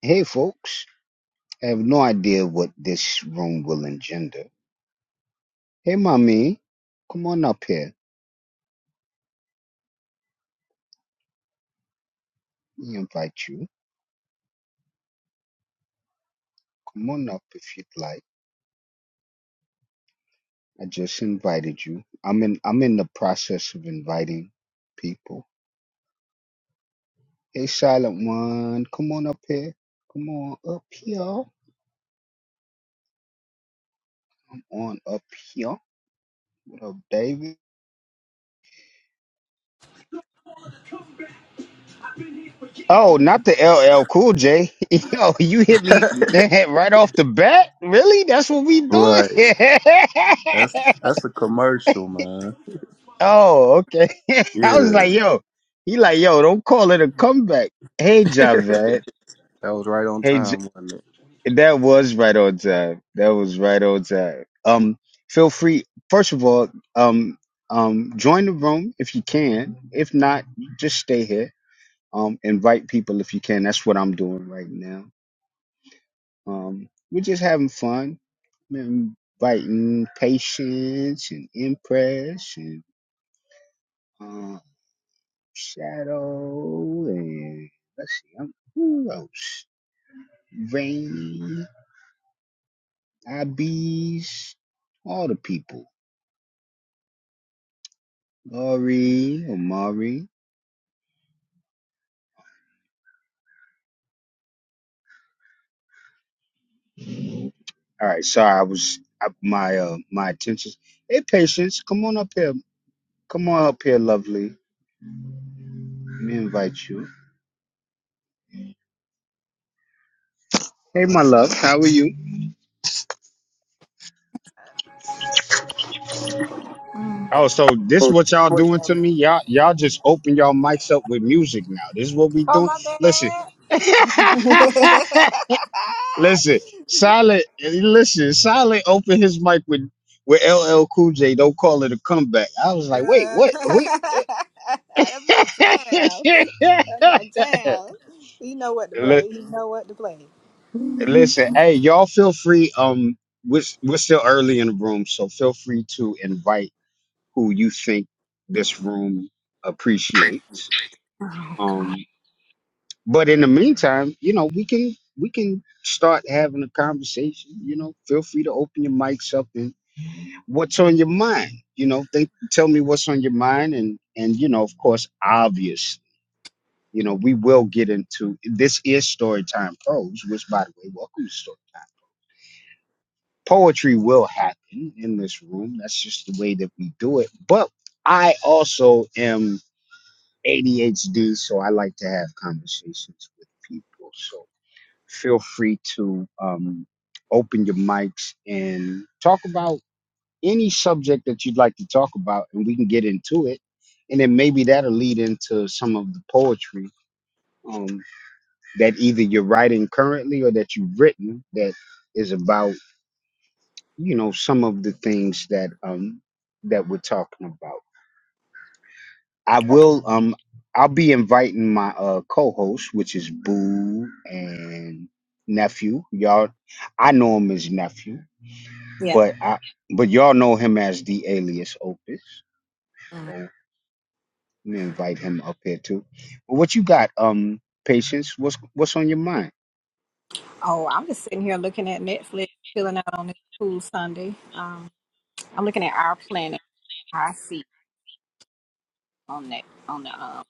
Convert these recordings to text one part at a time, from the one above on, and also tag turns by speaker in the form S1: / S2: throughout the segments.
S1: Hey, folks. I have no idea what this room will engender. Hey, mommy. Come on up here. We invite you. Come on up if you'd like. I just invited you. I'm in. I'm in the process of inviting people. Hey, silent one. Come on up here. Come on up here. Come on up here. What up, David? Oh, not the LL Cool J. Yo, you hit me right off the bat. Really? That's what we
S2: Right.
S1: doing.
S2: That's that's a commercial, man.
S1: Oh, okay. I was
S2: Yeah.
S1: like, yo, he like, yo, don't call it a comeback. Hey, Javed.
S2: That was right on
S1: Hey, J-
S2: time, wasn't it?
S1: that was right on time. That was right on time. Um, feel free. First of all, um, um, join the room if you can. If not, just stay here. Um, invite people if you can. That's what I'm doing right now. Um, we're just having fun, inviting patience and impression. Um, Shadow, and let's see, I'm, who else? Rain, IBs, all the people. Laurie, Omari. All right, sorry, I was I, my uh, my attention. Hey, patience, come on up here. Come on up here, lovely. Let me invite you. Hey, my love, how are you? Oh, so this what y'all doing
S3: Oh
S1: to me? Y'all, y'all just open y'all mics up with music now. This is what we doing.
S3: my
S1: Listen.
S3: bad.
S1: Listen, Silent. Listen, Silent opened his mic with with LL Cool J. Don't call it a comeback. I was like, wait,
S3: Uh,
S1: what? What?
S3: That's my jam. That's my jam. You know what to
S1: Li-
S3: play. You know what to play.
S1: Listen, hey, y'all feel free. Um, we're, we're still early in the room, so feel free to invite who you think this room appreciates. Um, but in the meantime, you know, we can we can start having a conversation. You know, feel free to open your mics up and what's on your mind you know think tell me what's on your mind and and you know of course obvious you know we will get into this is storytime prose which by the way welcome to story poetry will happen in this room that's just the way that we do it but i also am adhd so i like to have conversations with people so feel free to um open your mics and talk about any subject that you'd like to talk about, and we can get into it. And then maybe that'll lead into some of the poetry um, that either you're writing currently or that you've written that is about, you know, some of the things that um, that we're talking about. I will. Um, I'll be inviting my uh, co-host, which is Boo and nephew. Y'all, I know him as nephew,
S3: Yeah.
S1: but I but y'all know him as the alias Opus. Let me invite him up here too. But what you got, um, patience? What's what's on your mind?
S3: Oh, I'm just sitting here looking at Netflix, chilling out on this cool Sunday. Um, I'm looking at Our Planet. I see on that on the um.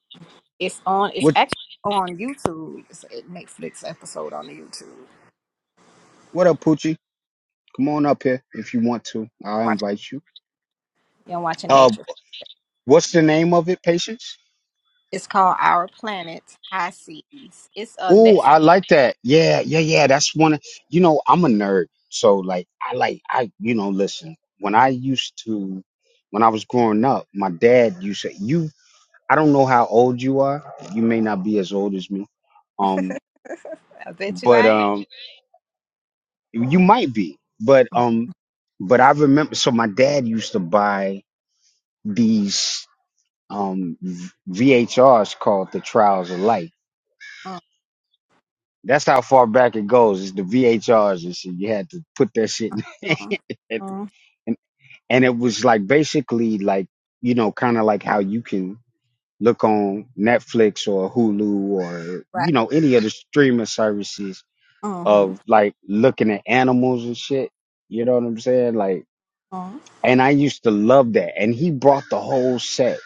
S3: It's on. It's
S1: What
S3: actually on YouTube. It's a Netflix episode on the YouTube.
S1: what up, Poochie? Come on up here if you want to. I'll
S3: Watch.
S1: invite you.
S3: You're watching
S1: Uh,
S3: nature.
S1: what's the name of it, patience?
S3: It's called Our Planet High Seas. It's a
S1: Oh,
S3: Netflix.
S1: I like that. Yeah, yeah, yeah. That's one. Of, you know, I'm a nerd, so like, I like, I you know, listen. When I used to, when I was growing up, my dad used to. You, I don't know how old you are. You may not be as old as me. Um,
S3: I bet you
S1: but
S3: I ain't.
S1: um. You might be, but um, but I remember. So my dad used to buy these um v- VHRs called the Trials of Life. That's how far back it goes. It's the VHRs and shit. You had to put that shit, in.
S3: Uh-huh.
S1: and
S3: Uh-huh.
S1: and and it was like basically like you know kind of like how you can look on Netflix or Hulu or you
S3: Right.
S1: know any of the streaming services
S3: Uh-huh.
S1: of like looking at animals and shit. You know what I'm saying? Like
S3: Uh-huh.
S1: And I used to love that. And he brought the whole set.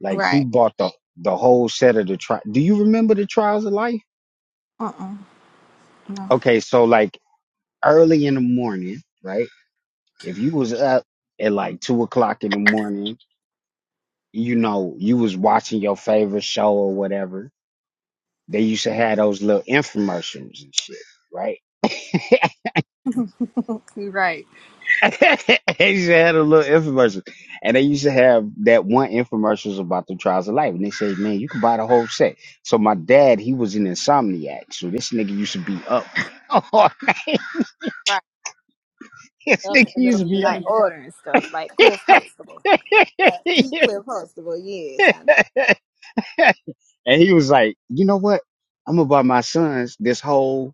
S1: Like he
S3: Right.
S1: bought the the whole set of the tri Do you remember the trials of life?
S3: Uh-uh. No.
S1: Okay, so like early in the morning, right? If you was up at like two o'clock in the morning, you know, you was watching your favorite show or whatever. They used to have those little infomercials and shit, right?
S3: You right.
S1: they used to have a little infomercial. And they used to have that one infomercials about the trials of life. And they said, man, you can buy the whole set. So my dad, he was an insomniac. So this nigga used to be up. Oh,
S3: Right.
S1: this
S3: Up in
S1: nigga
S3: the
S1: used to
S3: middle of the
S1: be up.
S3: night ordering stuff like Cliff Huxtable. Like he Cliff Huxtable, yes, I know.
S1: and he was like, you know what? I'm going to buy my sons this whole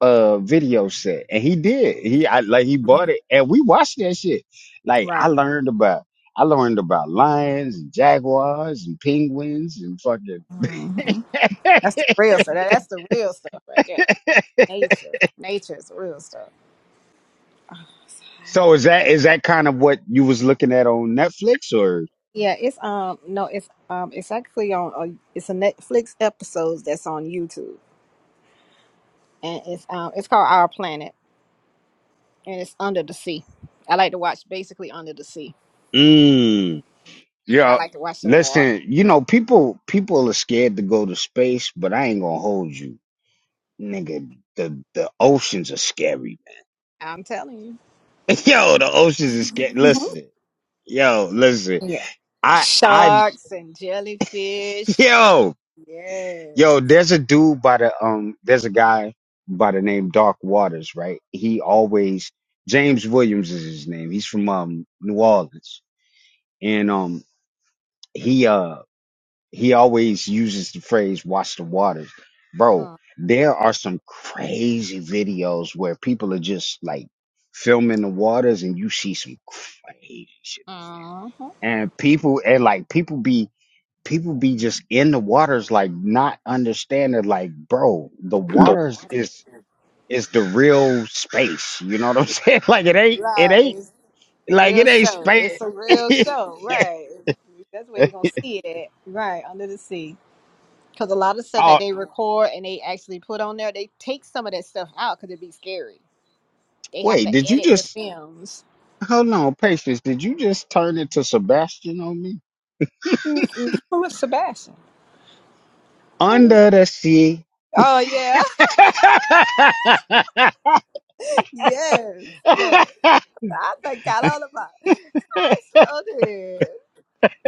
S1: uh video set and he did he I, like he
S3: Mhm.
S1: bought it and we watched that shit like i
S3: Right.
S1: learned about i learned about lions and jaguars and penguins and fucking
S3: hmm That's the real stuff. That, that's the real stuff right there. Nature. Nature is the real stuff.
S1: so is that is that kind of what you was looking at on netflix or
S3: Yeah, it's um no, it's um it's actually on a, it's a Netflix episode that's on YouTube, and it's um it's called Our Planet, and it's under the sea. I like to watch basically under the sea.
S1: mm,
S3: I
S1: yeah
S3: like to watch the water.
S1: listen you know people people are scared to go to space but i ain't gonna hold you nigga the the oceans are scary
S3: I'm telling
S1: man. yo the oceans are
S3: you.
S1: scary
S3: Mhm.
S1: listen yo listen
S3: Yeah.
S1: I I
S3: Sharks and jellyfish.
S1: Yo,
S3: Yes.
S1: yo, there's a dude by the um, there's a guy by the name Dark Waters, right? He always James Williams is his name. He's from um New Orleans, and um he uh he always uses the phrase "watch the waters," bro.
S3: Uh,
S1: There are some crazy videos where people are just like filming the waters, and you see some crazy shit.
S3: Uh-huh.
S1: And people and like people be people be just in the waters like not understanding like bro the waters is is the real space you know what i'm saying like it ain't it
S3: Right.
S1: ain't
S3: It's A
S1: like
S3: real
S1: it ain't
S3: show.
S1: space
S3: It's a real show. Right. That's where you're gonna see it. Right, under the sea. Because a lot of stuff that
S1: oh
S3: they record and they actually put on there, they take some of that stuff out because it'd be scary. They have
S1: wait
S3: to
S1: did you
S3: edit the
S1: just
S3: films.
S1: hold on patience did you just turn into sebastian on me
S3: Mm-mm. Who was Sebastian? Wait,
S1: under the sea
S3: Oh yeah, yes, yes. I forgot all about. It. I sure did.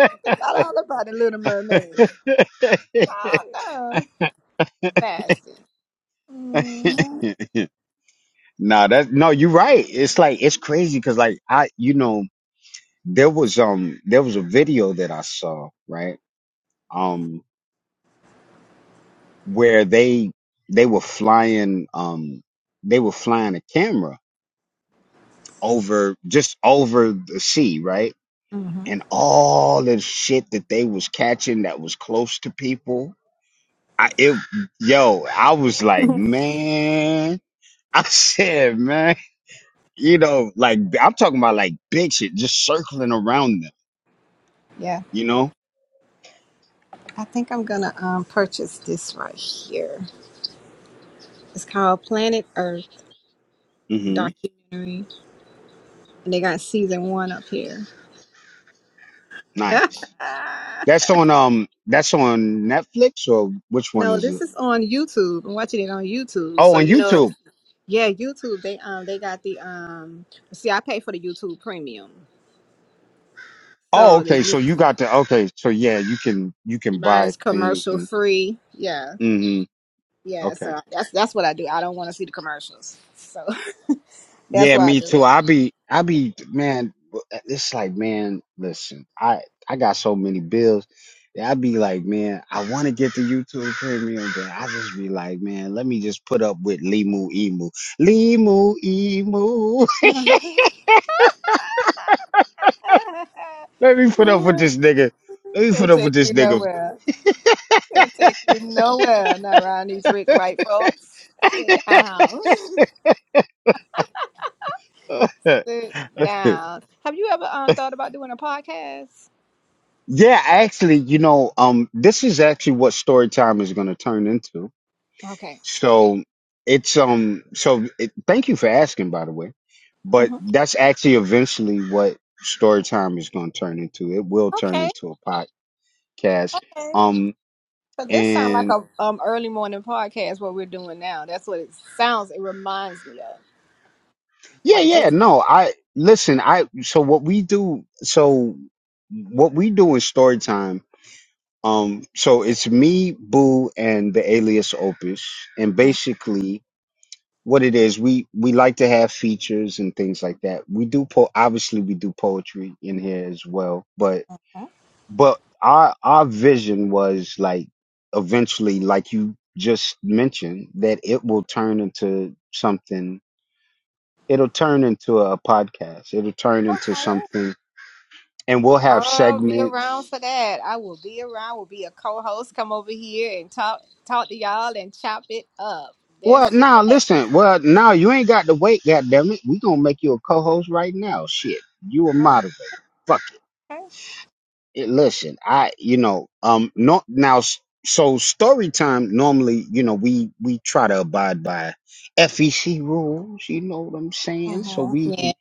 S3: I forgot all about the Little Mermaid. Oh no, Sebastian. Mm-hmm.
S1: no, that no, you're right. It's like it's crazy because like I, you know, there was um there was a video that I saw, right? Um where they they were flying um they were flying a camera over just over the sea, right?
S3: hmm
S1: And all the shit that they was catching that was close to people. I it yo, I was like, man, I said, man, you know, like I'm talking about like big shit just circling around them,
S3: Yeah,
S1: you know?
S3: I think I'm gonna um purchase this right here. It's called Planet Earth
S1: Mhm.
S3: documentary. And they got season one up here.
S1: Nice. That's on um that's on Netflix or which one
S3: no,
S1: is
S3: this
S1: it?
S3: is on YouTube. I'm watching it on YouTube.
S1: Oh,
S3: So
S1: on
S3: you know,
S1: YouTube.
S3: yeah, YouTube. They um they got the um. See, I pay for the YouTube Premium,
S1: Oh,
S3: so the
S1: okay. So
S3: you
S1: you got the okay. So yeah, you can you can
S3: mine
S1: buy
S3: is
S1: things
S3: commercial
S1: and
S3: free. Yeah,
S1: hmm
S3: yeah.
S1: okay.
S3: So that's that's what I do. I don't want to see the commercials, so that's
S1: Yeah,
S3: why I
S1: me
S3: do
S1: too. I be I be man. It's like man, listen. I I got so many bills. that I be like man, I want to get the YouTube Premium, but I just be like man, let me just put up with Limu Emu, Limu Emu.
S3: it.
S1: let me put up with this nigga. Let me
S3: they
S1: put up with
S3: take you
S1: this nigga.
S3: nowhere. they take you nowhere. Not around these rich white folks. Sit down. Sit down. Have you ever um thought about doing a podcast?
S1: yeah, actually, you know, um, this is actually what story time is going to turn into.
S3: Okay.
S1: So it's um, so it, thank you for asking, by the way. But
S3: hmm
S1: that's actually eventually what story time is going to turn into. It will turn
S3: Okay.
S1: into a podcast.
S3: okay.
S1: Um,
S3: So this sounds like
S1: and
S3: a um early morning podcast. What we're doing now. That's what it sounds. It reminds me of
S1: yeah,
S3: like
S1: yeah,
S3: just.
S1: no, I listen. I so what we do. So what we do in story time. Um, so it's me, Boo, and the alias Opus, and
S3: Mhm.
S1: basically what it is we we like to have features and things like that we do po obviously we do poetry in here as well but but our our vision was like eventually like you just mentioned that it will turn into something it'll turn into a podcast it'll turn into
S3: Okay.
S1: something and we'll have
S3: I'll be around
S1: segments
S3: for that. I will be around. Will be a co-host. Come over here and talk talk to y'all and chop it up.
S1: well
S3: That's it.
S1: now listen well now you ain't got to wait god damn it we gonna make you a co-host right now shit you a moderator Fuck.
S3: Okay.
S1: it, listen, I you know, um, not now. s- So story time normally, you know, we we try to abide by FEC rules. You know what I'm saying? So
S3: hmm
S1: we
S3: Yeah.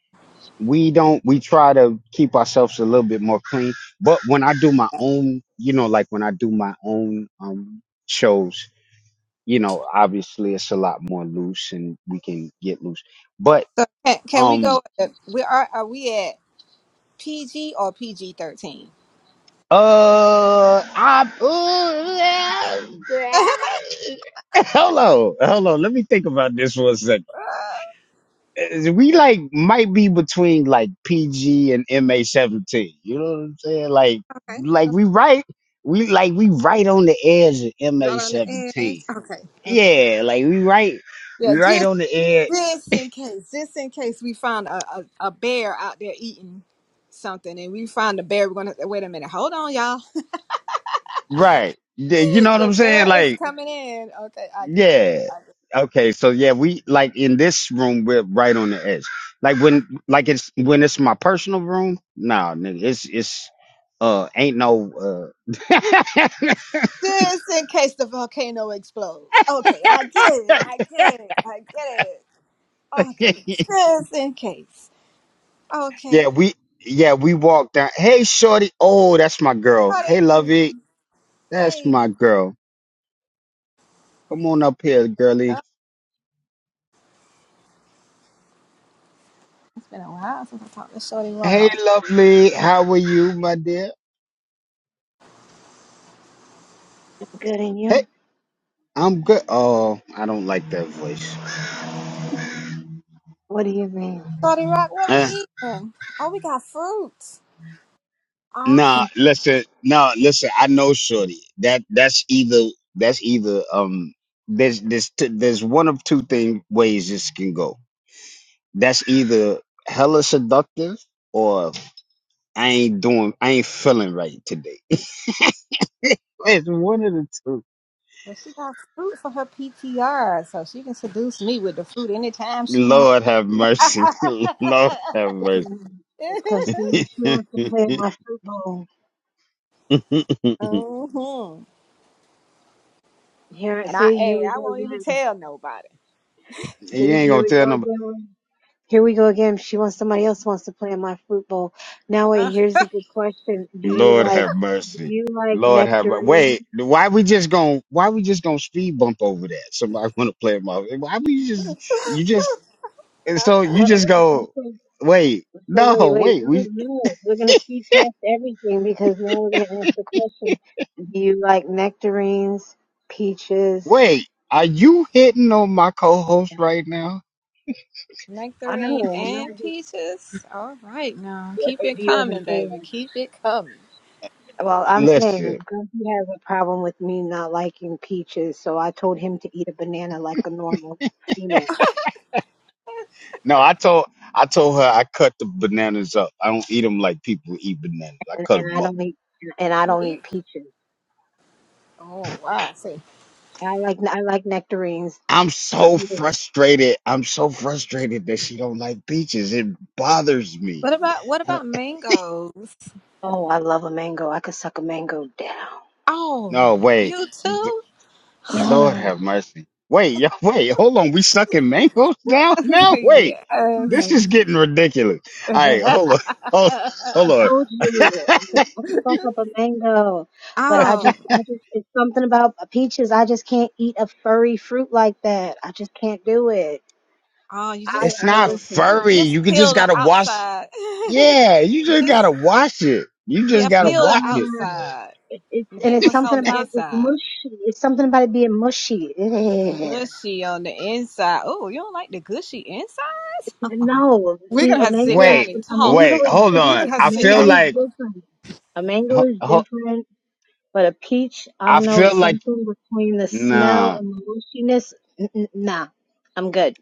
S1: we don't we try to keep ourselves a little bit more clean. But when I do my own, you know, like when I do my own um shows, you know, obviously it's a lot more loose and we can get loose. But
S3: So can, can we
S1: um
S3: go? We are. Are we at PG or PG thirteen?
S1: Uh, I, ooh, hold on, hold on. Let me think about this for a second. Uh, We like might be between like PG and MA seventeen. You know what I'm saying? Like,
S3: Okay,
S1: like
S3: okay.
S1: we right, we like we right on the edge of
S3: You're
S1: MA
S3: right on the edge.
S1: seventeen.
S3: Okay, okay.
S1: Yeah, like we right,
S3: Yeah,
S1: we right
S3: just
S1: on the edge.
S3: just in case, just in case we find a, a, a bear out there eating something and we find the bear, we're gonna wait a minute, hold on, y'all.
S1: Right. Yeah, You know what
S3: the
S1: I'm saying?
S3: bear is
S1: Like.
S3: coming in. Okay, I get it.
S1: Yeah.
S3: I get
S1: Okay. So yeah, we like in this room, we're right on the edge. Like
S3: it. Okay.
S1: when, like it's when it's my personal room. Nah, nigga, it's it's uh ain't no uh.
S3: Just in case the volcano explodes. Okay, I get it. I get it. I get it. Okay,
S1: yeah,
S3: just in case. Okay.
S1: we yeah we walked down. Hey, shorty. Oh, that's my girl. Hey,
S3: Shorty,
S1: lovey. That's
S3: Hey,
S1: my girl. Come on up here,
S3: y'all.
S1: girly.
S3: it's been a while since I talked to Shorty
S1: Hey,
S3: Rob.
S1: lovely. How are you, my dear?
S4: Good in
S1: Hey,
S4: you?
S1: I'm good. Oh, I don't like that voice.
S4: What do you mean?
S3: Shorty Rock, what we
S1: Eh.
S3: eating? Oh, we got fruit. Oh,
S1: Nah, listen, no, listen. I know, shorty. That that's either that's either um there's there's t- there's one of two thing ways this can go. That's either hella seductive or I ain't doing I ain't feeling right today. It's one of the two.
S3: she got fruit for her PTR, so she can seduce me with the fruit anytime she wants.
S1: Lord have mercy. Lord have mercy.
S4: It's because she, she wants to play in
S1: you
S4: my football.
S3: hmm
S4: Here,
S3: And I,
S4: see, here
S3: hey,
S4: we
S3: I
S4: go
S3: won't even
S4: again.
S3: tell nobody.
S4: See,
S1: ain't
S4: here
S1: gonna
S4: we
S1: tell
S4: go
S1: nobody.
S4: again. Here we go again. She wants somebody else wants to play in my football. Now wait,
S3: Uh,
S4: here's a good question. Do you
S1: Lord
S4: like
S1: have
S4: do
S1: mercy.
S4: you like
S1: Lord have mer- wait.
S4: nectarine?
S1: Why we just going Why we just gonna speed bump over that? Somebody want to play my? Why we just you just and so you
S4: Well,
S1: just
S4: uh,
S1: go
S4: okay.
S1: wait.
S4: So
S1: No,
S4: wait, wait,
S1: wait.
S4: no,
S1: We
S4: no. We're gonna speed past everything because now we're gonna ask the question. Do you like nectarines, peaches?
S1: wait. Are you hitting on my co-host right now?
S4: I
S3: nectarine
S4: know, I'm
S3: and
S4: not
S3: peaches. All right, now keep
S4: or
S3: it
S4: do you have an
S3: coming,
S4: old
S3: baby.
S4: one?
S3: Keep it coming.
S4: Well, I'm saying
S1: Listen.
S4: Grumpy has a problem with me not liking peaches, so I told him to eat a banana like a normal female,
S1: No, I told I told her I cut the bananas up. I don't eat them like people eat bananas. I
S4: and
S1: cut
S4: and
S1: them
S4: I
S1: up.
S4: don't eat and I don't eat
S3: Me-
S4: peaches.
S3: Oh wow. See,
S4: I like I like nectarines,
S1: I'm
S4: so
S1: so
S4: he doesn't.
S1: frustrated. I'm so frustrated that she don't like peaches. It bothers me.
S3: what about what about mangoes?
S4: Oh, I love a mango. I could suck a mango down.
S3: Oh,
S1: No, wait.
S3: you
S1: Th-
S3: too?
S1: Lord have
S4: Done.
S1: mercy. Wait, yo, wait, hold on. We sucking mangoes down now? Wait,
S3: yes.
S1: this
S4: Done.
S1: is getting ridiculous. All right,
S3: oh,
S1: hold on. Hold, hold
S4: I
S1: on.
S4: told you I could I could fuck up a mango, but I just I
S3: oh,
S4: just it's something about peaches. I just can't eat a furry fruit like that. I just can't do it.
S3: you
S4: I
S3: just
S1: It's
S4: I
S1: not
S3: peel,
S4: listen.
S1: furry.
S3: just
S1: You could
S3: peel
S1: just
S3: the
S1: gotta wash.
S3: outside.
S1: Yeah, you just gotta
S3: just
S1: wash it. You just
S3: yeah,
S4: No,
S1: gotta
S3: peel the
S1: wash it.
S3: outside.
S4: it, it's and
S3: Get
S4: it's
S3: what's
S4: something
S3: on the
S4: about it's
S3: inside.
S4: mushy. It's something about it being mushy. Ugh.
S3: Mushy on the inside. Oh, you don't like the gushy inside?
S4: No,
S3: We're
S4: see,
S3: gonna
S4: a
S3: have to sit
S4: mango is
S3: down
S1: Wait,
S3: and
S4: a
S3: talk.
S4: mango
S1: wait,
S4: is
S1: hold
S3: We're
S1: on.
S4: different.
S3: gonna
S4: A
S3: have to
S1: I
S3: sit
S1: feel
S4: mango
S3: down.
S4: is
S1: like,
S4: different. A mango
S1: ho-
S4: is
S1: ho-
S4: different, but a peach, I
S1: I
S4: don't know,
S1: feel
S4: it's
S1: like,
S4: something between the smell
S1: nah.
S4: and the mushiness. N- n- nah, I'm good.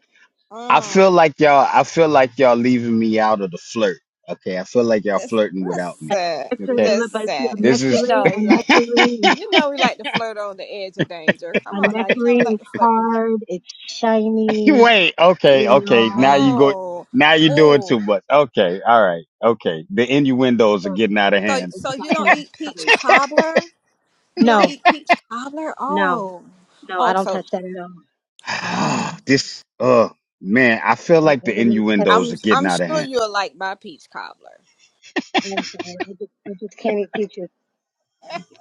S1: I
S3: Mm,
S1: feel like y'all, I feel like y'all leaving me out of the flirt. Okay, I feel like y'all
S3: listen,
S1: flirting without
S4: A
S1: me.
S3: listen,
S4: nectar,
S1: okay?
S4: but see,
S3: listen.
S4: a
S1: This
S3: You
S1: is
S4: nectarine,
S3: know
S4: a
S3: we like to,
S4: nectarine, is,
S3: you know we like to flirt on the edge of danger.
S4: a
S3: Come on now, you know we
S4: nectarine
S3: like
S4: is
S3: to flirt with that.
S4: hard. It's shiny.
S1: wait, okay,
S4: You
S1: okay. Now
S4: know,
S1: you go
S3: Oh,
S1: now you're doing
S3: oh.
S1: too much. Okay, all right, okay. The
S4: it's
S1: innuendos are
S4: got that,
S1: getting out of
S3: So
S1: hand.
S4: it's
S3: so
S4: got
S3: you don't
S4: that
S3: eat peach
S4: bite.
S3: cobbler? You don't
S4: No,
S3: eat peach cobbler?
S4: No,
S3: Oh.
S4: no, I
S3: Oh,
S4: don't
S3: so
S4: touch that at all.
S3: oh.
S1: this uh man, I feel
S4: I, I
S1: like the
S4: would not touch a
S1: innuendos
S3: I'm
S1: are
S4: peach
S1: getting
S3: I'm
S1: out
S4: curry.
S1: of
S3: sure
S1: hand.
S3: you'll like my peach cobbler.
S4: I'm sorry. I just, I just can't eat peaches.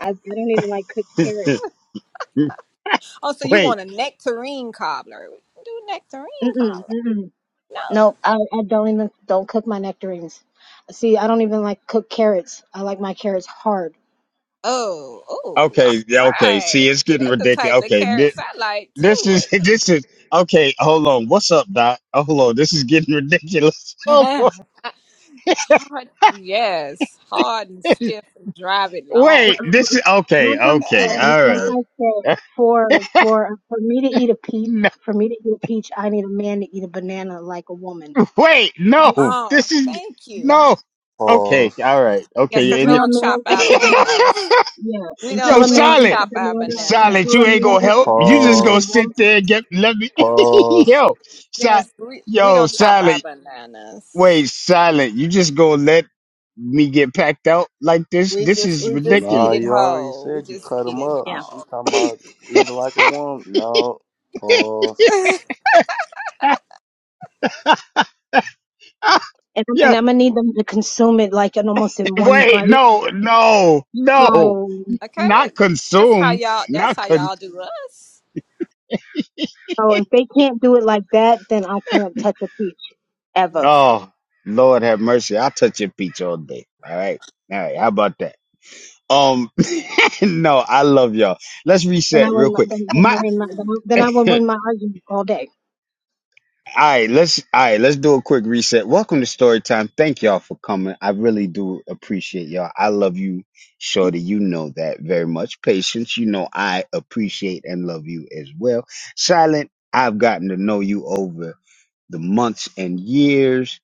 S4: I, I don't even like cooked carrots.
S3: Oh, so you want
S1: wait,
S3: a nectarine cobbler. We can do nectarine
S4: Mm-mm,
S3: cobbler.
S4: mm-mm.
S3: No.
S4: No, I, I don't even don't cook my nectarines. See, I don't even like cooked carrots. I like my carrots hard.
S3: Oh, oh, all
S1: okay, yeah, okay.
S3: right.
S1: See, it's getting
S3: That's the
S1: ridiculous.
S3: types of
S1: Okay, this,
S3: carrots I like too.
S1: this is this is okay, hold on. What's up, Doc? Oh, hold on, this is getting ridiculous. Hold on.
S3: hard, yes, hard and stiff and drive it
S4: Like
S1: Wait,
S3: long.
S1: this is okay,
S3: Ooh,
S4: I
S1: okay,
S4: said,
S3: yeah.
S4: like,
S1: all
S4: like I said,
S1: right.
S4: for for for me to eat a peach, for me to eat a peach, I need a man to eat a banana like a woman.
S1: Wait,
S4: Okay?
S1: no.
S3: Oh,
S1: This is
S3: thank you.
S1: no. Okay,
S2: Pause.
S1: all right.
S3: Yes,
S1: Okay,
S3: because
S1: and
S3: we
S4: Until
S1: you,
S4: a
S3: don't
S4: man
S3: chop
S4: eats
S3: our
S4: a banana.
S3: bananas.
S4: Yeah,
S3: We don't
S4: until
S1: yo,
S4: a
S3: we
S4: man
S3: don't
S4: eats
S1: solid,
S4: a
S3: chop our
S4: banana,
S3: bananas.
S1: solid.
S4: until a
S1: You ain't
S4: man
S1: gonna
S4: eats a
S1: help. You
S4: banana
S1: just
S4: like a
S1: gonna
S2: Pause.
S1: sit
S4: woman.
S1: there and get let me.
S2: Pause.
S1: yo, si,
S3: Yes, we, we
S1: yo,
S3: don't chop our
S1: solid.
S3: bananas.
S1: Wait, silent. You just gonna let me get packed out like this?
S3: We
S1: This
S3: just
S1: is
S3: we just eat
S2: Nah,
S1: ridiculous.
S3: it
S2: you already
S3: whole. We
S2: said you
S3: just
S2: cut
S3: eat
S2: him
S3: it
S2: up.
S4: Yeah,
S2: She
S3: whole.
S2: talking about eating like a woman. No. Pause.
S4: and I'm,
S1: yo,
S4: and I'm gonna need them to consume it like in almost in one
S1: wait,
S4: bite.
S1: no, no,
S3: Like,
S1: no.
S4: So,
S3: okay,
S1: Not
S3: th- that's how
S1: consume.
S3: y'all that's
S1: Not
S3: how
S1: con.
S3: y'all do us.
S4: so if they can't do it like that, then I can't touch a peach
S3: Mm.
S4: ever.
S1: Oh, Lord have mercy. I'll touch your peach all day. All right. All right. How about that? Um, no, I love y'all. Let's
S4: Then I
S1: reset real
S4: wouldn't.
S1: quick.
S4: Then, then I
S1: My,
S4: win. My, then, I- then I would
S1: all
S4: win my argument all day.
S1: right, let's, all right, let's do a quick reset. Welcome to story time. Thank y'all for coming. I really do appreciate y'all. I love you, Shorty. You know that very much. Patience, you know I appreciate and love you as well. Silent, I've gotten to know you over the months and years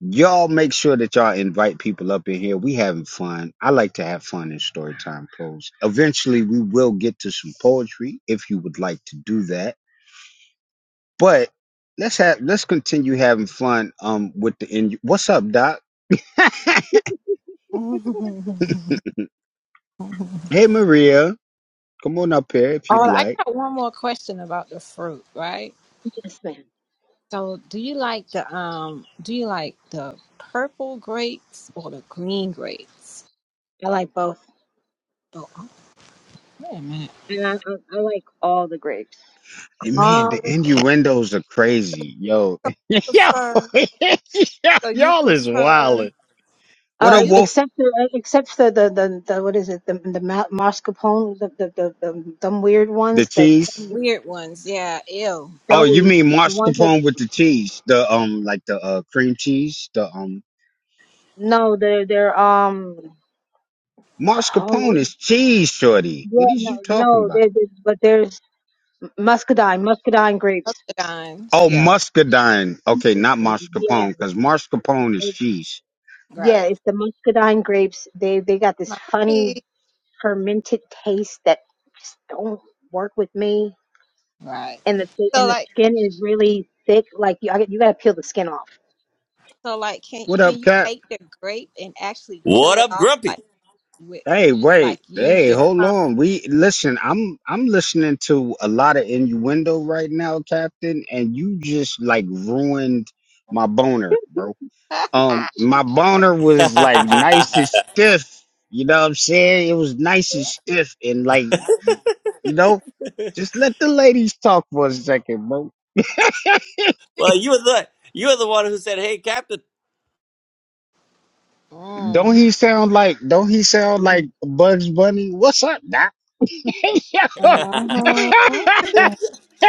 S1: Y'all make sure that y'all invite people up in here. We having fun. I like to have fun in storytime close. Eventually we will get to some poetry if you would like to do that. But let's have let's continue having fun um with the in what's up, Doc?
S3: oh,
S1: hey Maria, come on up here if you'd
S3: I
S1: like.
S3: got one more question about the fruit, right?
S4: Yes, man.
S3: So, do you like the um do you like the purple grapes or the green grapes?
S4: I like both,
S3: Oh, wait a minute.
S4: and I, I, I like all the grapes.
S1: And man, the
S3: Um, you
S1: innuendos are crazy. Yo, yo,
S3: prefer so you
S1: y'all is
S3: prefer.
S1: wildin'.
S3: So
S1: What
S4: Uh,
S1: up,
S3: you
S1: Wolf?
S4: except the except the the, the, the what is it the the ma- mascarpone the the, the the dumb weird
S1: The
S4: ones that.
S1: cheese.
S3: some weird ones, yeah, ew.
S1: Oh, you
S4: Joey,
S1: mean
S4: the one who
S1: mascarpone with the cheese? The um, like the uh, cream cheese. The um,
S4: no, they're they're um oh what-
S1: mascarpone
S4: is-
S1: is cheese, shorty.
S4: yeah
S1: What is
S4: no
S1: you talking
S4: no
S1: about?
S4: they're, but there's muscadine muscadine grapes
S3: Octagons,
S1: Oh,
S3: yeah,
S1: muscadine. Okay, not
S4: yeah
S1: mascarpone, because mascarpone is
S4: it-
S1: cheese.
S4: yeah
S3: right.
S4: it's the muscadine grapes they they got this funny
S3: Mouthy.
S4: fermented taste that just don't work with me
S3: Right.
S4: and the thi- and
S3: So
S4: the
S3: like
S4: skin is really thick like you I, get- you gotta peel the skin off.
S3: so like can
S1: What
S3: can
S1: up,
S3: you
S1: Cap?
S3: take the grape and actually peel
S5: What
S3: it
S5: up,
S3: off
S5: Grumpy?
S3: like with
S1: Hey,
S5: Oh,
S3: like
S1: wait.
S3: use
S1: Hey,
S3: your
S5: sorry.
S1: hold
S3: tongue?
S1: on. We listen. I'm I'm listening to a lot of innuendo right now, Captain, and you just like ruined my boner, bro. Um, my boner was like nice and stiff. You know what I'm saying? It was nice and stiff, and like you know, just let the ladies talk for a second, bro.
S5: well, you were the you were the one who said, "Hey, Captain."
S1: Don't
S3: mm.
S1: he sound like? Don't he sound like
S4: Mhm.
S1: Bugs Bunny? What's up, Doc? Yo.
S3: hmm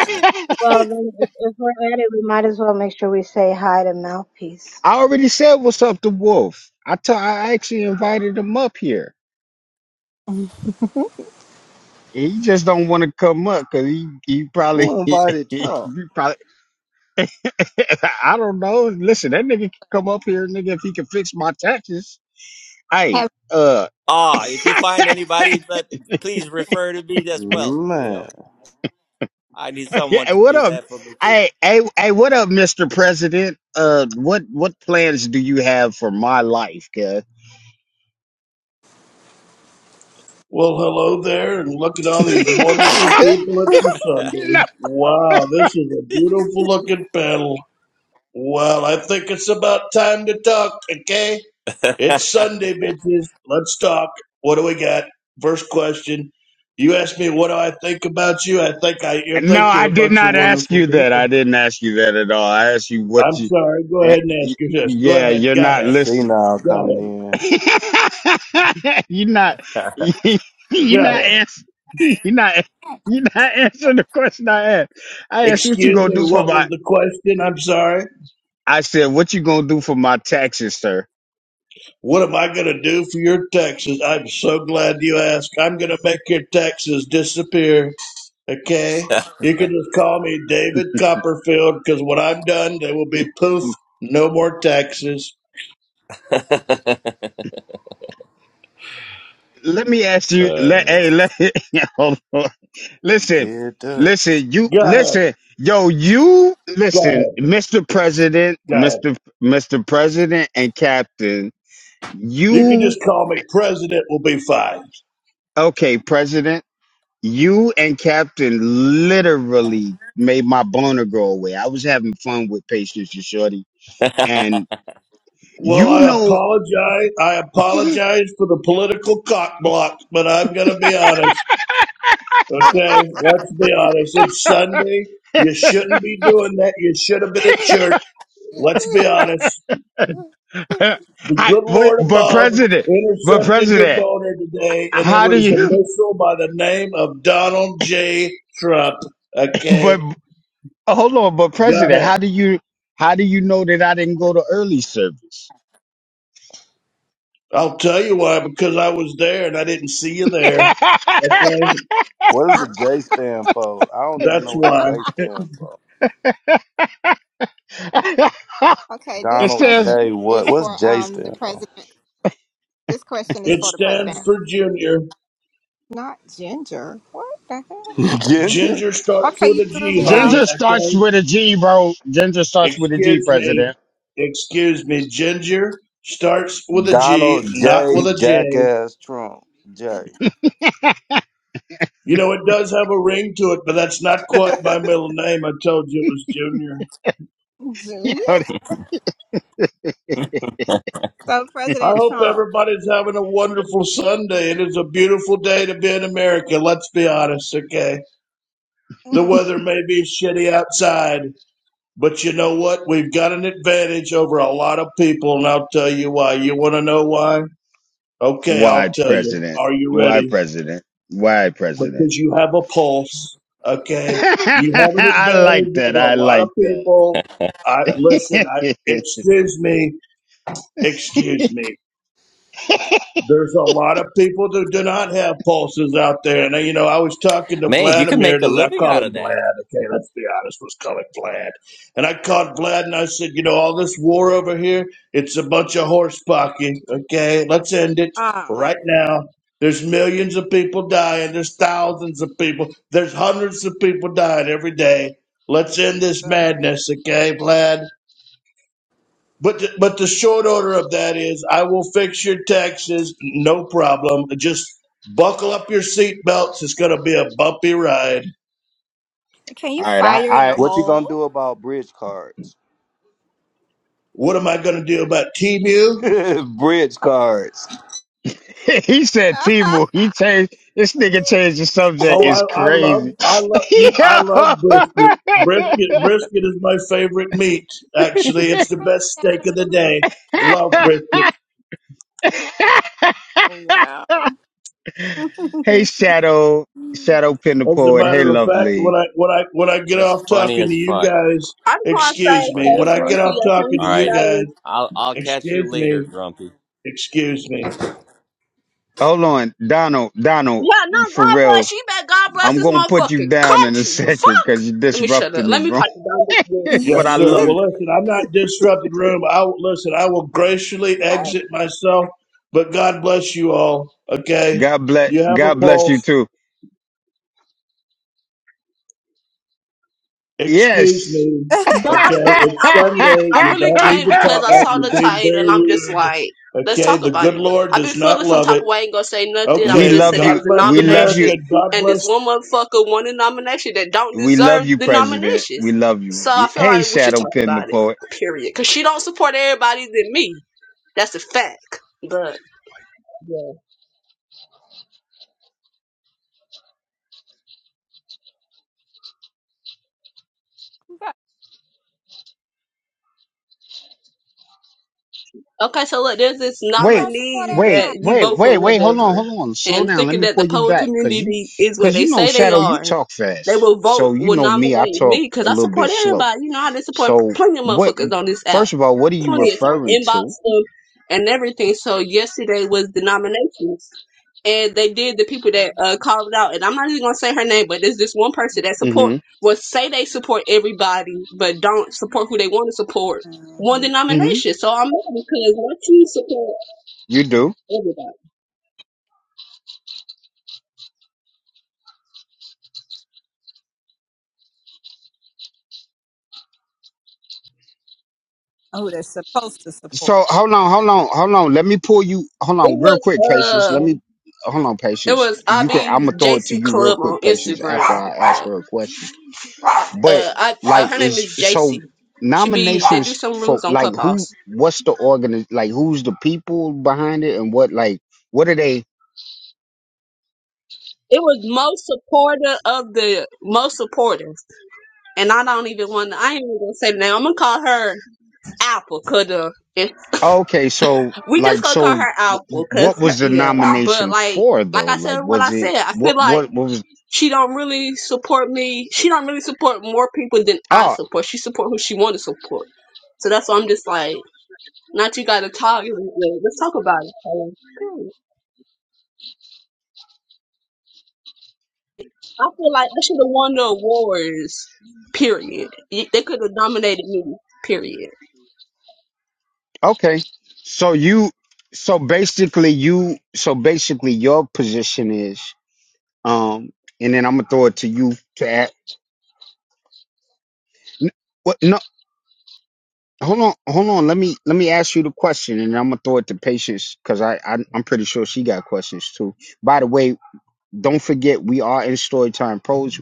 S4: Well then if, if we're at it we might as well make sure we say hi to mouthpiece.
S1: I already said what's up to Wolf. I t- I actually invited him up here. He just don't want to come up because he he probably
S2: Who invited
S1: he
S2: Trump?
S1: probably. I don't know. Listen, that nigga can come up here, nigga, if he can fix my taxes. Hey,
S3: Have
S1: uh,
S5: ah, if you find anybody, but please refer to me as well.
S2: Man.
S5: I need someone
S1: yeah,
S5: to
S1: what
S5: do
S1: up?
S5: that for me too.
S1: Hey, hey, hey, what up, Mr. President? Uh, what what plans do you have for my life, cuz?
S6: Well, hello there, and look at all these wonderful people at the
S1: no,
S6: Sunday. Wow, this is a beautiful looking panel. Well, I think it's about time to talk, okay? It's Sunday, bitches. Let's talk. What do we got? First question. You asked me what do I think about you. I think I you
S1: no,
S6: think
S1: I
S6: you're a
S1: did
S6: bunch of
S1: not ask
S6: wonderful
S1: you that. I
S6: people.
S1: didn't ask you that at all. I asked you what
S6: I'm
S1: you.
S6: sorry. Go
S1: eh,
S6: ahead and
S1: y-
S6: ask your question. Go
S1: Yeah,
S6: ahead.
S1: you're
S6: Go
S1: not
S6: ahead.
S2: See
S1: listening.
S2: now
S6: Go
S2: coming
S6: ahead.
S2: in.
S1: you're not
S6: Go
S1: you're not
S6: ahead.
S1: answering you're not you're not answering the question I asked. I asked what you
S6: Excuse
S1: gonna
S6: me.
S1: do for
S6: What
S1: my
S6: was the question? I'm sorry.
S1: I said what you gonna do for my taxes, sir.
S6: What am I going to do for your taxes? I'm so glad you asked. I'm going to make your taxes disappear. Okay? You can just call me David Copperfield because when I'm done, they will be poof, no more taxes.
S1: Let me ask you
S5: Uh,
S1: let
S5: man.
S1: hey let hold on. listen
S2: Did that.
S1: listen you
S6: Go ahead.
S1: listen yo you
S6: Go
S1: listen
S6: ahead.
S1: Mr. President
S6: Go ahead.
S1: Mr. Mr. President and Captain
S6: You can
S1: you
S6: just call me President, will be fine.
S1: okay President You and Captain literally made my boner go away. I was having fun with Patience and Shorty, and
S6: Well,
S1: you
S6: I
S1: know,
S6: apologize. I apologize for the political cock block, but I'm going to be honest. Okay, let's be honest. It's Sunday. You shouldn't be doing that. You should have been at church. Let's be honest.
S1: I,
S6: The good
S1: but
S6: Lord
S1: but
S6: above
S1: President, but
S6: intercepted your
S1: President,
S6: boner today, and it
S1: how do
S6: was a
S1: you?
S6: missile by the name of Donald J. Trump. Okay,
S1: But hold on, but
S6: go
S1: President,
S6: ahead.
S1: how do you? How do you know that I didn't go to early service?
S6: I'll tell you why, because I was there and I didn't see you there. Okay,
S2: What does the
S3: Uh,
S2: J stand for? I don't even know
S6: that's
S2: what the
S6: why.
S2: J stand for.
S1: it
S3: okay, this
S2: Donald
S1: says
S3: question
S2: J. What?
S3: is
S2: What's
S3: for
S2: J
S3: um the
S2: stand for?
S3: president. This question is
S6: It
S3: for the president.
S6: stands for Junior.
S3: Not ginger. What the hell?
S2: Ginger?
S6: Ginger starts
S3: Okay,
S6: with
S3: you
S6: a
S3: threw
S6: G,
S3: me off.
S6: honey.
S1: Ginger starts
S6: Okay,
S1: with a G, bro. Ginger starts with a G,
S6: Excuse me.
S1: President.
S6: Excuse me. Ginger starts with a
S2: Donald
S6: G, not
S2: J.
S6: with a J.
S2: Jackass Trump J.
S6: You know, it does have a ring to it, but that's not quite my middle name. I told you it was Junior.
S3: Junior? So
S6: I
S3: President
S6: hope
S3: Trump,
S6: everybody's having a wonderful Sunday. It is a beautiful day to be in America. Let's be honest, okay? The
S3: mm,
S6: weather may be shitty outside, but you know what? We've got an advantage over a lot of people, and I'll tell you why. You want to know why? Okay,
S3: mm,
S6: I'll
S1: Why
S6: tell you.
S1: president?
S6: Are you
S1: Why
S6: ready?
S1: president? Why president?
S6: because you have a pulse. Okay, you have an
S1: I like
S6: advantage
S1: that.
S6: over a
S1: I
S6: lot of
S1: like that.
S6: people. I listen. I excuse me, excuse me. There's a lot of people who do not have pulses out there. And, you know, I was talking to
S5: Man, you can
S6: Vladimir,
S5: make a
S6: the I
S5: living
S6: call
S5: out
S6: him
S5: of that.
S6: Vlad. Okay, let's be honest, let's call him Vlad. And I called Vlad and I said, you know, all this war over here, it's a bunch of horse pocky. Okay, let's end it
S3: ah,
S6: right now. There's millions of people dying. There's thousands of people. There's hundreds of people dying every day. Let's end this madness, okay, Vlad? But the, but the short order of that is, I will fix your taxes, no problem. Just buckle up your seatbelts. It's going to be a bumpy ride.
S3: can you
S1: All right, I,
S3: fire in the
S1: I
S2: What you gonna do
S3: hole?
S2: about bridge cards?
S6: What am I going to do about T-Mew?
S2: bridge cards.
S1: he said Timu. He changed this nigga changed the subject
S6: Oh, I,
S1: is
S6: I love
S1: crazy.
S6: I love you. I
S1: Yo.
S6: love brisket. Brisket brisket is my favorite meat. Actually, it's the best steak of the day. Love brisket.
S3: wow.
S1: hey Shadow, Shadow Pin the
S6: As a
S1: Poet. Hey
S6: matter of fact, when
S1: lovely.
S6: I when I when I get
S5: It's
S6: off
S5: funny
S6: talking
S5: as
S6: to you
S5: fuck.
S6: guys,
S7: I just want to
S5: It's
S7: say,
S6: excuse me.
S5: funny
S7: hey,
S5: as
S6: When I
S5: fuck.
S6: get
S7: Goofy,
S6: off
S7: I came
S6: talking
S5: All
S6: to
S7: to
S6: you
S5: right,
S6: guys,
S7: say,
S5: I'll I'll catch you
S6: excuse
S5: later,
S6: me.
S5: Grumpy.
S6: Excuse me.
S1: Hold on, Donald, Donald,
S7: yeah, no,
S1: for
S7: God
S1: real.
S7: bless you, bet God bless
S1: I'm
S7: this
S1: gonna put
S7: motherfucking
S1: you down in a
S7: country. The
S1: second
S7: fuck?
S1: because you're
S7: Let me shut up.
S1: disrupting the
S7: Let me
S1: room.
S7: pipe it down just a little bit.
S6: Yes,
S1: but I
S6: sir.
S1: love you.
S6: Well, listen, I'm not disrupting the room. I will listen. I will graciously
S3: hey,
S6: exit myself, but God bless you all. Okay,
S1: God bless.
S6: you have a
S1: God bless you
S6: pulse.
S1: too.
S6: Excuse
S1: Yes.
S6: me.
S7: But I
S6: Okay,
S7: came, I
S6: it's
S7: really,
S6: Sunday.
S7: I
S6: You
S7: really
S6: don't need
S7: came
S6: to
S7: because
S6: talk
S7: I
S6: like
S7: saw the
S6: you're being
S7: title
S6: very
S7: and I'm just like,
S6: rude.
S7: let's
S6: Okay,
S7: talk
S6: the
S7: about
S6: good
S7: it.
S6: Lord
S7: I've been
S6: does not
S7: feeling some
S6: love
S7: type
S6: it.
S7: of way, ain't gonna say nothing. I'm gonna
S1: we
S7: just
S6: Okay,
S7: say
S1: love
S7: there
S6: God
S1: you.
S7: was a
S6: bless
S1: We love
S7: nomination
S1: you.
S6: America. God
S7: and this
S6: bless
S7: one motherfucker won a nomination that don't
S1: We love
S7: deserve
S1: you,
S7: the
S1: President. We
S7: nominations.
S1: love you.
S7: So I
S1: We-
S7: feel
S1: Hey,
S7: like we should
S1: Shadow
S7: talk
S1: Pin the
S7: about it,
S1: poet.
S7: period. Because she don't support everybody than me. That's a fact. But yeah. Okay, so look, there's this
S3: who
S1: Wait,
S3: don't support
S7: nominees
S1: wait,
S3: everybody?
S7: that you
S1: wait,
S7: vote
S1: wait,
S7: for
S1: wait. Hold on,
S7: whatever.
S1: hold on. Slow
S7: And
S1: down. Let
S7: thinking
S1: me
S7: that the
S1: pull you
S7: poet
S1: back, cause you,
S7: community is what
S1: cause
S7: they
S1: you know,
S7: say they
S1: Shadow, you
S7: are.
S1: talk
S7: They
S1: fast.
S7: will vote,
S1: So you
S7: will
S1: know me, I
S7: nominate
S1: talk
S7: me, because
S1: a
S7: I
S1: little bit
S7: support
S1: slow.
S7: everybody. You know, I done support
S1: So
S7: plenty of
S1: what?
S7: motherfuckers on this app.
S1: First of all, what are you
S7: Plenty of time.
S1: referring
S7: Inbox
S1: to?
S7: them and everything. So yesterday was the nominations. And they did the people
S3: hmm
S7: that uh, called it out. And I'm not even going to say her name, but there's this one person that support,
S1: Mm-hmm.
S7: will say they support everybody, but don't support who they want to support one
S1: Mm-hmm.
S7: denomination. So I'm mad because once you support
S1: You do.
S7: everybody,
S3: Oh, they supposed to support.
S1: So hold on, hold
S3: It.
S1: on, hold on. Let me pull you. Hold
S7: it
S1: on, real
S7: was
S1: quick, patience.
S7: uh,
S1: Let me hold on,
S7: it
S1: patience.
S7: was
S1: You can. I'm
S7: Abby's
S1: gonna throw it to
S7: JC
S1: you real
S7: Club
S1: quick,
S7: on
S1: patience. After
S7: Instagram.
S1: I ask her a question, but
S7: Uh, I uh,
S1: like,
S7: her name
S1: is
S7: is JC.
S1: so
S7: She be they do
S1: nominations
S7: some
S1: for
S7: rooms on
S1: like who?
S7: Clubhouse.
S1: What's the organ? Like, who's the people behind it, and what? Like, what are they?
S7: It was most supporter of the most supporters, and I don't even want. to I ain't even gonna say the name. I'm gonna call her Apple, cause uh, if-
S1: oh, Okay, so
S7: we just
S1: like,
S7: gonna call
S1: so
S7: her
S1: wh-
S7: Apple, cause
S1: what
S7: her,
S1: was the
S7: yeah. But
S1: nomination
S7: like,
S1: for
S7: like
S1: though?
S7: I
S1: Like,
S7: said, what I
S1: was
S7: said,
S1: it
S7: I feel
S1: what?
S7: like.
S1: What, what was?
S7: she don't really support me. She don't really support more people than I
S1: oh,
S7: support. She support who she want to support. So that's why I'm just like, not you got to talk. Let's talk about it. Like, period. I feel like I should have won the awards. Period. Y- They could have nominated me. Period.
S1: Okay. So you so basically you so basically your position is um and then I'm gonna throw it to you to ask n- what no hold on hold on let me let me ask you the question and I'm gonna throw it to patience because I, I I'm pretty sure she got questions too. By the way, don't forget we are in storytime pros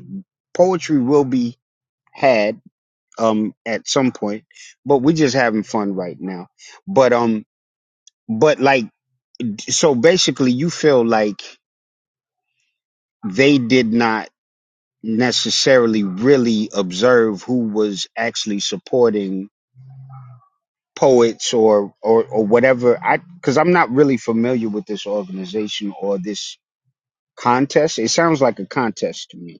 S1: poetry will be had um at some point, but we're just having fun right now. But um but like so basically you feel like they did not necessarily really observe who was actually supporting poets or or, or whatever i because i'm not really familiar with this organization or this contest it sounds like a contest to me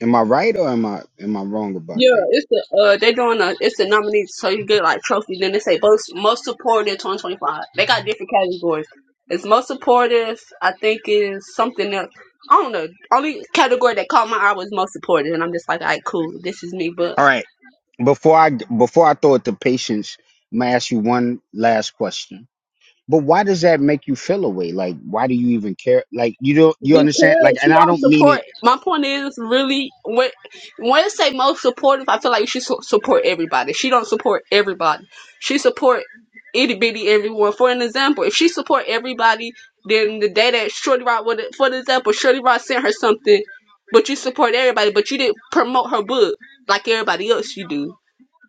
S1: am i right or am i am i wrong about
S7: Yeah,
S1: that
S7: it's the uh they doing a it's the nominees, so you get like trophy. Then they say most most supportive twenty twenty five. They got different categories. It's most supportive. I think is something else. I don't know. Only category that caught my eye was most supportive, and I'm just like, alright, cool, this is me. But
S1: all right before i before i throw it to patience i'm gonna ask you one last question but why does that make you feel away like why do you even care like you don't you understand like
S7: Because he
S1: and i
S7: don't
S1: don't mean it
S7: support. My point is really when when it say most supportive, I feel like she su- support everybody. She don't support everybody. She support itty bitty everyone. For an example, if she support everybody, then the day that Shorty Rod would, for the example, Shorty Rod sent her something, but you support everybody, but you didn't promote her book like everybody else you do.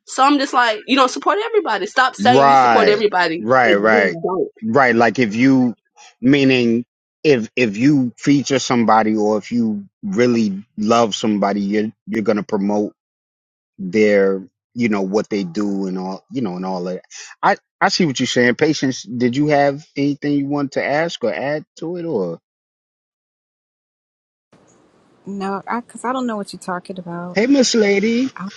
S7: So I'm just like, you don't support everybody. Stop saying you support
S1: Right,
S7: everybody.
S1: right,
S7: and You
S1: right,
S7: really don't.
S1: right. Like if you, meaning if if you feature somebody or if you really love somebody, you're you're gonna promote their, you know, what they do and all, you know, and all that. I I see what you're saying. Patience, did you have anything you wanted to ask or add to it or?
S3: No, I because I don't know what you're talking about.
S1: Hey, Miss Lady,
S3: I,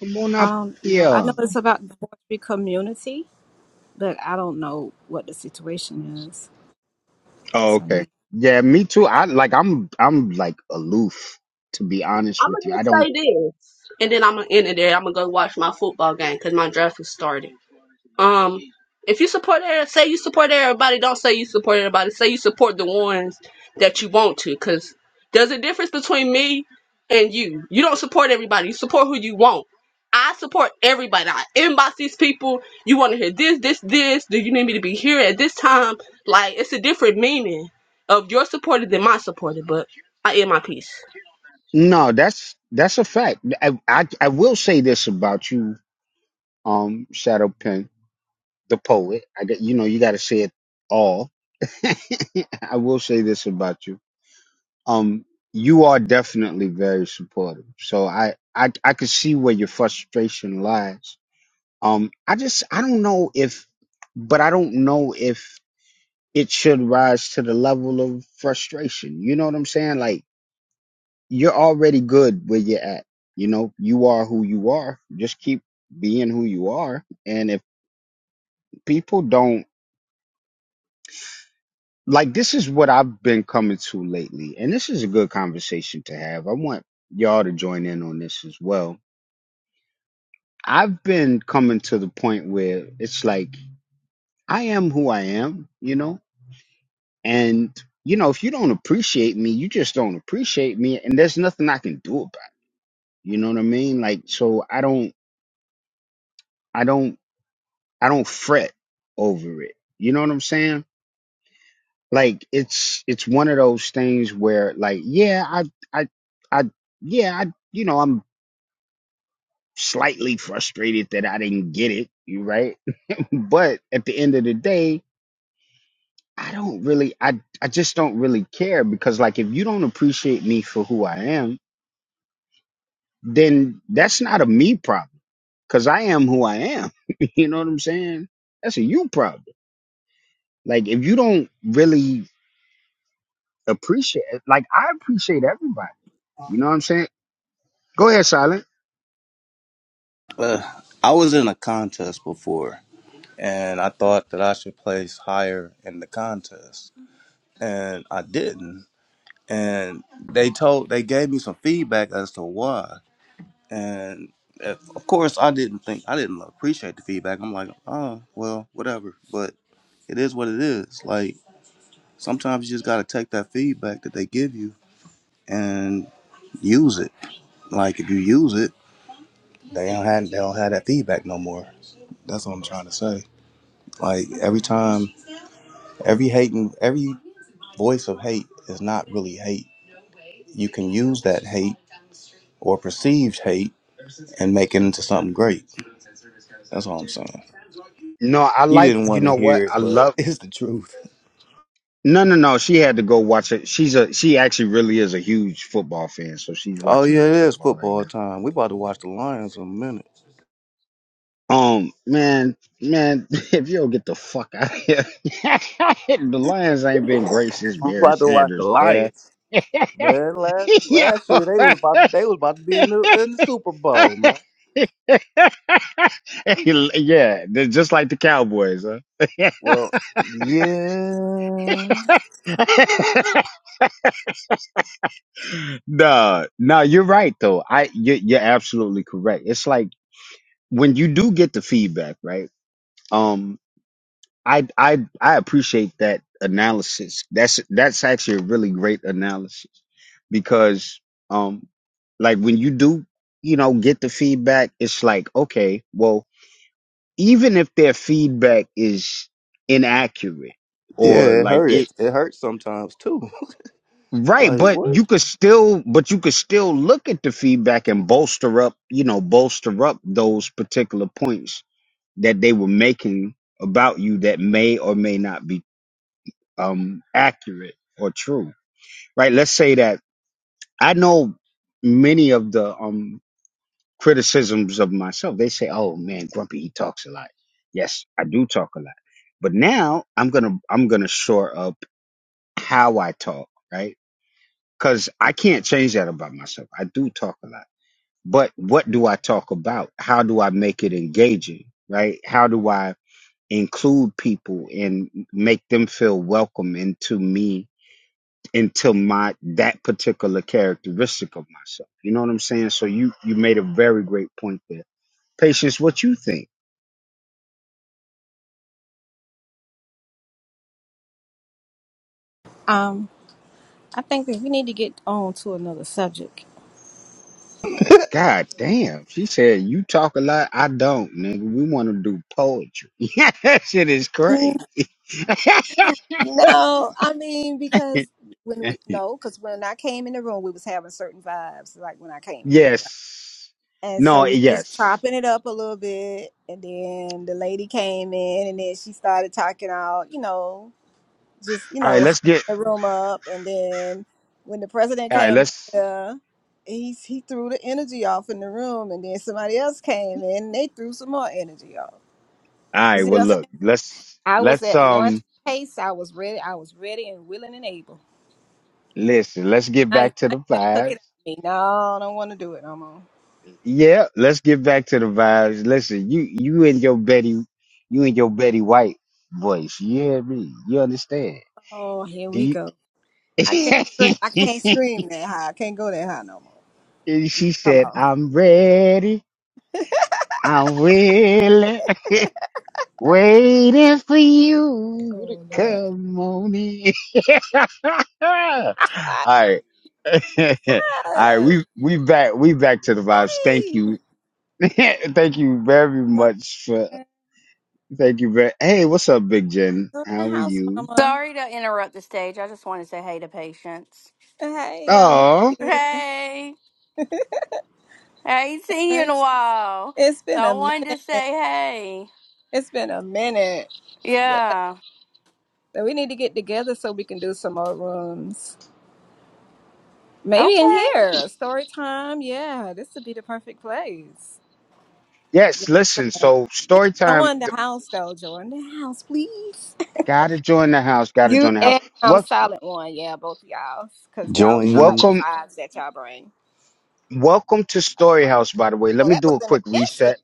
S1: come on
S3: I
S1: up
S3: don't know. I know
S1: here.
S3: it's about the Rotary community, but I don't know what the situation is.
S1: Oh,
S3: So
S1: okay.
S3: no.
S1: Yeah, me too. I like I'm I'm like aloof to be honest
S7: I'm
S1: with you.
S7: gonna
S1: I
S7: just
S1: don't
S7: say this, and then I'm gonna end it there. I'm gonna go watch my football game because my draft is started. Um, if you support, every- say you support everybody. Don't say you support everybody. Say you support the ones that you want to, because there's a difference between me and you. You don't support everybody. You support who you want. I support everybody. I inbox these people. You want to hear this, this, this. Do you need me to be here at this time? Like it's a different meaning of your supporter than my supporter. But I end my piece.
S1: No, that's that's a fact. I, I I will say this about you, um, Shadow Pen, the poet. I get- you know you got to say it all. I will say this about you. Um, you are definitely very supportive. So I I I can see where your frustration lies. Um, I just I don't know if, but I don't know if it should rise to the level of frustration. You know what I'm saying? Like you're already good where you're at. You know, you are who you are. Just keep being who you are. And if people don't like this is what I've been coming to lately, and this is a good conversation to have. I want y'all to join in on this as well. I've been coming to the point where it's like I am who I am, you know? And you know, if you don't appreciate me, you just don't appreciate me and there's nothing I can do about it. You know what I mean? Like so I don't I don't I don't fret over it. You know what I'm saying? Like it's it's one of those things where like yeah, I I I yeah, I you know, I'm slightly frustrated that I didn't get it, you right? but at the end of the day, I don't really I I just don't really care because like if you don't appreciate me for who I am, then that's not a me problem cuz I am who I am. you know what I'm saying? That's a you problem. Like if you don't really appreciate like I appreciate everybody. You know what I'm saying? Go ahead, Silent.
S2: Uh, I was in a contest before, and I thought that I should place higher in the contest, and I didn't. And they told they gave me some feedback as to why, and. Of of course, I didn't think I didn't appreciate the feedback. I'm like, oh well, whatever. But it is what it is. Like Sometimes you just got to take that feedback that they give you and use it. Like if you use it, they don't have they don't have that feedback no more. That's what I'm trying to say. Like every time, every hating, every voice of hate is not really hate. You can use that hate or perceived hate and make it into something great. That's all I'm saying.
S1: No, I
S2: He
S1: like
S2: didn't
S1: you
S2: want to
S1: know what?
S2: hear it,
S1: I
S2: but
S1: love
S2: it's the truth.
S1: no no no. She had to go watch it. She's a she actually really is a huge football fan, so she's
S2: Oh
S1: watching
S2: yeah,
S1: her
S2: it is
S1: football right
S2: football
S1: now.
S2: time. We about to watch the Lions in a minute.
S1: Um man, man, if you don't get the fuck out of here. the Lions ain't been great since
S2: We
S1: Barry
S2: about to watch the
S1: Sanders, yeah.
S2: Lions. Man, last
S1: yeah.
S2: last year they was about they was about to be in the in the Super Bowl, man.
S1: yeah, they're just like the Cowboys, huh?
S2: Well, yeah,
S1: No, nah, you're right though. I you're, you're absolutely correct. It's like when you do get the feedback, right? Um, I I I appreciate that analysis. That's that's actually a really great analysis because um, like when you do, you know, get the feedback, it's like okay, well, even if their feedback is inaccurate or
S2: yeah, it
S1: like
S2: hurt it. It hurts sometimes too.
S1: Right,
S2: like
S1: but
S2: what?
S1: you could still, but you could still look at the feedback and bolster up, you know, bolster up those particular points that they were making about you that may or may not be um accurate or true. Right? Let's say that I know many of the um criticisms of myself. They say, "Oh man, Grumpy he talks a lot." Yes, I do talk a lot. But now I'm going to I'm going to shore up how I talk, right? because I can't change that about myself. I do talk a lot, but what do I talk about? How do I make it engaging? Right? How do I include people and make them feel welcome into me, into my that particular characteristic of myself? You know what I'm saying? So you you made a very great point there. Patience, what you think?
S3: Um, I think that we need to get on to another subject.
S1: God damn, she said you talk a lot. I don't, nigga. We want to do poetry. Yeah, that shit is great.
S3: No, I mean because when we no, because when I came in the room, we was having certain vibes, like when I came in here, right?
S1: Yes.
S3: And so
S1: No,
S3: we just
S1: yes.
S3: chopping it up a little bit, and then the lady came in, and then she started talking out, you know, just you
S1: All right,
S3: know,
S1: let's
S3: hyping
S1: get
S3: the room up, and then when the president
S1: all right,
S3: came in
S1: let's
S3: here, he he threw the energy off in the room, and then somebody else came in, and they threw some more energy off.
S1: all
S3: You
S1: right,
S3: see what
S1: well
S3: I'm saying?
S1: look, let's
S3: I was
S1: let's
S3: at one
S1: um
S3: pace. I was ready. I was ready and willing and able.
S1: listen, let's get
S3: I,
S1: back to
S3: I
S1: the
S3: took it
S1: vibes.
S3: out of me. No, I don't want to do it no more.
S1: Yeah, let's get back to the vibes. Listen, you you and your Betty you and your Betty White voice. You hear me? You understand?
S3: Oh, here
S1: Do
S3: we
S1: you
S3: go. I can't. scre- I can't scream that high. I can't go that high no more.
S1: And she
S3: Hold
S1: said,
S3: on.
S1: I'm ready. I'm willing. Waiting for you to
S3: Oh Lord.
S1: come on in. All right. All
S3: Ah,
S1: right. We we back we back to the vibes. Thank
S3: hey,
S1: you. thank you very
S3: my
S1: much for
S3: friends
S1: thank you very hey, what's up, Big Jen?
S3: in the
S1: How are
S3: house,
S1: you?
S3: Mama.
S8: Sorry to interrupt the stage. I just want to say hey to Patience.
S3: Hey, I miss
S1: Oh
S3: you.
S8: Hey, I ain't seen you in a
S3: Yes.
S8: while,
S3: It's
S8: so
S3: been
S8: I
S3: a
S8: wanted to say
S3: minute.
S8: hey.
S3: It's been a minute. Yeah.
S8: Yeah,
S3: So we need to get together so we can do some more rooms. Maybe in
S8: okay.
S3: here, story time. Yeah, this would be the perfect place. Yeah.
S1: yes, listen, so
S3: You need to
S1: story time
S3: join the
S1: th-
S3: house, though. Join the house, please.
S1: gotta join the house, gotta
S3: You
S1: join the house.
S3: and um,
S1: Wel-
S3: Silent One. Yeah, both of y'all. Because y'all, I like
S2: Join
S3: the
S1: welcome
S3: vibes that y'all bring.
S1: welcome to Story House, by the way. Let
S3: Oh,
S1: me
S3: that was
S1: do a
S3: in an
S1: quick
S3: instant.
S1: reset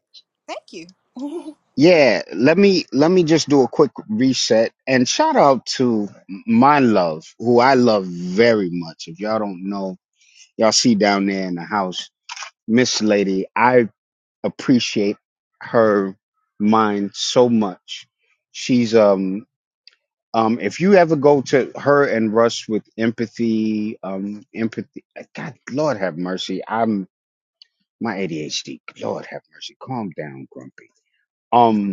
S3: Thank you.
S1: Yeah, let me let me just do a quick reset and shout out to my love, who I love very much. If y'all don't know, y'all see down there in the house, Miss Lady. I appreciate her mind so much. She's um um if you ever go to her and Russ with empathy, um empathy God Lord have mercy. I'm my ADHD. Lord have mercy. Calm down, Grumpy. Um,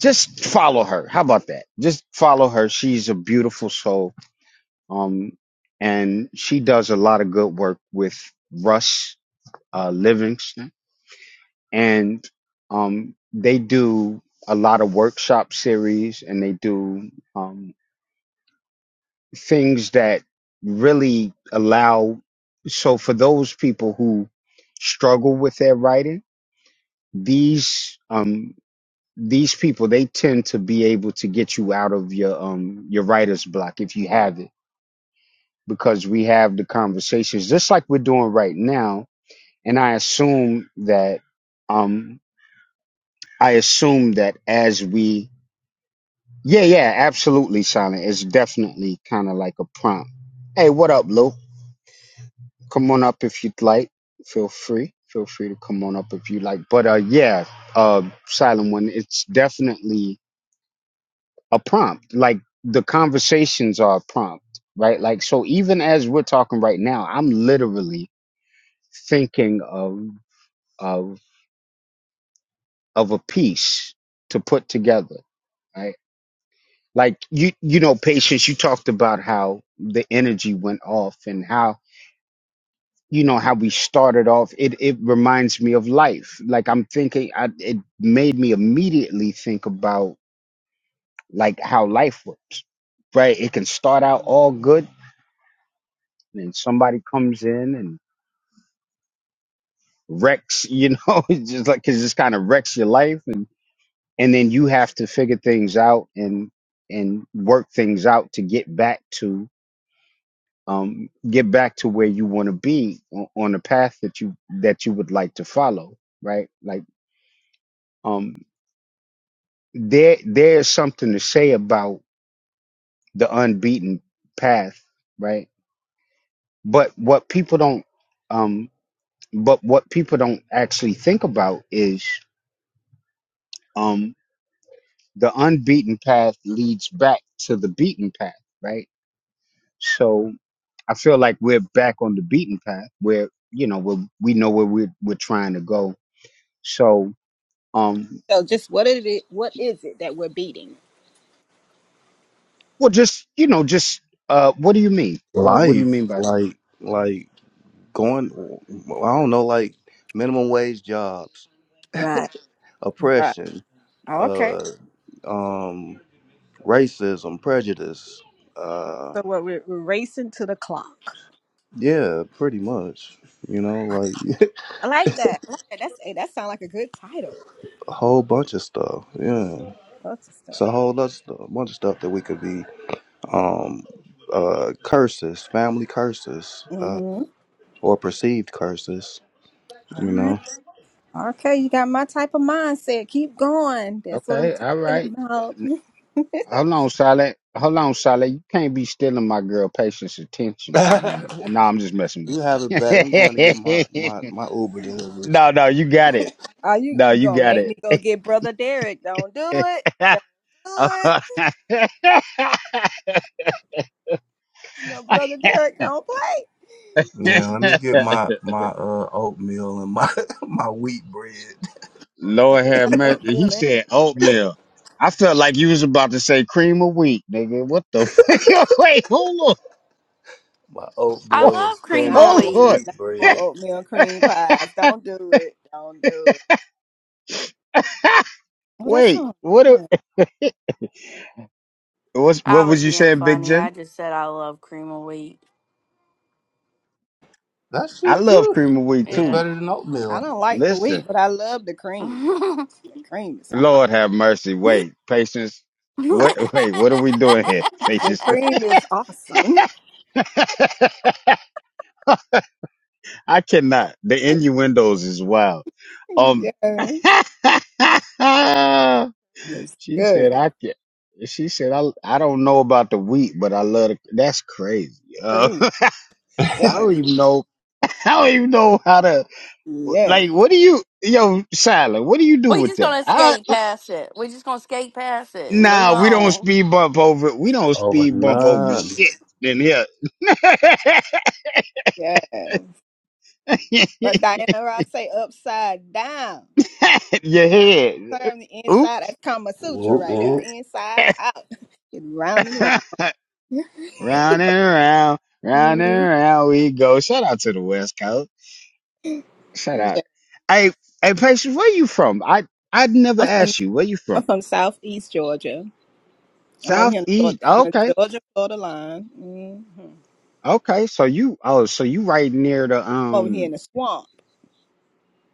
S1: just follow her. How about that? Just follow her. She's a beautiful soul. Um, and she does a lot of good work with Russ uh, Livingston, and um, they do a lot of workshop series, and they do um, things that really allow. So for those people who struggle with their writing, these um, these people they tend to be able to get you out of your um your writer's block if you have it because we have the conversations just like we're doing right now and i assume that um i assume that as we yeah yeah absolutely silent it's definitely kind of like a prompt hey what up luke come on up if you'd like feel free feel free to come on up if you like but uh yeah uh silent one it's definitely a prompt like the conversations are a prompt right like so even as we're talking right now i'm literally thinking of of of a piece to put together right like you you know patience you talked about how the energy went off and how you know how we started off it it reminds me of life like i'm thinking I, it made me immediately think about like how life works right it can start out all good and somebody comes in and wrecks, you know, it's just like because this kind of wrecks your life, and and then you have to figure things out and and work things out to get back to um get back to where you want to be on, on the path that you that you would like to follow, right? Like um there there's something to say about the unbeaten path, right? But what people don't um but what people don't actually think about is um, the unbeaten path leads back to the beaten path, right? So I feel like we're back on the beaten path where, you know, where we know where we're, we're trying to go. So, um,
S3: so, just what is it? What is it that we're beating?
S1: well, just, you know, just, uh, what do you mean? Uh, what do you
S2: life,
S1: mean by,
S2: like like going. I don't know, like minimum wage jobs,
S3: Right. Right.
S2: oppression,
S3: Okay.
S2: uh, um, racism, prejudice. Uh,
S3: So, what we're, we're racing to the clock.
S2: yeah, pretty much. You know, like
S3: I like that. I like that. That's hey, that sounds like a good title.
S2: a whole bunch of stuff. Yeah.
S3: Lots of
S2: It's
S3: stuff.
S2: a whole lot, bunch of stuff that we could be um, uh, curses, family curses, uh,
S3: Mm-hmm.
S2: or perceived curses. You
S3: All right.
S2: know,
S3: Okay, you got my type of mindset. Keep going. That's what I'm
S1: okay, all
S3: talking
S1: right.
S3: about.
S1: Hold on, Silent. Hold on, Silent. You can't be stealing my girl patience attention from me. And no, I'm just messing
S2: you have it
S1: with
S2: back. I'm going to get my
S1: you.
S2: my my Uber delivery.
S1: no, no, you got it.
S3: Are you,
S1: No,
S3: you
S1: you
S3: gonna
S1: got
S3: make me
S1: it.
S3: go get brother Derek? Don't do it. Don't do it. No, brother Derek, don't play.
S2: Yeah, let me get my my uh, oatmeal and my my wheat bread,
S3: Uh,
S1: Lord have mercy. He
S3: Oatmeal and
S1: said oatmeal. I felt like you was about to say cream of wheat, nigga. What the fuck? Wait, hold
S2: my
S8: I
S1: on.
S2: oatmeal and
S8: love cream of
S3: nah,
S2: spinach
S3: I
S1: Hold
S3: want,
S2: and
S8: wheat.
S1: on.
S2: wheat
S3: nah, I want
S2: bread.
S3: oatmeal and cream pies. Don't do it. Don't do it. Oh, that
S1: Wait,
S3: sounds
S1: what? a-
S3: good.
S1: What's,
S8: I
S1: what
S8: was
S1: was you
S8: being
S1: saying, Big
S8: funny. I
S1: Jen?
S8: just said I love cream of wheat.
S2: That
S1: I
S2: shit
S1: love
S2: good.
S1: cream of wheat
S2: It's
S8: Yeah.
S1: too.
S2: better than
S3: I
S2: oatmeal.
S3: don't like the
S1: Listen,
S3: wheat, but I love the
S8: we
S3: cream. The cream is awesome.
S1: Lord have mercy. Wait, patience. What? Wait, what are we doing here,
S3: the
S1: patience?
S3: cream is awesome.
S1: I cannot. The innuendos is wild. Um,
S3: Yes, it's
S1: she
S3: good.
S1: said, I can She said, I, I don't know about the wheat, but I love it. That's crazy. Uh,
S3: Cream.
S1: I don't even know. I don't even know how to,
S3: Yes,
S1: like, what do you, yo, Silent, what do you do with
S8: just
S1: that?
S8: gonna
S1: I,
S8: skate past it. we just gonna skate past it and move
S1: nah, we don't
S8: on.
S1: speed bump over, we don't
S2: Over
S1: speed bump over
S2: none.
S1: shit in here.
S3: yes. But Diana Ross say upside down.
S1: Your
S3: Round
S1: head.
S3: and turn the
S1: Oop.
S3: inside. That's Kama Sutra
S2: Whoop,
S3: right there.
S2: whoop.
S3: Inside out. It's round and round.
S1: round and round, round
S3: Mhm.
S1: and round we go. Shout out to the West Coast. Shout out,
S3: Yeah.
S1: Hey, hey, Patience, where you from? I I never
S3: I'm from
S1: asked you where you
S3: I'm
S1: from.
S3: from Southeast Georgia. I'm over here in the
S1: Southeast.
S3: Georgia, on
S1: Okay,
S3: the Georgia Florida line. Mm-hmm. I'm
S1: okay. So you oh, so you right near the
S3: over here in
S1: um
S3: the swamp.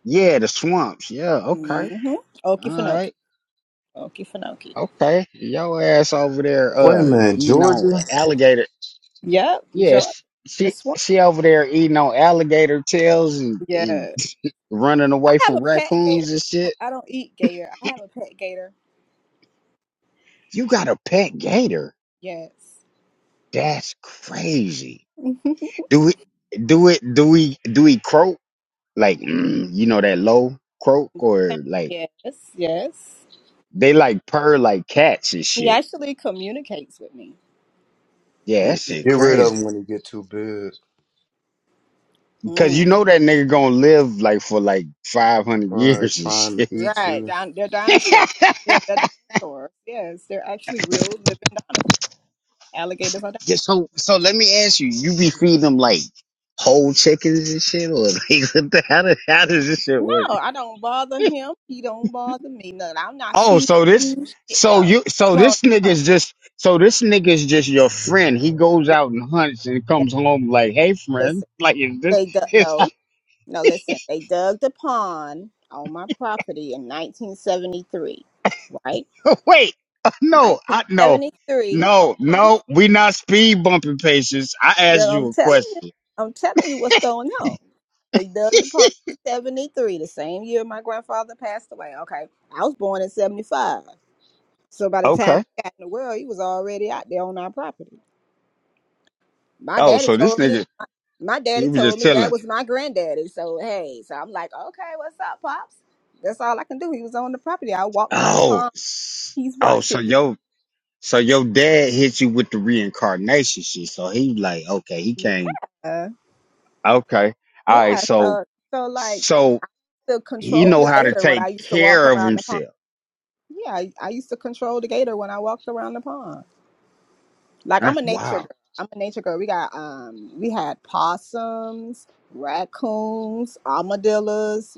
S1: yeah the swamps. Yeah. Okay.
S3: Mm-hmm.
S1: All
S3: Okefenokee.
S1: right.
S3: Okefenokee.
S1: Okay. Your ass over there
S2: Wait a
S1: uh
S2: minute,
S1: eating on
S2: Georgia.
S1: alligator.
S3: Yep, Georgia.
S1: Yes.
S3: The
S1: She
S3: swamp.
S1: she over there eating on alligator tails and and
S3: Yeah.
S1: running
S3: I
S1: away
S3: have
S1: from
S3: a pet gator.
S1: raccoons and
S3: I don't
S1: shit.
S3: I don't eat gator. I have a pet gator.
S1: You got a pet gator.
S3: Yes.
S1: That's crazy. Do we do it? Do we do we croak like mm, you know that low croak or like
S3: Yes, yes.
S1: they like purr like cats and
S3: He
S1: shit?
S3: actually communicates with me.
S1: Yeah, that shit
S2: Get rid of them
S1: crazy.
S2: when they get too big.
S1: Cause you
S3: Mm.
S1: know that nigga gonna live like for like five hundred
S2: Right,
S1: years and
S2: trying to
S1: shit.
S2: eat
S3: Right.
S2: you.
S3: Don- they're
S1: yeah,
S3: dinosaurs. Yeah, they're dinosaurs. Yes, they're actually real living dinosaurs. Alligators are dinosaurs.
S1: so so let me ask you: You be feeding them like whole chickens and shit, or like what the, how does how does this shit work?
S3: No, I don't bother him. He don't bother me. No, I'm not
S1: Oh,
S3: feeding
S1: so this,
S3: you shit.
S1: so
S3: No.
S1: you, so
S3: You won't
S1: this
S3: come.
S1: nigga's just, so this nigga's just your friend. He goes
S3: Li-
S1: out and hunts and
S3: li-
S1: comes home like, hey, friend,
S3: Listen,
S1: like is this?
S3: they dug,
S1: Is
S3: no, no, listen. They dug the pond on my property in 1973, right?
S1: wait, no, I no,
S3: 1973. Hold
S1: no,
S3: on.
S1: no. We not speed bumping patients. I asked
S3: Yeah, I'm
S1: you a
S3: telling you,
S1: question.
S3: I'm telling you what's going on. They dug the pond in 73, the same year my grandfather passed away. Okay. I was born in 75. So by the time
S1: Okay.
S3: I got in the world, he was already out there on our property. My
S1: Oh,
S3: daddy
S1: so this
S3: told me,
S1: nigga,
S3: my daddy
S1: he was
S3: told
S1: just
S3: me that
S1: telling.
S3: was my granddaddy. So hey, so I'm like, okay, what's up, Pops? That's all I can do. He was on the property. I walk around the
S1: Oh,
S3: pond.
S1: s-
S3: He's
S1: oh, so
S3: watching
S1: yo, so your dad hit you with the reincarnation shit. So he like, okay, he
S3: me.
S1: came.
S3: Yeah.
S1: Okay. All right.
S3: Yeah.
S1: So,
S3: So so like
S1: so.
S3: to
S1: He
S3: control
S1: know
S3: the
S1: how to
S3: gator when
S1: take
S3: I used to walk
S1: care of
S3: around the pond.
S1: himself.
S3: Yeah, I, I used to control the gator when I walked around the pond. Like I'm a
S1: That's
S3: nature
S1: wow.
S3: girl. I'm a nature girl. We got um we had possums, raccoons, armadillos,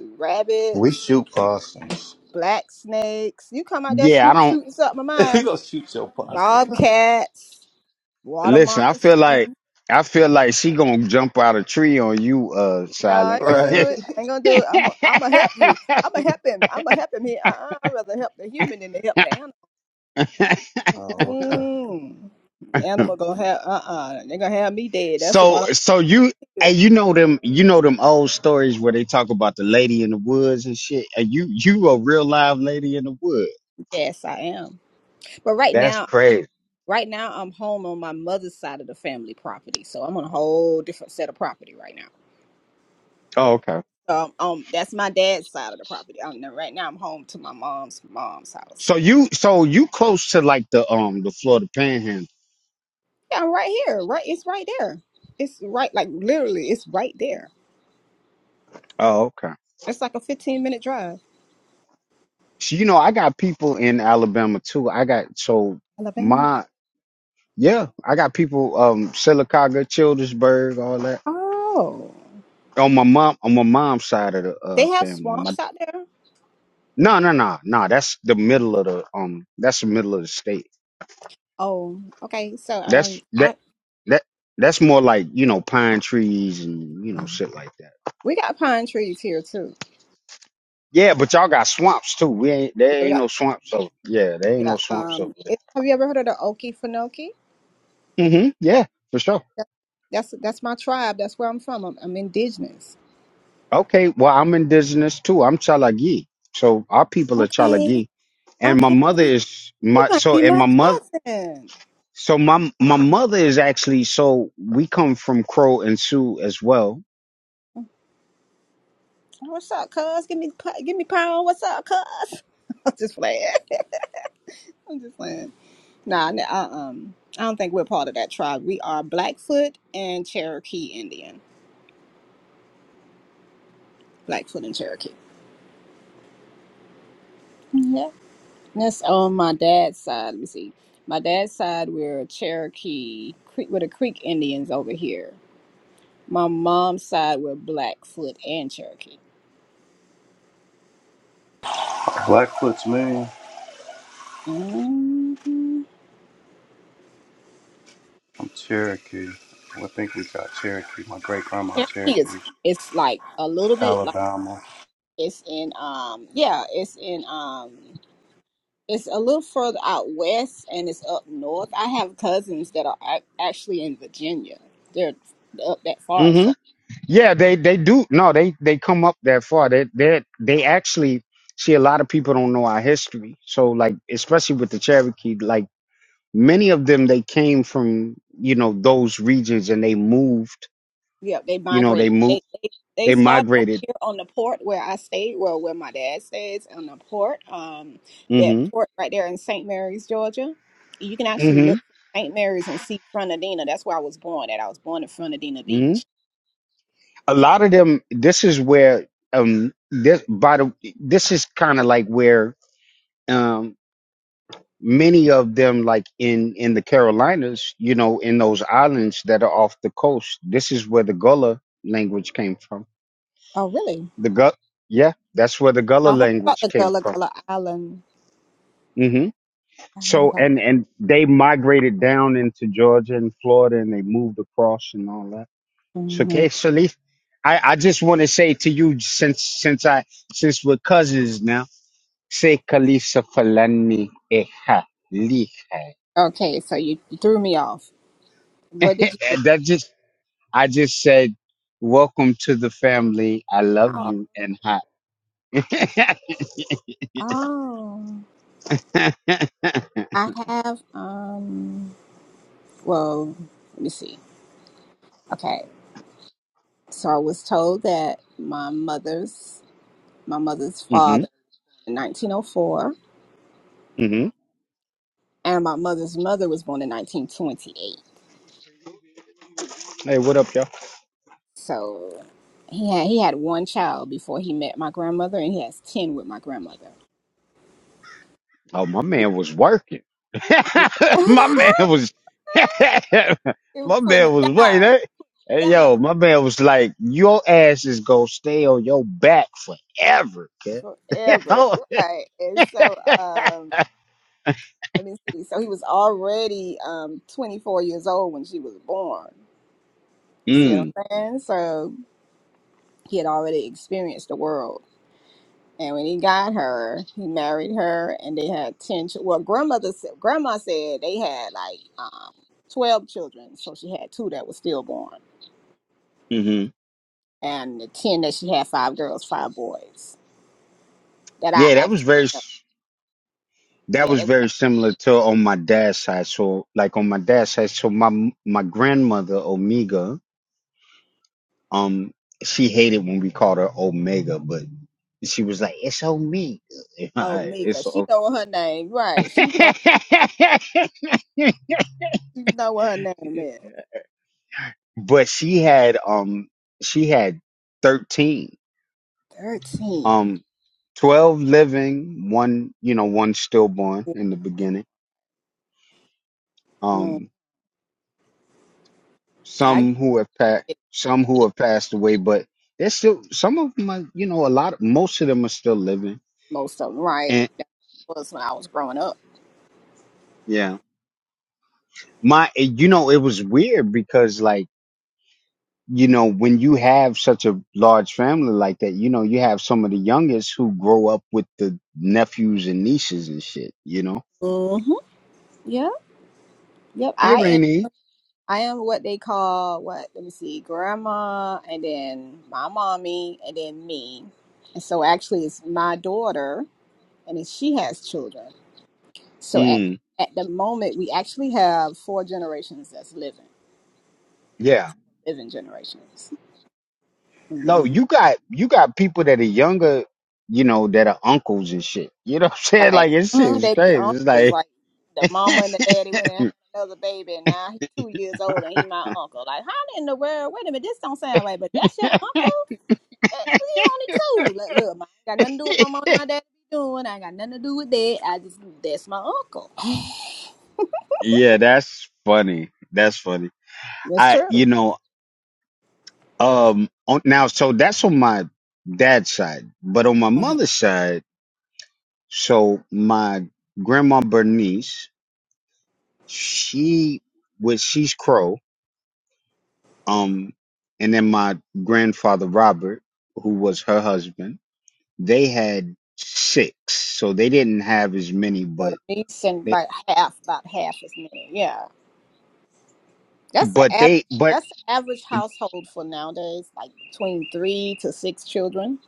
S2: We
S3: rabbits,
S2: shoot possums.
S3: black snakes. You come out there
S1: Yeah, I
S3: snoop
S1: don't
S3: shooting something of
S2: you
S3: mine.
S2: gonna shoot your possum.
S3: Bobcats, water
S1: listen. I feel like
S3: moccasin.
S1: I feel like she gonna jump out a tree on you, uh,
S3: No, I
S1: silent.
S3: ain't gonna do
S2: Right.
S3: it. I ain't gonna do it. I'm i I'm gonna help you. I'm gonna help him. I'm gonna help him here. Uh-uh, I'd rather help the human than to help the animal.
S2: Oh, okay.
S3: Mm. Animal gonna have uh uh-uh. uh. they gonna have me dead. That's the
S1: so
S3: one. I
S1: so you
S3: feel.
S1: and you know them you know them old stories where they talk about the lady in the woods and shit. And you you a real live lady in the woods.
S3: Yes, I am. But right
S1: That's
S3: now,
S1: crazy.
S3: right now I'm home on my mother's side of the family property. So I'm on a whole different set of property right now.
S1: Oh, okay.
S3: Um, um that's my dad's side of the property. Um, now- right now I'm home to my mom's mom's house.
S1: So you so you close to like the um the Florida Panhandle.
S3: Yeah, I'm right here. Right, it's right there. It's right, like literally, it's right there.
S1: Oh, okay.
S3: It's like a 15 minute drive.
S1: So, you know, I got people in Alabama too. I got so
S3: Alabama.
S1: my yeah, I got people um Sylacauga, Childersburg, all that.
S3: Oh,
S1: On my mom on my mom's side of the
S3: they
S1: uh
S3: have
S1: family. On my
S3: swamps out there.
S1: no no no no that's the middle of the um that's the middle of the state.
S3: Oh, okay. So um,
S1: That's that
S3: I
S1: that that's more like, you know, pine trees and you know,
S3: oh,
S1: shit like that.
S3: we got pine trees here too.
S1: Yeah, but y'all got swamps too. We ain't there ain't no swamps over yeah, there ain't no
S3: Yeah.
S1: swamps over
S3: Um. It, have you ever heard of the Okefenokee?
S1: there. hmm Yeah, for sure.
S3: That- That's that's my tribe. That's where I'm from. I'm, I'm indigenous.
S1: Okay, well, I'm indigenous too. I'm Chalagi. So our people are
S3: Okay.
S1: Chalagi. And my
S3: Okay.
S1: mother is
S3: You
S1: my
S3: might
S1: so
S3: be
S1: and
S3: my
S1: my mother
S3: cousin.
S1: so my my mother is actually so we come from Crow and Sioux as well.
S3: What's up, cuz? Give me pu- give me pound. What's up, cuz? I'm just playing. I'm just playing. Nah. nah, I, um. I don't think we're part of that tribe. We are Blackfoot and Cherokee Indian. Blackfoot and Cherokee. Yeah. And that's on my dad's side. Let me see. My dad's side, we're Cherokee. Creek. We're the Creek Indians over here My mom's side were Blackfoot and Cherokee.
S2: Blackfoot's man.
S3: hmm
S2: I'm Cherokee. Well, I think we got Cherokee. My great grandma
S3: Cherokee is
S2: Cherokee.
S3: it's like a little bit like
S2: Alabama.
S3: it's in um yeah it's in um it's a little further out west and it's up north. I have cousins that are ac- actually in Virginia. They're up that far as far.
S1: hmm Yeah, they they do no, they they come up that far. They they they actually see a lot of people don't know our history. So like especially with the Cherokee, like many of them they came from, you know, those regions and they moved,
S3: Yeah, they
S1: you know,
S3: migrated.
S1: they
S3: They,
S1: moved
S3: they they
S1: they
S3: started over
S1: migrated.
S3: here on the port where I stayed, well, where my dad stays on the port. Um, that
S1: hmm
S3: port right there in St. Mary's, Georgia. You can actually
S1: hmm
S3: look from St. Mary's and see Frontadina. That's where I was born at. I was born in Frontadina
S1: hmm
S3: Beach.
S1: A lot of them. This is where um this by the this is kind of like where um many of them like in in the Carolinas, you know, in those islands that are off the coast. This is where the Gullah language came from.
S3: Oh, really?
S1: The Gullah, yeah, that's where the
S3: I
S1: Gullah
S3: heard about
S1: language
S3: the
S1: came
S3: Gullah
S1: from.
S3: Gullah Island.
S1: hmm
S3: I heard
S1: So
S3: about.
S1: and and they migrated down into Georgia and Florida, and they moved across and all that. So,
S3: Mhm.
S1: okay, Salif, I, I just want to say to you, since since I since we're cousins now, say Khalifa Falani Eha Liha.
S3: Okay, so you, you threw me off. What did you? Just,
S1: That just I just said, welcome to the family. I love
S3: oh,
S1: you and hi.
S3: oh, I have. Um, well, let me see. Okay. So I was told that my mother's my mother's
S1: hmm
S3: father in 1904
S1: hmm
S3: and my mother's mother was born in 1928.
S1: Hey, what up, y'all?
S3: So he had he had one child before he met my grandmother and he has 10 with my grandmother.
S1: Oh, my man was working.
S3: he
S1: my man was,
S3: was
S1: my
S3: putting
S1: man
S3: it
S1: was waiting.
S3: down
S1: Hey, hey,
S3: down
S1: yo, my man was like, your ass is gonna stay on your back forever, kid. You
S3: forever,
S1: know?
S3: right? And so um let me see. So he was already um 24 years old when she was born. See what
S1: mm,
S3: I'm saying? So he had already experienced the world And when he got her, he married her, and they had ten. Ch- well, grandmother, sa- grandma said they had like um, twelve children, so she had two that were stillborn,
S1: hmm
S3: and the ten that she had five girls, five boys. That I
S1: Yeah, that
S3: actually,
S1: was very,
S3: know.
S1: s- that
S3: yeah,
S1: was
S3: they.
S1: very similar to on my dad's side. So, like on my dad's side, so my m- my grandmother Omega, um, she hated when we called her Omega, but she was like, "It's Omega,
S3: Oh, Mika,
S1: it's
S3: she
S1: Omega."
S3: know what her name, right? She know, she know what her name is.
S1: but she had um she had 13
S3: Thirteen.
S1: um 12 living one you know one stillborn in the beginning
S3: Mm,
S1: um
S3: I
S1: some who have passed
S3: get
S1: some who
S3: it.
S1: have passed away but there's still some of them are you know a lot most of them are still living
S3: most of them right.
S1: and
S3: That was when I was growing up.
S1: yeah my you know it was weird because like you know, when you have such a large family like that, you know, you have some of the youngest who grow up with the nephews and nieces and shit, you know.
S3: Mm-hmm. Yeah. Yep.
S1: Hey
S3: I am.
S1: Rainey.
S3: I am what they call what? Let me see, grandma, and then my mommy, and then me. And so actually, it's my daughter, and then she has children. So at
S1: Mm,
S3: at the moment, we actually have four generations that's living,
S1: yeah.
S3: living generations.
S1: No,
S3: hmm
S1: you got you got people that are younger, you know, that are uncles and shit. You know what I'm saying?
S3: Right?
S1: Like it's shit
S3: hmm
S1: is
S3: They be
S1: crazy. It's
S3: uncles,
S1: like
S3: like the mama and the daddy went and had another baby, and now he's two years old and he my uncle. Like, how in the world? Wait a minute, this don't sound right, but that's your uncle. Eh, we on it too. Like, look, I ain't got nothing to do with my mom and my dad doing. I ain't got nothing to do with that. I just that's my uncle.
S1: Yeah, that's funny. That's funny.
S3: That's
S1: I
S3: true.
S1: you know, um on, now so that's on my dad's side. But on my
S3: Mhm.
S1: mother's side So my grandma Bernice, she was she's Crow. Um, and then my grandfather Robert, who was her husband, they had six. So they didn't have as many,
S3: Her
S1: but
S3: niece and
S1: they,
S3: about half, about half as many. Yeah, that's the
S1: but
S3: average.
S1: they, but
S3: That's the average household for nowadays, like between three to six children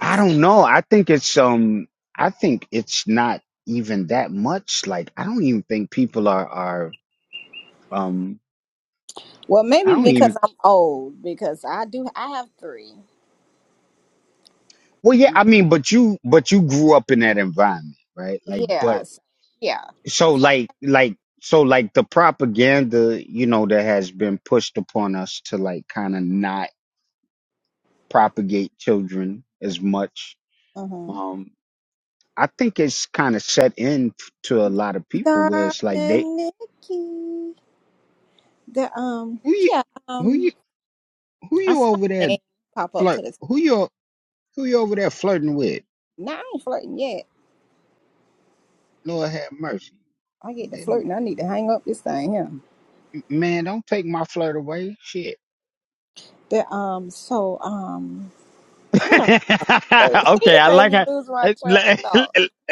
S1: I don't know. I think it's um, I think it's not even that much. Like I don't even think people are are um,
S3: Well,
S1: I
S3: maybe
S1: don't
S3: because
S1: even.
S3: I'm old, because I do. I have three.
S1: Well, yeah,
S3: My,
S1: I mean, but you but you grew up in that environment, right? Like, but
S3: yeah, so, yeah.
S1: so
S3: So,
S1: like like so like the propaganda you know that has been pushed upon us to like kind of not propagate children as much
S3: mhm.
S1: um i think it's kind of set in to a lot of people where it's like they
S3: Darling Nikki. The um
S1: who you
S3: yeah,
S1: who
S3: um
S1: you who
S3: I
S1: you
S3: saw
S1: over
S3: her
S1: there
S3: name pop up
S1: flirt
S3: to the top.
S1: who you who you over there flirting with
S3: Now I ain't flirting yet.
S1: lord have mercy
S3: I get to flirting, I need to hang up this thing here.
S1: man don't take my flirt away shit
S3: The um so um what I say? See
S1: okay
S3: you
S1: i
S3: made
S1: like
S3: me
S1: how
S3: lose my trail of thought.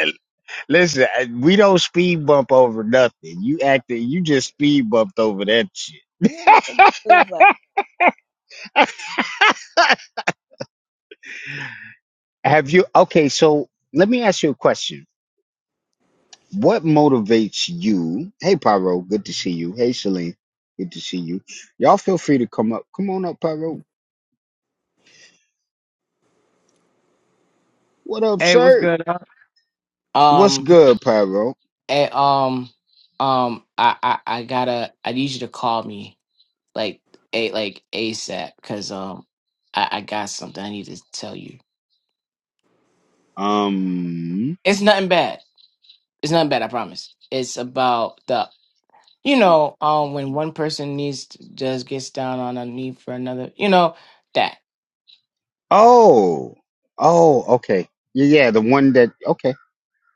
S1: Listen, I- we don't speed bump over nothing. You acted, you just speed bumped over that shit.
S3: You let me lose my thought.
S1: Have you? Okay, so let me ask you a question. What motivates you? Hey, Pyro, good to see you. Hey, Celine, good to see you. Y'all feel free to come up. Come on up, Pyro. What up,
S9: Hey, what's
S1: sir?
S9: good? huh?
S1: What's
S9: Um,
S1: good, Pyro?
S9: and, um, um, I, I, I gotta, I need you to call me like a like ASAP because um, I, I got something I need to tell you.
S1: Um.
S9: It's nothing bad. It's nothing bad. I promise. It's about the you know um when one person needs to, just gets down on a knee for another. You know that.
S1: Oh. Oh. Okay. Yeah. Yeah. The one that. Okay.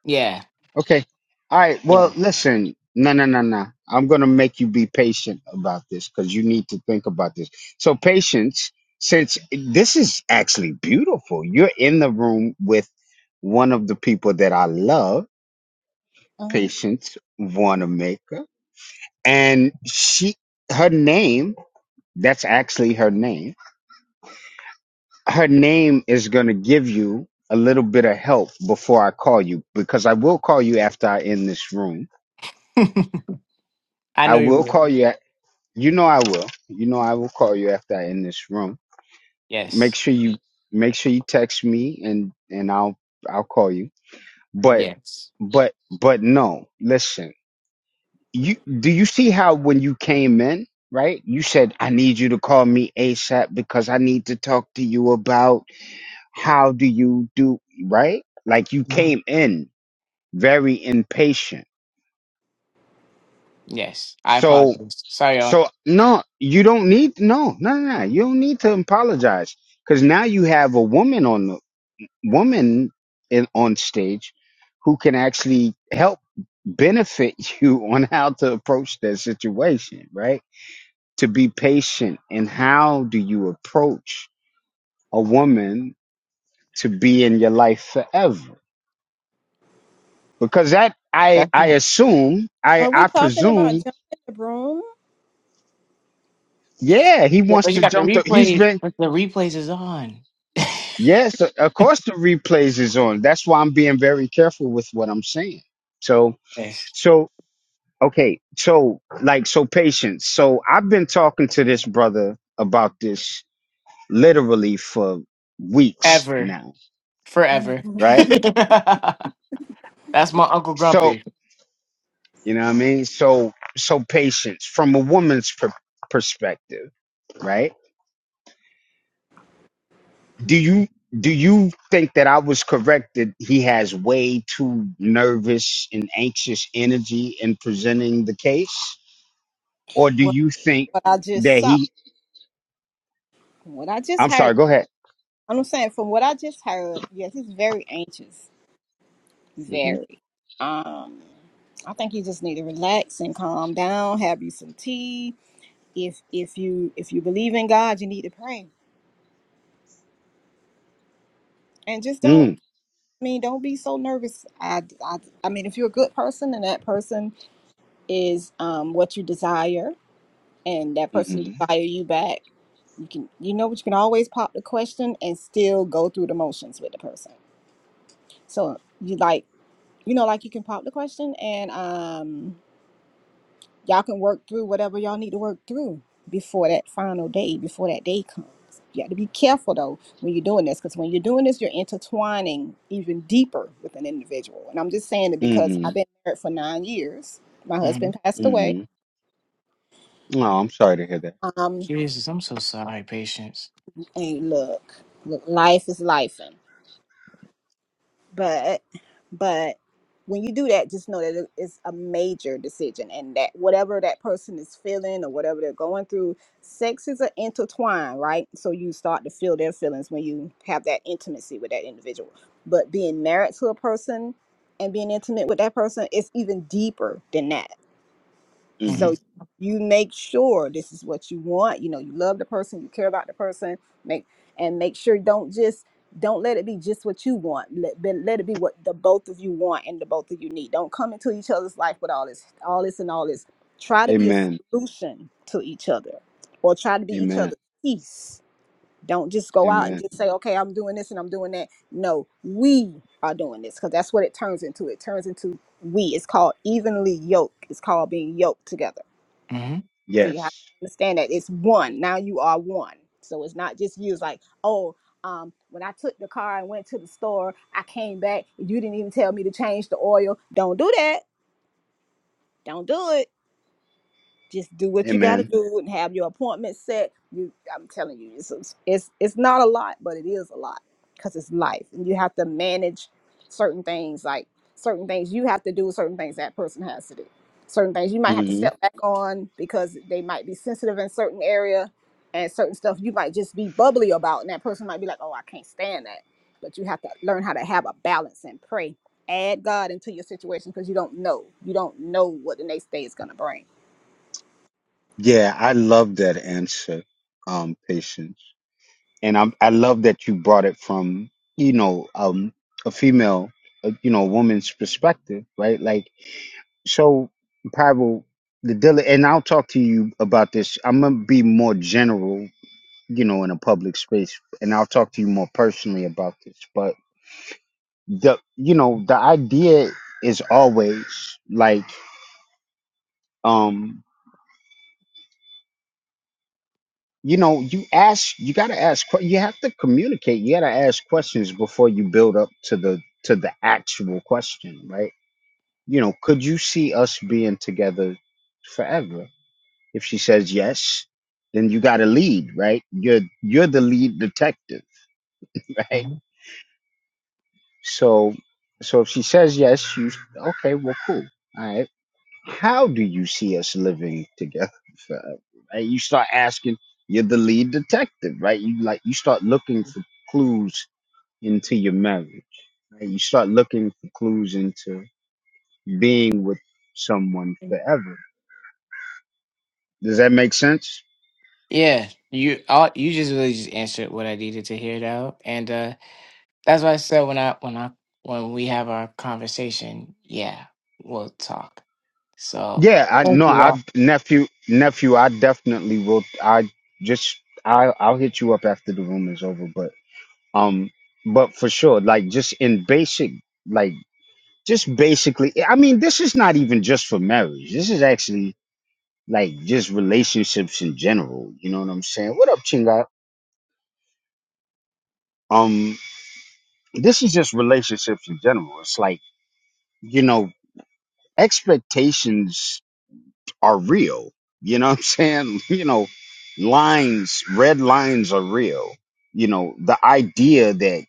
S9: Yeah.
S1: Okay. All right.
S9: Yeah.
S1: Well, listen. No, no, no, no. I'm going to make you be patient about this because you need to think about this. So, patience, since this is actually beautiful, you're in the room with one of the people that I love,
S3: Uh-huh.
S1: Patience Wanamaker, and she, her name, that's actually her name. Her name is going to give you a little bit of help before I call you because I will call you after I end this room.
S9: I
S1: I
S9: know you.
S1: will
S9: will.
S1: call you. You know I will. You know I will call you after I end this room. Make
S9: Yes.
S1: sure you make sure you text me and and I'll I'll call you. But
S9: Yes.
S1: but but no, listen. You do you see how when you came in, right? You said I need you to call me ASAP because I need to talk to you about how do you do, right? Like you
S9: Mhm.
S1: came in very impatient.
S9: Yes. I
S1: So.
S9: apologize. Sorry, y'all.
S1: So no, you don't need no, no, no. no. You don't need to apologize because now you have a woman on the woman in on stage who can actually help benefit you on how to approach that situation, right? To be patient and how do you approach a woman to be in your life forever? Because that I
S9: That's
S1: I assume I
S3: Are we
S1: I
S3: talking about
S1: presume
S3: jumping the broom?
S1: yeah he
S9: Yeah,
S1: wants
S9: but you
S1: to
S9: got the
S1: jump the he's
S9: replay.
S1: been
S9: but The replays is on.
S1: Yes, of course the replays is on. That's why I'm being very careful with what I'm saying. So,
S9: Yes.
S1: so okay, so like so patience. So I've been talking to this brother about this literally for weeks
S9: Ever.
S1: now,
S9: Forever.
S1: right?
S9: That's my Uncle
S1: So,
S9: Grumpy.
S1: you know what I mean? So, so patience from a woman's per- perspective, right? do you do you think that I was correct that he has way too nervous and anxious energy in presenting the case, or do
S3: what
S1: you think
S3: what I just
S1: that
S3: saw.
S1: he?
S3: What I just
S1: I'm
S3: heard.
S1: sorry. Go ahead.
S3: I'm saying from what I just heard, yes, he's very anxious.
S1: Mm-hmm.
S3: Very. Um I think you just need to relax and calm down, have you some tea. If if you if you believe in God, you need to pray. And just don't
S1: Mm,
S3: I mean, don't be so nervous. I, I, I mean, if you're a good person and that person is um, what you desire and that person
S1: mm-hmm.
S3: desire you back, you can, you know, but you can always pop the question and still go through the motions with the person. So you like you know, like you can pop the question and um y'all can work through whatever y'all need to work through before that final day, before that day comes. You have to be careful though when you're doing this, because when you're doing this, you're intertwining even deeper with an individual. And I'm just saying it because
S1: Mm-hmm.
S3: I've been married for nine years. My
S9: hmm
S3: husband passed away.
S1: Mm-hmm. No, I'm sorry to hear that.
S3: Um,
S9: Jesus, I'm so sorry, patience.
S3: and look, look life is life. but but when you do that just know that it- it's a major decision and that whatever that person is feeling or whatever they're going through sex is an intertwine right so you start to feel their feelings when you have that intimacy with that individual but being married to a person and being intimate with that person is even deeper than that
S1: hmm
S9: hmm
S3: so you make sure this is what you want. You know, you love the person, you care about the person. Make and make sure don't just don't let it be just what you want. Let then let it be what the both of you want and the both of you need. Don't come into each other's life with all this, all this, and all this. Try to be a
S1: Amen.
S3: solution to each other, or try to be each
S1: Amen.
S3: other's peace. Don't just go out and
S1: Amen.
S3: just say, okay, I'm doing this and I'm doing that. No, we are doing this because that's what it turns into. It turns into we. It's called evenly yoked. It's called being yoked together
S9: hmm
S3: so you have
S1: Yes.
S3: to understand that it's one. Now you are one. So it's not just you. It's like, oh, um, when I took the car and went to the store, I came back. You didn't even tell me to change the oil. Don't do that. Don't do it just do what you got to
S1: Amen.
S3: do and have your appointment set. You, I'm telling you, it's it's it's not a lot, but it is a lot because it's life, and you have to manage certain things, like certain things you have to do, certain things that person has to do, certain things you might have to
S1: hmm
S3: step back on because they might be sensitive in certain area, and certain stuff you might just be bubbly about, and that person might be like, "Oh, I can't stand that," but you have to learn how to have a balance and pray. Add God into your situation because you don't know. You don't know what the next day is going to bring
S1: Yeah, I love that answer, um, patience. and I I love that you brought it from you know um a female uh, you know woman's perspective, right? Like so, Bible the dealer, and I'll talk to you about this. I'm gonna be more general, you know, in a public space, and I'll talk to you more personally about this. But the you know the idea is always like um you know you ask you got to ask que- you have to communicate you got to ask questions before you build up to the to the actual question right you know could you see us being together forever if she says yes then you got to lead right you're you're the lead detective right
S9: hmm
S1: so so if she says yes you okay well cool all right how do you see us living together forever? Right? You start asking, you're the lead detective, right? You like you start looking for clues into your marriage. Right? You start looking for clues into being with someone forever. Does that make sense?
S9: Yeah, you all you just really just answered what I needed to hear though. And uh that's why I said when I when I when we have our conversation, yeah, we'll talk. So
S1: Yeah, I
S9: thank
S1: no,
S9: you
S1: I
S9: all.
S1: nephew nephew, I definitely will I just I I'll hit you up after the room is over, but um but for sure, like just in basic like just basically i mean this is not even just for marriage this is actually like just relationships in general you know what i'm saying what up chinga um this is just relationships in general it's like you know expectations are real you know what i'm saying you know lines red lines are real you know the idea that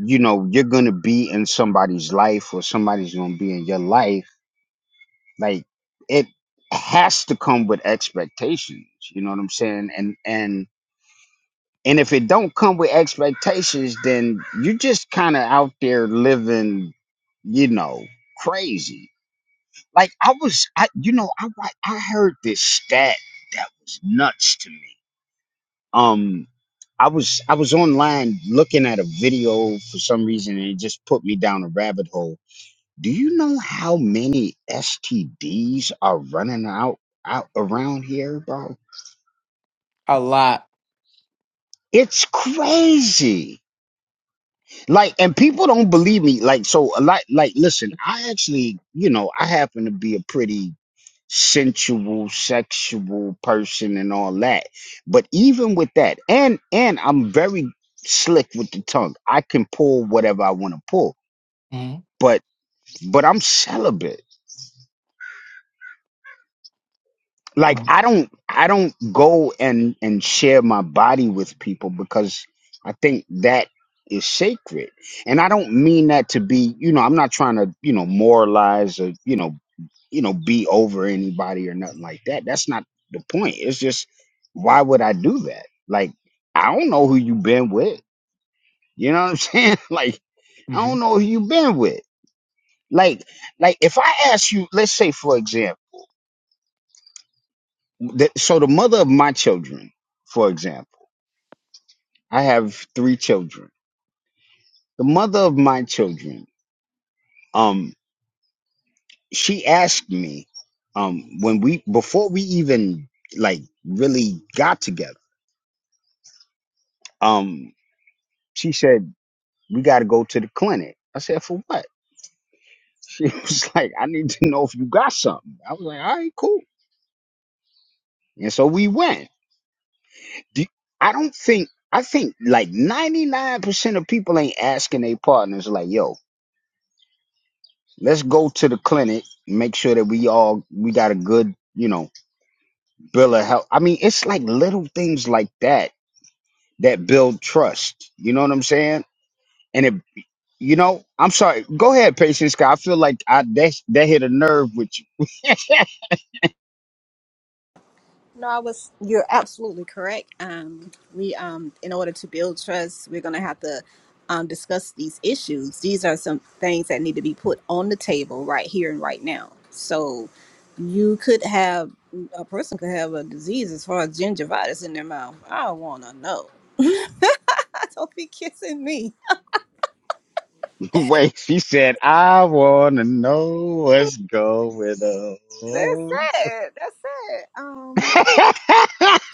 S1: you know you're gonna be in somebody's life or somebody's gonna be in your life Like it has to come with expectations. You know what I'm saying? And and and if it don't come with expectations, then you just kind of out there living, you know, crazy. Like I was, I you know, I wa- I heard this stat that was nuts to me. Um, I was I was online looking at a video for some reason, and it just put me down a rabbit hole do you know how many STDs are running out out around here, bro?
S9: A lot.
S1: It's crazy. Like, and people don't believe me. Like, so a lot. Like, listen, I actually, you know, I happen to be a pretty sensual, sexual person and all that. But even with that, and and I'm very slick with the tongue. I can pull whatever I want to pull.
S9: hmm
S1: But but I'm celibate. like I don't I don't go and and share my body with people because I think that is sacred. And I don't mean that to be, you know, I'm not trying to, you know, moralize or, you know, you know, be over anybody or nothing like that. That's not the point. It's just why would I do that? Like I don't know who you been with. You know what I'm saying? Like I don't know who you been with. Like like if I ask you, let's say for example That, so the mother of my children, for example, I have three children. The mother of my children, um, she asked me, um, when we before we even like really got together, um, she said we got to go to the clinic. I said for what? She was like, I need to know if you got something. I was like, all right, cool. And so we went. Do- I don't think I think like ninety nine percent of people ain't asking their partners like, yo, let's go to the clinic make sure that we all we got a good you know bill of health i mean it's like little things like that that build trust you know what i'm saying and it you know i'm sorry go ahead patience 'cause i feel like i that, that hit a nerve with you
S3: No, I was. You're absolutely correct. Um, we, um, in order to build trust, we're going to have to um, discuss these issues. These are some things that need to be put on the table right here and right now. So, you could have a person could have a disease as far as gingivitis in their mouth. I want to know. Don't be kissing me.
S1: wait she said i want to know what's going
S3: That's
S1: on
S3: it. That's it. Um,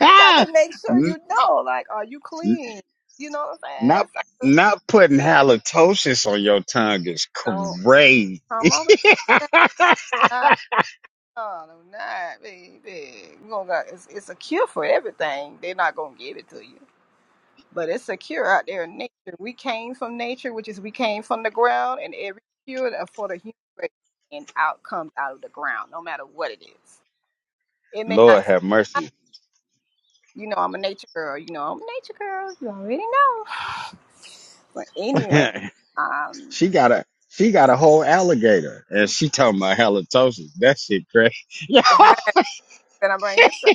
S3: you got to make sure you
S1: N-
S3: know. Like, are you clean? You know what I'm saying?
S1: Not
S3: So,
S1: not putting halitosis on your tongue is
S3: don't
S1: crazy.
S3: come over. No, no, not baby. You gonna got it's, it's a cure for everything. They're not gonna give it to you, but it's a cure out there in nature. We came from nature, which is we came from the ground, and every cure that- for the human race and out comes out of the ground, no matter what it is. It may not,
S1: Lord
S3: seem
S1: have
S3: like-
S1: mercy.
S3: you know, I'm a nature girl. You know, I'm nature. You know, but anyway, um,
S1: she got a she got a whole alligator and she talking about halitosis. That shit crazy.
S3: hey, can I bring this up?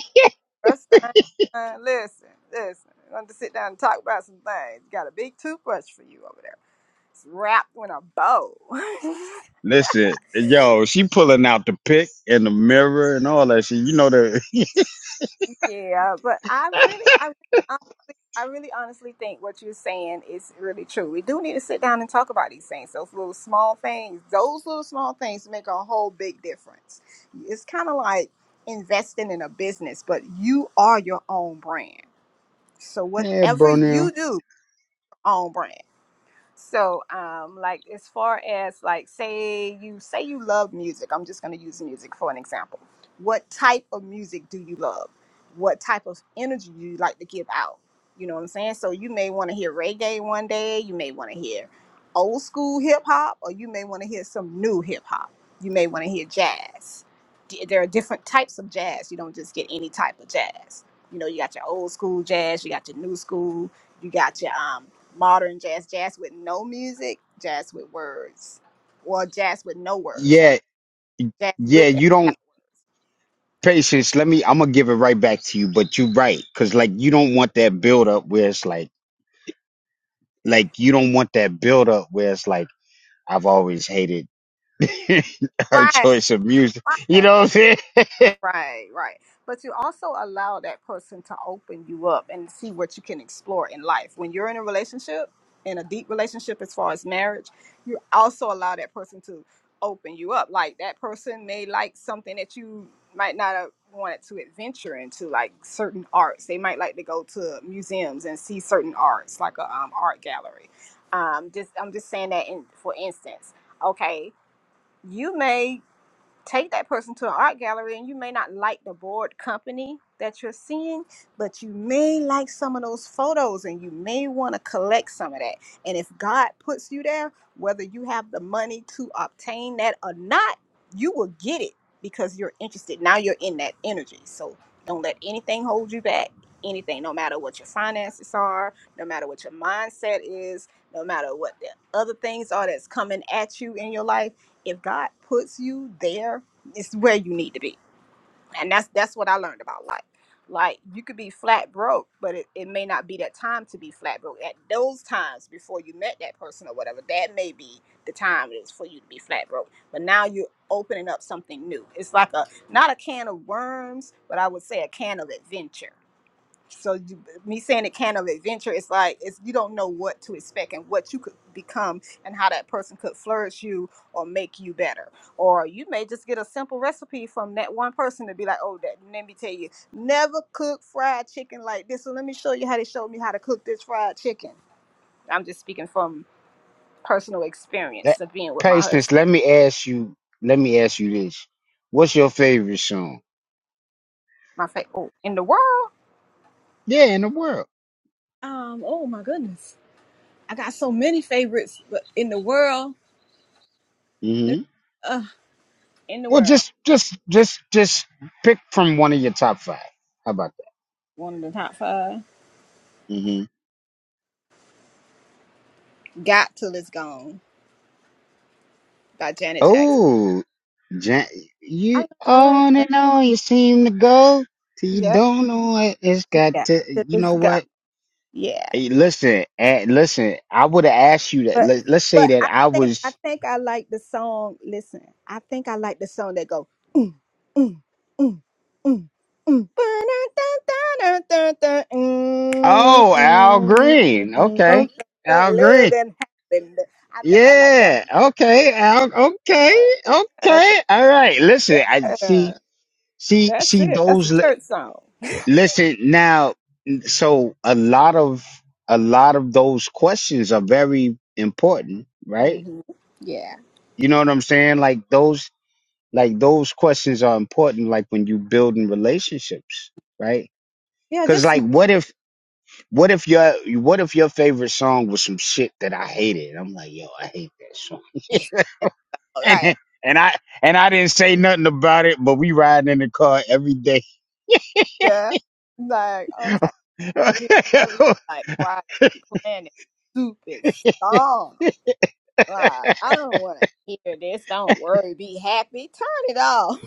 S3: First thing, uh, listen, listen. I'm going to sit down and talk about some things. Got a big toothbrush for you wrapped in a bow.
S1: Listen, yo, she pulling out the pick and the mirror and all that shit. You know the
S3: yeah, but I really, I really honestly, I really honestly think what you're saying is really true. We do need to sit down and talk about these things. Those little small things, those little small things make a whole big difference. It's kind of like investing in a business, but you are your own brand. So
S1: Yeah,
S3: whatever
S1: bro now.
S3: you do, your own brand. So, um, like as far as like say you say you love music, I'm just going to use music for an example. What type of music do you love? What type of energy do you like to give out? You know what I'm saying? So you may want to hear reggae one day, you may want to hear old school hip hop, or you may want to hear some new hip hop. You may want to hear jazz. D- There are different types of jazz. You don't just get any type of jazz. You know, you got your old school jazz, you got your new school, you got your um modern jazz, jazz with no music, jazz with words, or jazz with no words. I'm
S1: Yeah,
S3: jazz
S1: yeah,
S3: with and
S1: you
S3: without.
S1: don't patience. Let me I'm gonna give it right back to you, but you right. Cause like you don't want that build up where it's like Like you don't want that build up where it's like I've always hated her
S3: Right,
S1: choice of music.
S3: right.
S1: You know what I'm saying?
S3: Right, right. But you also allow that person to open you up and see what you can explore in life. When you're in a relationship, in a deep relationship as far as marriage, you also allow that person to open you up. Like that person may like something that you might not have wanted to adventure into, like certain arts. They might like to go to museums and see certain arts, like a um, art gallery. Um, just I'm just saying that in for instance. Okay, you may take that person to an art gallery and you may not like the board company that you're seeing but you may like some of those photos and you may want to collect some of that and if god puts you there whether you have the money to obtain that or not you will get it because you're interested now you're in that energy so don't let anything hold you back anything no matter what your finances are no matter what your mindset is no matter what the other things are that's coming at you in your life if God puts you there, it's where you need to be. And that's that's what I learned about life. Like you could be flat broke, but it, it may not be that time to be flat broke. At those times before you met that person or whatever, that may be the time it is for you to be flat broke. But now you're opening up something new. It's like a not a can of worms, but I would say a can of adventure. So you, me saying it can of adventure, it's like it's you don't know what to expect and what you could become and how that person could flourish you or make you better. Or you may just get a simple recipe from that one person to be like, oh, that let me tell you, never cook fried chicken like this. So let me show you how they showed me how to cook this fried chicken. I'm just speaking from personal
S1: that,
S3: experience of being with my
S1: patience.
S3: husband.
S1: Let me ask you. Let me ask you this: What's your favorite song?
S3: My fa- oh, in the world,
S1: Yeah, in the world.
S3: um, oh my goodness, I got so many favorites, but in the world,
S1: hmm
S3: uh, in the
S1: Well,
S3: world.
S1: just just just just pick from one of your top five. How about
S3: one of the top five.
S1: that? hmm
S3: Got Till It's Gone by Janet Jackson.
S1: Oh, Jan-
S3: I, lo-
S1: you
S3: I love
S1: on
S3: her.
S1: and on you seem to go till you
S3: Yeah,
S1: don't know what it's
S3: she
S1: got
S3: got
S1: to.
S3: Till
S1: You
S3: It's
S1: know
S3: Gone.
S1: what?
S3: Yeah,
S1: Hey, listen, eh, listen. I would have asked you that.
S3: but
S1: Let, let's
S3: but
S1: say that
S3: I
S1: I
S3: think I
S1: was.
S3: think I like the song. Listen, I think I like the song that go. Mm, mm, mm, mm, mm. Ba-da-da-da-da-da-da. Mm,
S1: Oh, Al
S3: mm,
S1: Green.
S3: mm. Bum, da,
S1: Okay,
S3: da,
S1: Al
S3: Love
S1: Green.
S3: and happiness. I think I like that
S1: Yeah.
S3: one.
S1: Okay, Al. Okay,
S3: Yeah, that's-
S1: okay. All right. Listen, I see,
S3: yeah.
S1: see,
S3: That's
S1: see
S3: it. That's a
S1: those. li-
S3: church song.
S1: Listen now. So a lot of a lot of those questions are very important, right?
S3: hmm Yeah.
S1: You know what I'm saying? Like those, like those questions are important. Like when you building relationships, right?
S3: Yeah,
S1: Cause
S3: just small
S1: like, what if, what if your, what if your favorite song was some shit that I hated? And I'm like, yo, I hate that song.
S3: cases. Right.
S1: And, and I, and I didn't say nothing about it, but we riding in the car every day.
S3: Yeah. Like, okay.
S1: right.
S3: Every day, like, why you playing this stupid song? Like, I don't want to hear this. Don't worry. Be happy. Turn it off.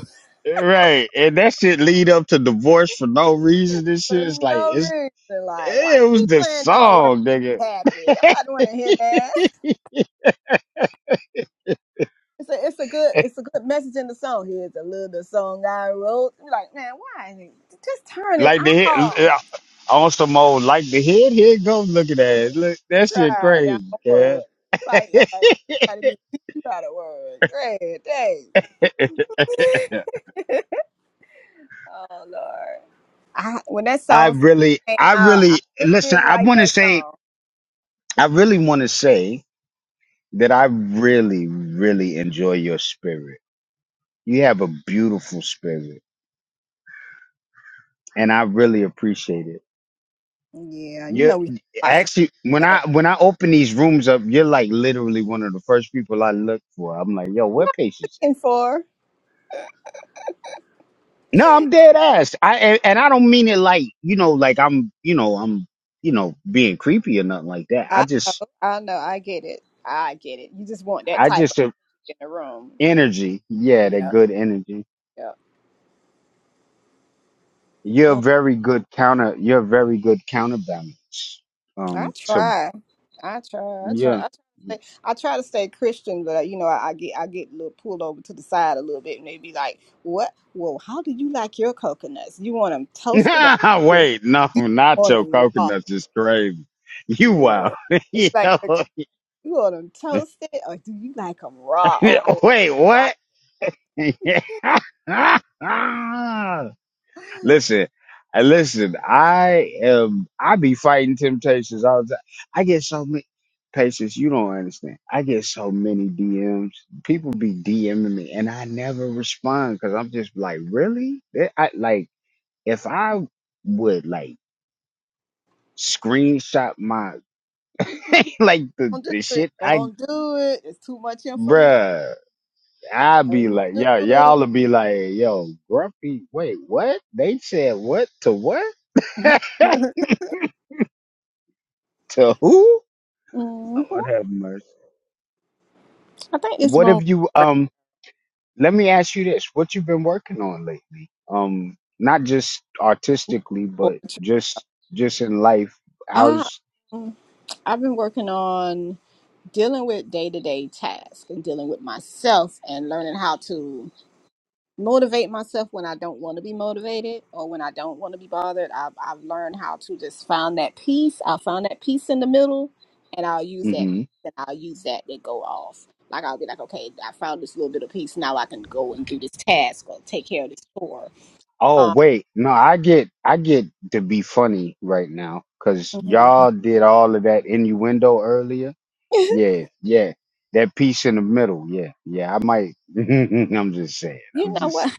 S1: And that shit lead up to divorce for no reason. This shit
S3: For
S1: is like,
S3: no
S1: it's,
S3: reason. Like, why
S1: it
S3: you
S1: was
S3: keep
S1: the
S3: playing Don't Worry?
S1: song, nigga.
S3: Be happy.
S1: like
S3: Nobody want to hear that. It's a, it's a good, it's a good message in the song. Here's a little song I wrote. You're Like, man, why? Just turn it
S1: the hit,
S3: off.
S1: yeah, on some old, like the head, here it goes looking at it. Look, that shit
S3: Try down
S1: crazy, man.
S3: word. Like, like, you gotta do, teach you gotta word. Great, thanks. oh, Lord. I, when that
S1: I
S3: song first
S1: really,
S3: came
S1: I
S3: out, I
S1: really,
S3: really
S1: listen,
S3: didn't
S1: I
S3: like
S1: want to
S3: that
S1: say,
S3: song.
S1: I really want to say that I really, really enjoy your spirit. You have a beautiful spirit and I really appreciate it.
S3: Yeah, you
S1: You're
S3: know we have lots of
S1: actually, when
S3: other
S1: I, when I open these rooms up, you're like literally one of the first people I look for. I'm like, yo, where patience
S3: nothing for.
S1: at? No, I'm dead ass. I, and, and I don't mean it like, you know, like I'm, you know, I'm, you know, being creepy or nothing like that. I
S3: I know,
S1: just,
S3: I know, I get it, I get it. You just want that
S1: I
S3: type of
S1: just, uh,
S3: in the room.
S1: energy. Yeah, that
S3: Yeah,
S1: good energy.
S3: yeah.
S1: You're a very good counter. You're a very good counterbalance.
S3: I
S1: Um, to
S3: try. I try. I try.
S1: yeah.
S3: I try to stay. I try to stay Christian, but uh, you know, I, I get I get a little pulled over to the side a little bit, and they be like, "What? Well, how do you like your coconuts? You want them toasted or you,
S1: Wait, no,
S3: do you
S1: not
S3: want
S1: your
S3: them raw?
S1: coconuts is crazy. You wild.
S3: Yeah,
S1: you
S3: It's like you want them toasted or do you like them raw? Oh, I like
S1: Wait,
S3: it raw.
S1: what? Listen, uh, listen. I am. I be fighting temptations all the time. I get so many patients. You don't understand. I get so many DMs. People be DMing me, and I never respond because I'm just like, really? That- I like if I would like screenshot my like the
S3: Don't do
S1: the
S3: it.
S1: shit I
S3: Don't do it. It's too much information.
S1: bruh. I'd be
S3: Don't
S1: like,
S3: do
S1: yo,
S3: it.
S1: y'all would be like, yo, Grumpy, wait, what? They said what to what? to who?
S3: hmm
S1: Lord have mercy.
S3: I think it's
S1: What
S3: wrong
S1: have you
S3: with great
S1: um let me ask you this. What you've been working on lately? Um not just artistically, but
S3: poetry.
S1: just just in life. How's
S3: Ah. I've been working on dealing with day to day tasks and dealing with myself and learning how to motivate myself when I don't want to be motivated or when I don't want to be bothered. I've, I've learned how to just find that peace. I found that peace in the middle and I'll use that
S1: hmm
S3: peace and I'll use that to go off. Like I'll be like, okay, I found this little bit of peace. Now I can go and do this task or take care of this chore.
S1: Oh
S3: Um,
S1: wait, no, I get I get to be funny right now because
S3: mhm.
S1: y'all did all of that innuendo earlier. Yeah, yeah. That piece in the middle, yeah, yeah. I might. I'm just saying.
S3: you
S1: I'm
S3: know
S1: just
S3: what?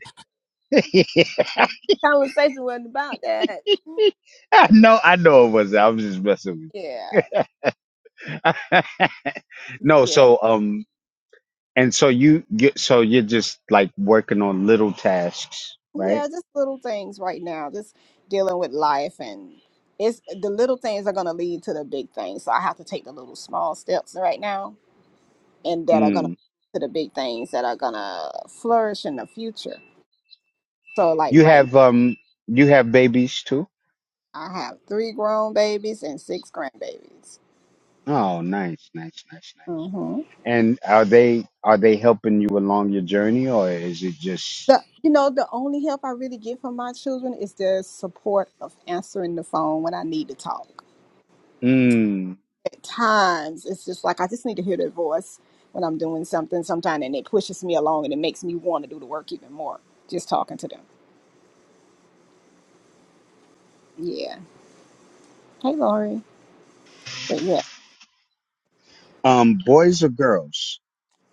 S1: saying.
S3: Conversation wasn't about that.
S1: I know. I know it was. I was just messing
S3: Yeah,
S1: with. you. no.
S3: Yeah.
S1: So, um, And so you get so you're just like working on little tasks, right?
S3: Yeah, just little things right now, just dealing with life and it's the little things are gonna lead to the big things. So I have to take the little small steps right now and that are gonna
S1: Mm.
S3: to the big things that are gonna flourish in the future. So like
S1: You
S3: right now
S1: have um you have babies too?
S3: I have three grown babies and six grandbabies.
S1: Oh, nice, nice, nice, nice.
S3: Mm-hmm.
S1: And are they are they helping you along your journey or is it just
S3: The you know, the only help I really get from my children is their support of answering the phone when I need to talk.
S1: mm.
S3: times it's just like I just need to hear their voice when I'm doing something sometime and it pushes me along and it makes me want to do the work even more just talking to them. Yeah. Hey Lori. But yeah.
S1: um boys or girls?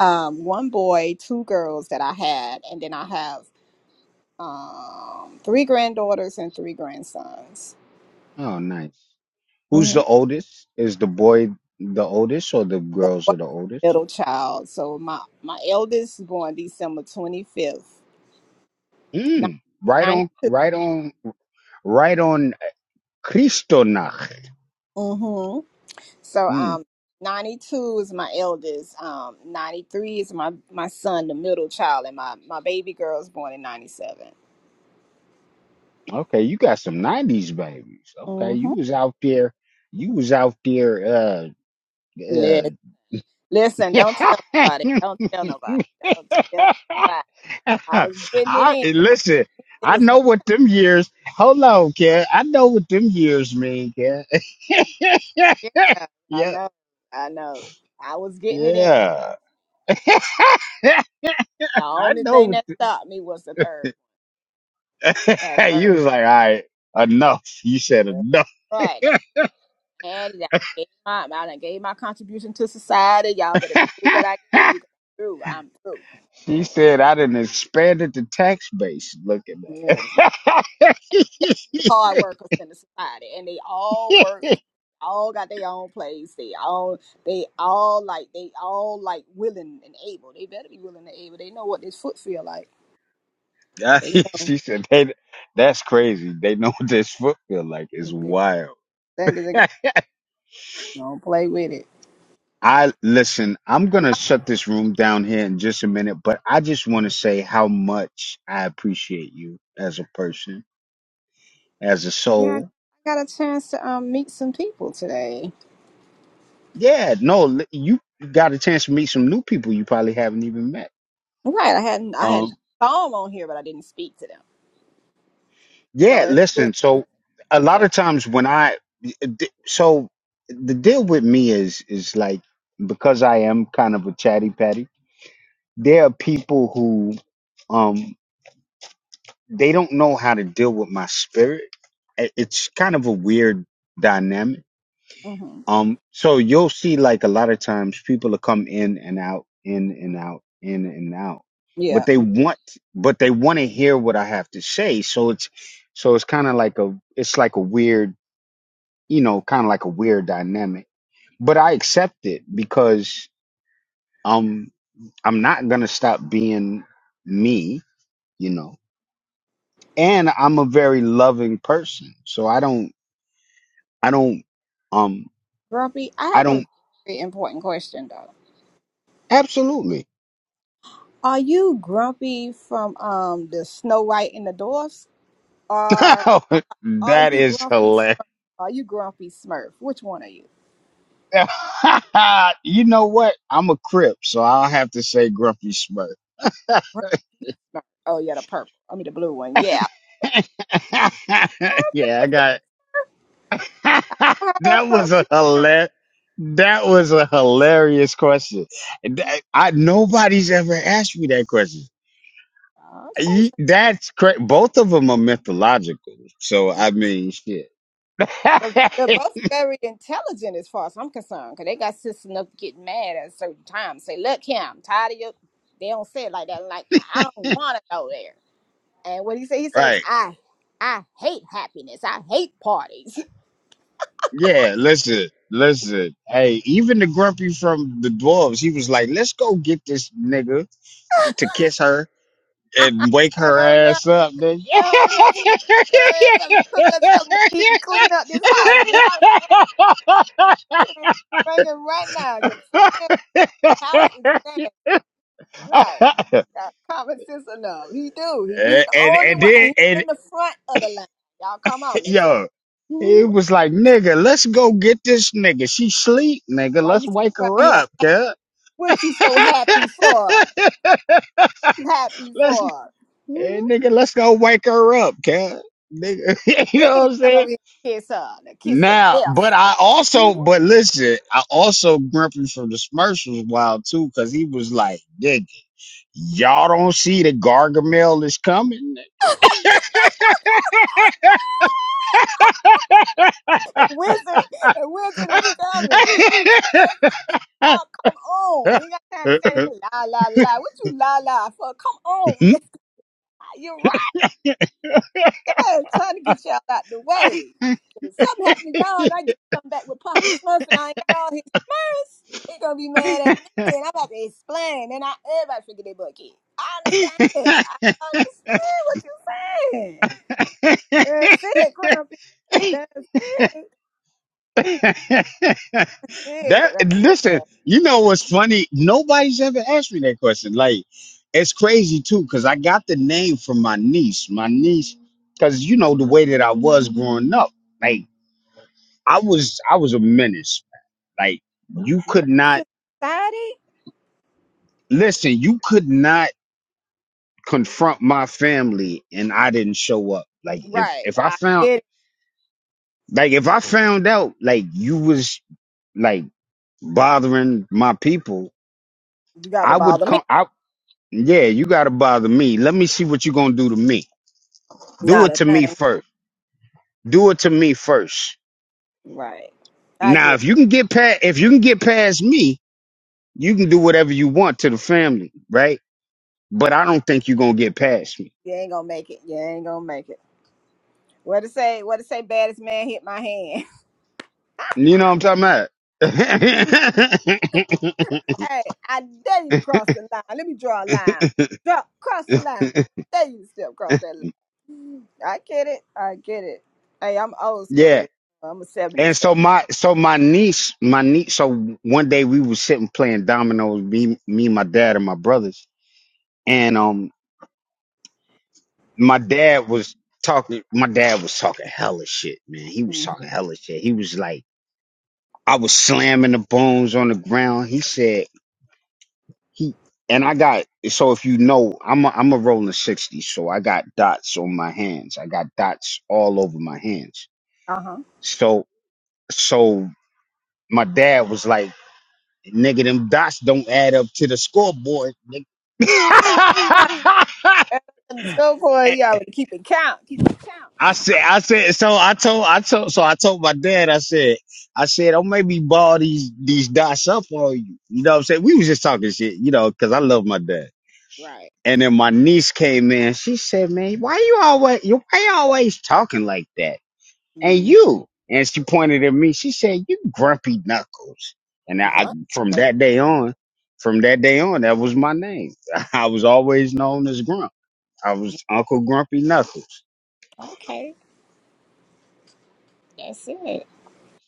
S3: Um one boy, two girls that I had and then I have um three granddaughters and three grandsons.
S1: Oh, nice. Who's
S3: hmm
S1: the oldest? Is the boy the oldest or the
S3: The
S1: girls
S3: boy
S1: are the
S3: is the
S1: oldest?
S3: middle child. So my my eldest born December 25th,
S1: Mm. Right on
S3: 92.
S1: right on right on Christonach.
S3: Mm-hmm. So um 92 is my eldest. Um 93 is my my son, the middle child, and my my baby girl's born in 97.
S1: Okay, you got some nineties babies. Okay,
S3: Mm-hmm.
S1: you was out there you was out there uh uh
S3: Listen, don't tell nobody. Don't tell nobody. Don't tell nobody. I was getting it
S1: I
S3: in.
S1: listen,
S3: It
S1: I
S3: was my
S1: know what them years hold on, kid. I know what them years mean, kid.
S3: yeah. I
S1: yeah,
S3: know. I know. I was getting it in.
S1: yeah.
S3: The
S1: I
S3: only
S1: know
S3: thing
S1: what
S3: that stopped me was the third one. That
S1: you
S3: third
S1: was like, all right, enough. You said
S3: one.
S1: enough.
S3: Right. I had it. I gave my I done gave my contribution to society. Y'all better do what I gave you. 'cause I'm through. I'm through.
S1: She said I didn't expanded the tax base looking at
S3: Yes.
S1: it.
S3: hard workers in the society and they all work all got their own place they all they all like they all like willing and able they better be willing and able they know what this foot feel like they know
S1: she said they, that's crazy. They know what this foot feel like. It's
S3: they
S1: wild.
S3: think they got don't play with it
S1: I listen, I'm gonna shut this room down here in just a minute, but I just wanna say how much I appreciate you as a person, as a
S3: yeah i
S1: soul.
S3: got a chance to um meet some people today
S1: Yeah, no, li- you got a chance to meet some new people you probably haven't even met.
S3: right i hadn't i had
S1: Um,
S3: not saw them on here but i didn't speak to them so
S1: Yeah,
S3: it's good
S1: listen.
S3: to
S1: So a lot
S3: convert
S1: of times when I so the deal with me is is like because I am kind of a chatty patty. There are people who um they don't know how to deal with my spirit. I- It's kind of a weird dynamic.
S3: hmm
S1: Um so you'll see like a lot of times people will come in and out in and out in and out. But
S3: yeah
S1: they want but they want to hear what I have to say. So it's so it's kind of like a it's like a weird you know, kind of like a weird dynamic. But I accept it because um I'm not gonna stop being me, you know. And I'm a very loving person. So I don't I don't um
S3: grumpy i
S1: I
S3: have a
S1: don't
S3: very important question though
S1: absolutely
S3: Are you grumpy from um the Snow White and the Dwarfs, or are
S1: that
S3: you
S1: is
S3: grumpy?
S1: hilarious.
S3: Smurf? Are you grumpy Smurf? Which one are you?
S1: you know what? I'm a crip, so I'll have to say grumpy Smurf.
S3: Grumpy Smurf. Oh yeah, the purple. I mean the blue one. Yeah.
S1: yeah, I got
S3: I don't know How to
S1: that was
S3: approach
S1: a
S3: you now?
S1: hilar- that was a hilarious question. That- I, nobody's ever asked me that question.
S3: Yeah. Okay,
S1: You- That's correct. Both of them are mythological. So
S3: so mm,
S1: I mean, shit.
S3: they're, they're both very intelligent as far as I'm concerned, because they got sense enough to get mad at a certain time. Say, look here, I'm tired of you. They don't say it like that. Like I don't want to go there. And what he say? He says,
S1: right?
S3: I, I hate happiness. I hate parties.
S1: Yeah. Listen, listen. Hey, even the grumpy from the dwarves, he was like, "Let's go get this nigga to kiss her." and wake
S3: And
S1: her
S3: hurry up,
S1: ass up, then
S3: and hurry up, so she can get her ass up and cook us something to eat and clean up this house. The house nasty. Bring it right now. Just clean up the house is nasty. Right. Got common sense enough. He do. He be
S1: and,
S3: the
S1: and
S3: only
S1: and
S3: one, and
S1: then
S3: he
S1: and
S3: in the front of the line. Y'all, come on, let's go.
S1: yo, it
S3: Mhm.
S1: was like nigga, let's go get this nigga. She sleep, nigga.
S3: Why
S1: Let's
S3: you sitting
S1: wake
S3: right
S1: her
S3: here?
S1: up, cuz.
S3: What you so happy for? You happy
S1: let's
S3: for?
S1: eh,
S3: Mhm.
S1: nigga, let's go wake her up, cuz. Nigga, you know
S3: Please
S1: what I'm
S3: come
S1: saying?
S3: over here and kiss her. The kiss of
S1: Now, but
S3: death.
S1: I also, but listen, I also grumpy from the Smurfs was wild too, because he was like, "Nigga, y'all don't see the Gargamel is coming."
S3: Wizard, the wizard is coming. you. Y'all, come on. We ain't got time to stand here. La, la, la. What you la, la for? Come on. Let's, you're right. I'm trying to get y'all out the way. If something happened to y'all and I get come back with Papa Smurf and I ain't got all his Smurfs, he gonna be mad at me. And I'm about to explain. And I, everybody figure they bucket. I understand. I understand what you're saying. That's it, Grumpy. That's it. Yeah,
S1: That
S3: right.
S1: listen, you know what's funny? Nobody's ever asked me that question. Like, it's crazy too, because I got the name from my niece. My niece, because you know the way that I was growing up. Like, I was I was a menace. Like, you could
S3: Next
S1: not
S3: to society.
S1: listen, you could not confront my family and I didn't show up. Like if
S3: Right.
S1: if I
S3: I
S1: found
S3: get it.
S1: like if I found out like you was like bothering my people,
S3: You got to
S1: I would
S3: bother me.
S1: come. Yeah, you gotta bother me. Let me see what you gonna do to me. Do
S3: Not
S1: it
S3: a
S1: to me
S3: thing.
S1: first. Do it to me first.
S3: Right. I get
S1: Now,
S3: it.
S1: if you can get past, if you can get past me, you can do whatever you want to the family, right? But I don't think you're gonna get past me.
S3: You ain't gonna make it. You ain't gonna make it. What to say? What to say? Baddest man hit my hand.
S1: You know what I'm talking about?
S3: hey, I dare you to cross the line. Let me draw a line. Draw, cross the line. Dare you to step across that line. I get it. I get it. Hey, I'm old
S1: yeah.
S3: school. I'm a seventies
S1: And
S3: baby.
S1: so my so my niece, my niece. So one day we was sitting playing dominoes, me, me, my dad, and my brothers. and um. my dad was talking my dad was talking hella shit, man. He was
S3: Mhm.
S1: talking hella shit. He was like I was slamming the bones on the ground. He said he and I got so if you know, I'm a I'm a rolling 60, so I got dots on my hands. I got dots all over my hands.
S3: Uh
S1: So so my dad was like, nigga, them dots don't add up to the scoreboard, nigga.
S3: huh. In school boy, you already keeping count. Keeping count.
S1: I said, I said, so I told, I told, so I told my dad, I said, I said, don't make me ball these, these dots up on you. You know what I'm saying? We was just talking shit, you know, cause I love my dad.
S3: Right.
S1: And then my niece came in. She said, man, why you always, you, why you always talking like that? And
S3: Mm-hmm.
S1: you, and she pointed at me. She said, you grumpy knuckles. And I, I- from that day on, from that day on, that was my name. I was always known as Grump. I was Uncle Grumpy Knuckles.
S3: Okay. That's it.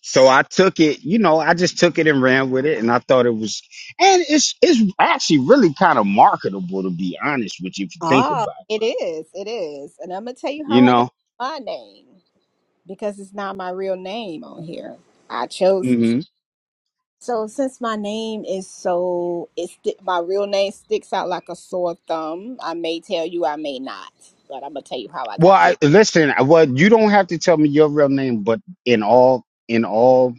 S1: So I took it, you know, I just took it and ran with it, and I thought it was, and it's it's actually really kind of marketable to be honest with you if you think
S3: Ah,
S1: about
S3: it is. It is. And I'm gonna tell
S1: it,
S3: you
S1: you
S3: how I got
S1: know.
S3: my name because it's not my real name on here. I chose this.
S1: hmm
S3: So since my name is so it's my real name sticks out like a sore thumb. I may tell you, I may not, but I'm gonna tell you how I
S1: Well,
S3: got this.
S1: I, listen, I- well, you don't have to tell me your real name, but in all in all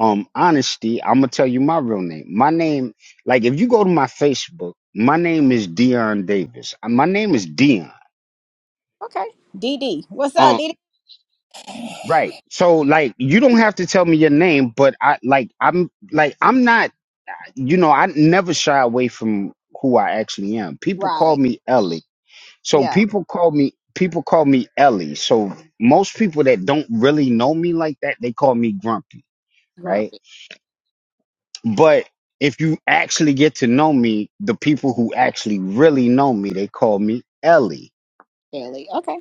S1: um honesty, I'm gonna tell you my real name. My name, like if you go to my Facebook, my name is Dion Davis. Uh, My name is Dion.
S3: Okay, DD, what's up,
S1: Um,
S3: DD?
S1: right. So like you don't have to tell me your name, but I like I'm like I'm not. you know, I never shy away from who I actually am. People call
S3: Right.
S1: me Ellie. So
S3: Yeah.
S1: people call me people call me Ellie. So most people that don't really know me like that, they call me Grumpy, right?
S3: Grumpy.
S1: But if you actually get to know me, the people who actually really know me, they call me Ellie.
S3: Really. Okay.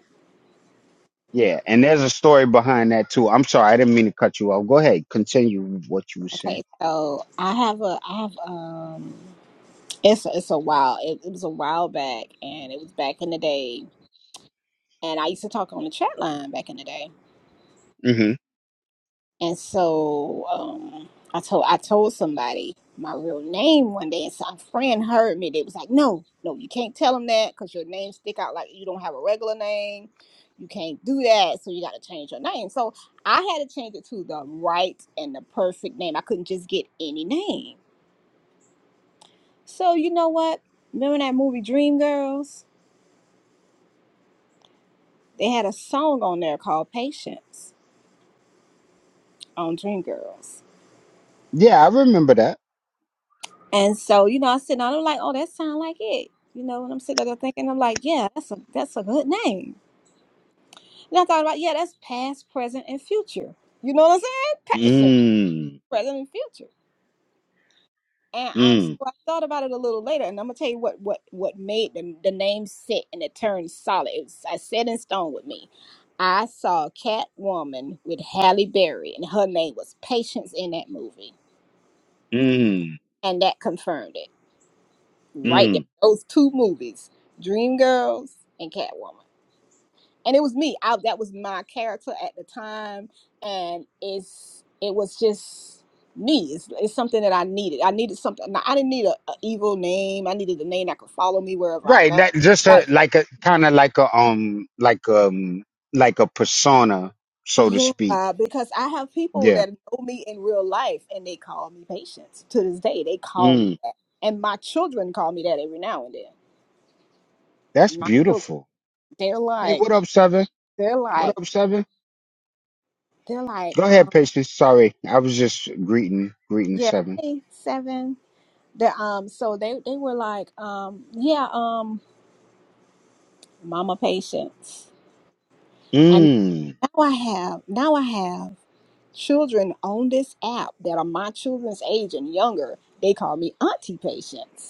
S1: Yeah, and there's a story behind that too. I'm sorry, I didn't mean to cut you off. Go ahead, continue with what you were
S3: Okay.
S1: saying.
S3: So I have a I have um. It's a, it's a while. It, it was a while back, and it was back in the day and I used to talk on the chat line back in the day.
S1: hmm
S3: And so um, I told I told somebody my real name one day, and some friend heard me. They was like, "No, no, you can't tell them that because your name stick out like you don't have a regular name. You can't do that, so you got to change your name." So I had to change it to the right and the perfect name. I couldn't just get any name. So you know what? Remember that movie Dreamgirls? They had a song on there called Patience on Dreamgirls
S1: Yeah, I remember that.
S3: And so, you know, I said, and I'm like, oh, that sound like it. You know, and I'm sitting there thinking, I'm like, yeah, that's a that's a good name. And I thought about, yeah, that's past, present, and future. You know what I'm saying? Patient,
S1: Mm,
S3: present, and future. And um, so
S1: mm,
S3: I thought about it a little later, and I'm gonna tell you what what what made the the name sit and it turned solid. It was I set in stone with me. I saw Catwoman with Halle Berry, and her name was Patience in that movie,
S1: mm,
S3: and that confirmed it. right
S1: mm.
S3: there. Those two movies, Dreamgirls and Catwoman. And it was me. I, that was my character at the time, and it's it was just me. It's, it's something that I needed. I needed something. now, I didn't need a, a evil name. I needed a name that could follow me wherever I
S1: Right,
S3: go.
S1: that just a,
S3: Like
S1: like a kind of like a um like um like a persona, so to
S3: yeah,
S1: speak.
S3: because I have people
S1: Yeah.
S3: that know me in real life, and they call me Patience to this day. They call me
S1: Mm,
S3: that, and my children call me that every now and then.
S1: that's
S3: My children,
S1: beautiful.
S3: they're
S1: Hey,
S3: like,
S1: what up, Seven?
S3: they're
S1: What
S3: like,
S1: up, Seven?
S3: they're like,
S1: Go
S3: um,
S1: ahead, Patience. Sorry, I was just greeting greeting
S3: Yeah,
S1: Seven.
S3: hey, seven. The um, so they they were like, um, yeah, um, mama patience. And
S1: Mm,
S3: now I have now I have children on this app that are my children's age and younger. They call me auntie patience.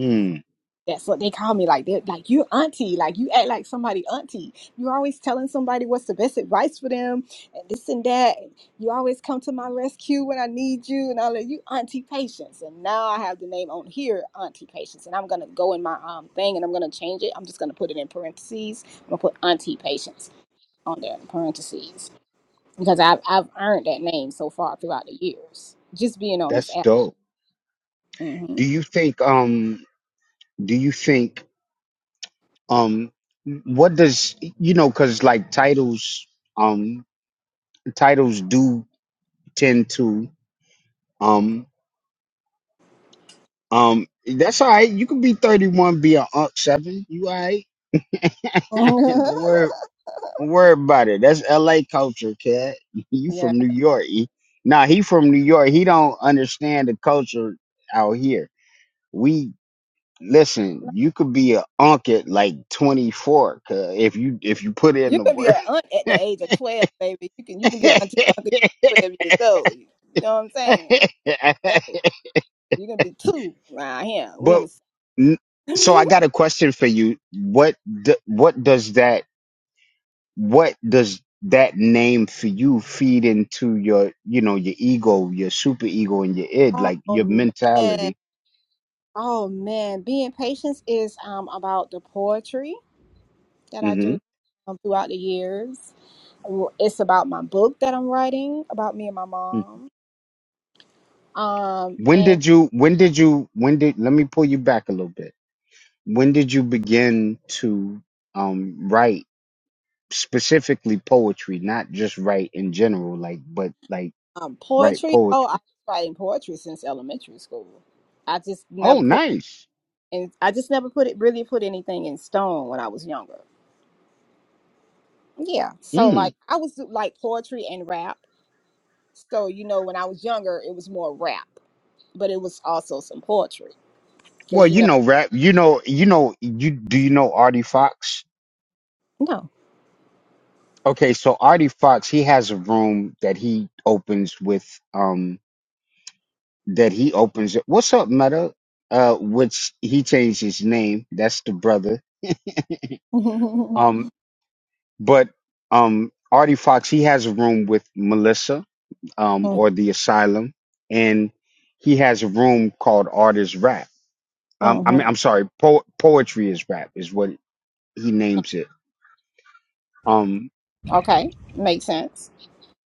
S1: mm,
S3: That's what they call me. Like they're like you auntie. Like you act like somebody auntie. You're always telling somebody what's the best advice for them and this and that. You always come to my rescue when I need you and all that. You auntie patience. And now I have the name on here, auntie patience. And I'm gonna go in my um thing and I'm gonna change it. I'm just gonna put it in parentheses. I'm gonna put auntie patience on there in parentheses because I've I've earned that name so far throughout the years just being on this
S1: that's
S3: app.
S1: dope.
S3: hmm
S1: Do you think um do you think um what does you know because like titles um titles do tend to um Um, that's all right. You can be 31, be a unk seven. You all right? don't worry, don't worry about it. That's LA culture, cat. You
S3: yeah.
S1: from New York. He, nah, he from New York. He don't understand the culture out here. We listen, you could be a unk at like 24 cause if you if you put in
S3: You
S1: the
S3: can be
S1: work.
S3: an aunt at the age of twelve, baby. You can you can be an auntie uncle at twelve years old. You know what I'm saying? Yeah, you can be two around here. We
S1: but
S3: in
S1: n- so I
S3: the
S1: got a question for you. What do, what does that what does that name for you feed into your you know your ego your super ego and your id
S3: Oh
S1: like your
S3: man.
S1: mentality
S3: Oh man. Being patient is um about the poetry that I
S1: hmm
S3: do um, throughout the years. It's about my book that I'm writing about me and my mom. Um
S1: when
S3: and
S1: did you when did you when did let me pull you back a little bit when did you begin to um write specifically poetry not just write in general like but like
S3: um
S1: write
S3: poetry. Oh, I
S1: poetry
S3: was writing poetry since elementary school. I just
S1: oh
S3: never put
S1: nice
S3: and I just never put it really put anything in stone when I was younger. Yeah. So like
S1: mm.
S3: I was do- like poetry and rap. So you know when I was younger it was more rap, but it was also some poetry because
S1: well
S3: you
S1: you
S3: know
S1: know rap you know you know you do you know artie fox
S3: no.
S1: Okay, so Artie Fox, he has a room that he opens with um that he opens what's up, Meta? Uh which he changed his name. That's the brother. Um but um Artie Fox, he has a room with Melissa, um, or the Asylum, and he has a room called Artist Rap. Um I mean
S3: mm-hmm.
S1: I'm sorry, po- poetry is rap is what he names it. Um.
S3: Okay, makes sense.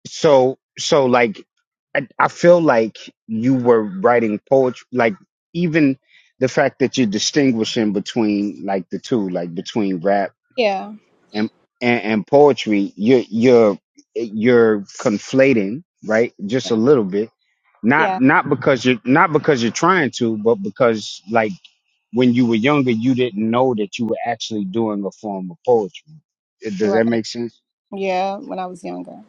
S1: so so like I, I feel like you were writing poetry like even the fact that you're distinguishing between like the two like between rap
S3: Yeah.
S1: and and, and poetry you're you're you're conflating right just a
S3: Yeah.
S1: little bit
S3: Yeah.
S1: not not because you're not because you're trying to but because like when you were younger you didn't know that you were actually doing a form of poetry does that
S3: Right.
S1: make sense
S3: Yeah. When I was younger,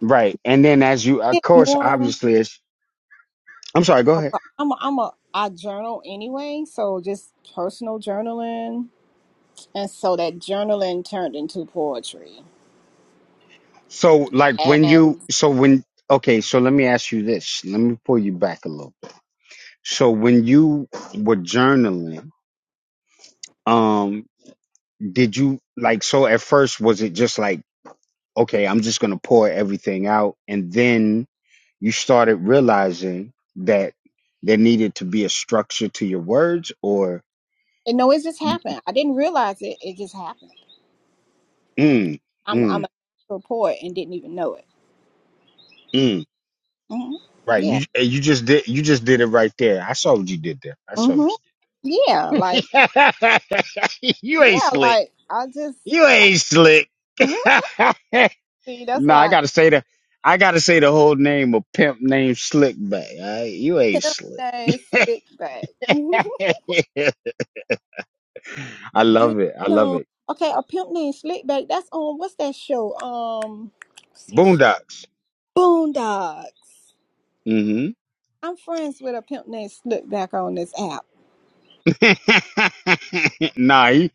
S1: right and then as you of
S3: It's
S1: course
S3: more.
S1: obviously as I'm sorry, go ahead.
S3: I'm a, I'm a I journal anyway, so just personal journaling, and so that journaling turned into poetry.
S1: So like when you
S3: and.
S1: so when okay, so let me ask you this. Let me pull you back a little bit. So when you were journaling, um did you like so at first was it just like okay, I'm just going to pour everything out and then you started realizing that there needed to be a structure to your words or
S3: And no, it just happened. I didn't realize it. It just happened.
S1: mm
S3: I'm I'm
S1: mm
S3: a report and didn't even know it.
S1: mm
S3: hmm
S1: right
S3: Yeah.
S1: you eh, you just did you just did it right there. I saw what you did there. I saw
S3: hmm Yeah. Like
S1: you ain't
S3: yeah.
S1: slick.
S3: Like I just
S1: You
S3: like
S1: ain't slick.
S3: see. That's
S1: nah, I
S3: why
S1: gotta say the I gotta say the whole name of pimp named Slickback. all right? You
S3: I
S1: ain't
S3: pimp
S1: slick.
S3: name slick back. Mhm.
S1: I
S3: Do you
S1: love it. I love
S3: know?
S1: it.
S3: Okay, a pimp named slick back. That's on what's that show? Um, what's that show?
S1: Boondocks.
S3: Boondocks.
S1: hmm
S3: I'm friends with a pimp named slick back on this app.
S1: nah, he,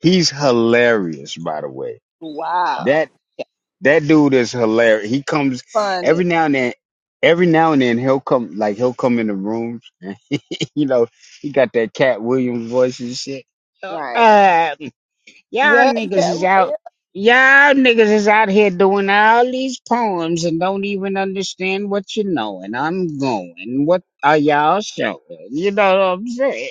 S1: he's hilarious, by the way.
S3: Wow.
S1: That that dude is hilarious. He comes
S3: Funny.
S1: every now and then every now and then he'll come like he'll come in the rooms. You know, he got that Cat Williams voice and shit.
S3: Right.
S1: Uh, y'all
S3: Yeah.
S1: niggas is
S3: Yeah.
S1: out. Y'all niggas is out here doing all these poems and don't even understand what you know. And I'm going. What are y'all showing? You know what I'm saying?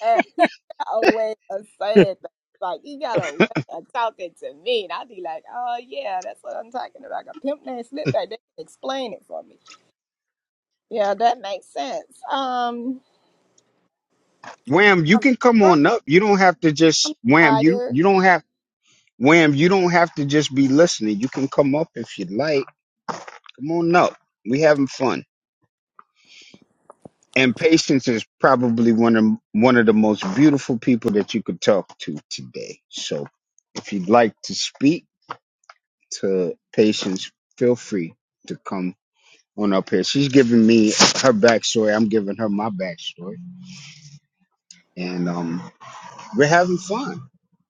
S3: And he got a way of saying things. Like he got a way of talking to me. And I'd be like, oh yeah, that's what I'm talking about. Like a pimp named Slipback, they can explain it for me. Yeah, that makes sense. Um
S1: Wham, you
S3: I'm
S1: can come on
S3: grumpy
S1: up. You don't have to just wham. You
S3: tired.
S1: you don't have wham. You don't have to just be listening. You can come up if you like. Come on up. We having fun. And Patience is probably one of one of the most beautiful people that you could talk to today. So if you'd like to speak to Patience, feel free to come on up here. She's giving me her backstory. I'm giving her my backstory. And um we're having fun.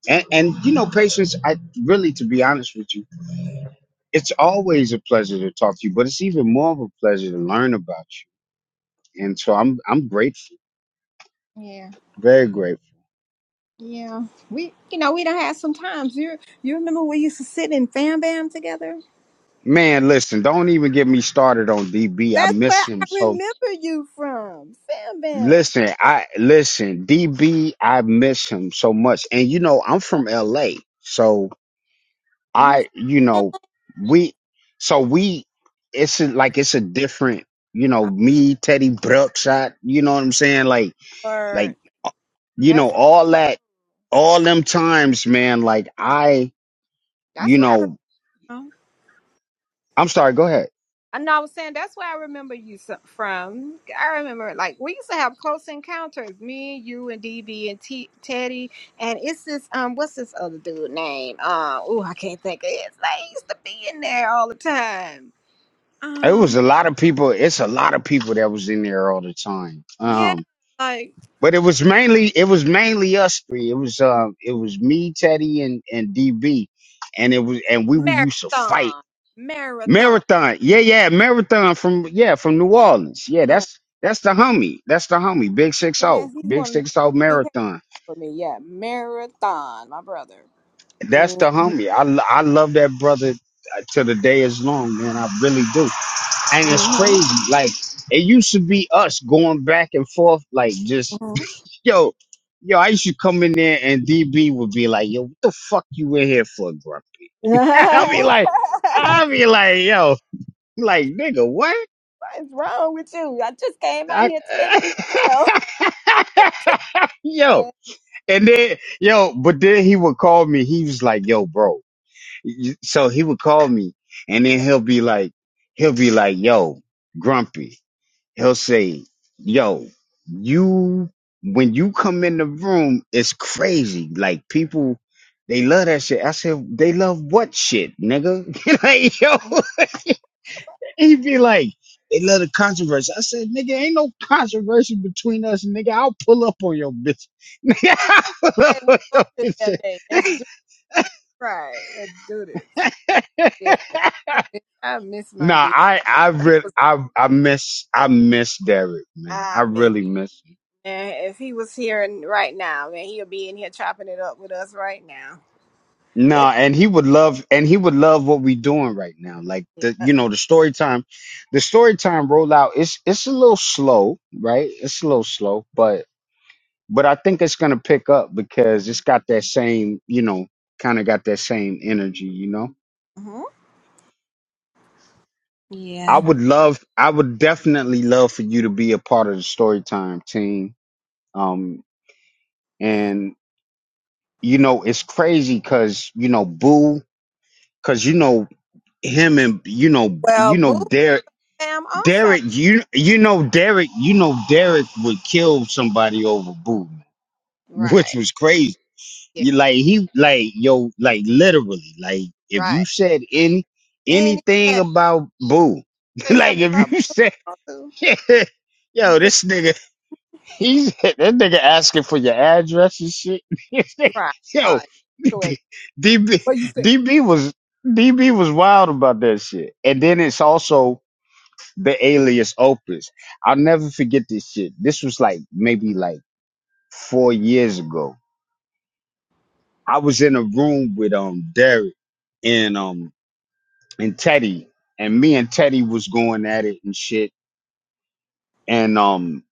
S1: And and you know, Patience, I really to be honest with you, it's always a pleasure to talk to you, but it's even more of a pleasure to learn about you. And so I'm I'm grateful,
S3: Yeah.
S1: very grateful.
S3: Yeah. We you know, we done had some times. You you remember we used to sit in fam bam together?
S1: Man, listen, don't even get me started on DB. I
S3: That's where
S1: miss
S3: I
S1: him. So
S3: remember you from. Fam bam.
S1: listen, I listen, DB, I miss him so much. And you know, I'm from LA. So
S3: You
S1: I, you know, we so we it's a, like it's a different, you know, me, Teddy Brookside, you know what I'm saying? Like
S3: word.
S1: like, you
S3: That's
S1: know, all that all them times, man, like I,
S3: that's
S1: you
S3: where I
S1: know,
S3: remember.
S1: I'm sorry, go ahead.
S3: I know I was saying that's where I remember you so- from. I remember like we used to have close encounters, me and you and DB and T- Teddy, and it's this um what's this other dude name? Uh, oh I can't think of his name. He used to be in there all the time.
S1: It was
S3: Um,
S1: a lot of people. It's a lot of people that was in there all the time.
S3: yeah,
S1: Um,
S3: like
S1: but it was mainly it was mainly us three. It was uh, it was me, Teddy, and and DB, and it was and we were used to fight
S3: marathon, marathon.
S1: marathon. Yeah, yeah, marathon from yeah from New Orleans. Yeah,
S3: Yeah,
S1: that's that's the homie. That's the homie. Big six zero.
S3: yes, he's
S1: Big
S3: one of the
S1: six zero
S3: he came
S1: marathon.
S3: for me. Yeah, marathon, my brother.
S1: That's the homie. I lo- I love that brother uh, to the day is long, man. I really do. And it's
S3: Mm-hmm.
S1: crazy. Like it used to be us going back and forth, like just yo, yo. I used to come in there and DB would be like, "Yo, what the fuck you in here for, Grumpy?" I'll be like, I'll
S3: hmm
S1: be like, yo, like nigga, what?
S3: What is wrong with you? I just came out
S1: I-
S3: here 10 minutes ago.
S1: yo,
S3: Man,
S1: and then yo, but then he would call me. He was like, "Yo, bro." So he would call me, and then
S3: yeah.
S1: he'll be like, he'll be like, "Yo, Grumpy." He'll say, yo, you, when you come in the room, it's crazy. Like people, they love that shit. I said, they love what shit, nigga? like, yo,
S3: Mhm.
S1: he be like, they love the controversy. I said, nigga, ain't no controversy between us, nigga. I'll pull up on your bitch. I'll pull up
S3: Okay, we
S1: on
S3: both
S1: your
S3: in
S1: bitch.
S3: LA. Let's do it right. Let's do this. Yeah. I miss, I miss my
S1: nah,
S3: D.
S1: I, I
S3: He
S1: really,
S3: was
S1: I, I miss, I miss Derek, man. I
S3: I miss
S1: really miss.
S3: man. If he was here and right now, man, he'll be in here chopping it up with us right now.
S1: No,
S3: It
S1: and he would love, and he would love what we doing right now. Like the,
S3: yeah.
S1: you know, the story time, the story time rollout. It's it's a little slow, right? It's a little slow, but but I think it's gonna pick up because it's got that same, you know, kind of got that same energy. You know,
S3: hmm Yeah.
S1: I would love, I would definitely love for you to be a part of the story time team. Um, and you know, it's crazy because you know, Boo, because you know him and you know
S3: Well,
S1: you know
S3: Boo Bam also
S1: Derek, you you know Derek, you know Derek would kill somebody over Boo,
S3: right.
S1: which was crazy.
S3: Yeah,
S1: You like he like yo like literally like if you
S3: right.
S1: said any
S3: Anytime
S1: anything about Boo,
S3: say
S1: like
S3: something about
S1: if
S3: Boo
S1: you said
S3: Bam, too. You
S1: yo
S3: better
S1: this nigga he's that nigga asking for your address and shit.
S3: right. All
S1: yo,
S3: right. Sure is.
S1: D- DB
S3: What you say?
S1: DB was DB was wild about that shit, and then it's also the alias opus. I'll never forget this shit. This was like maybe like four years ago. I was in a room with um Derek and um and Teddy, and me and Teddy was going at it and shit. And um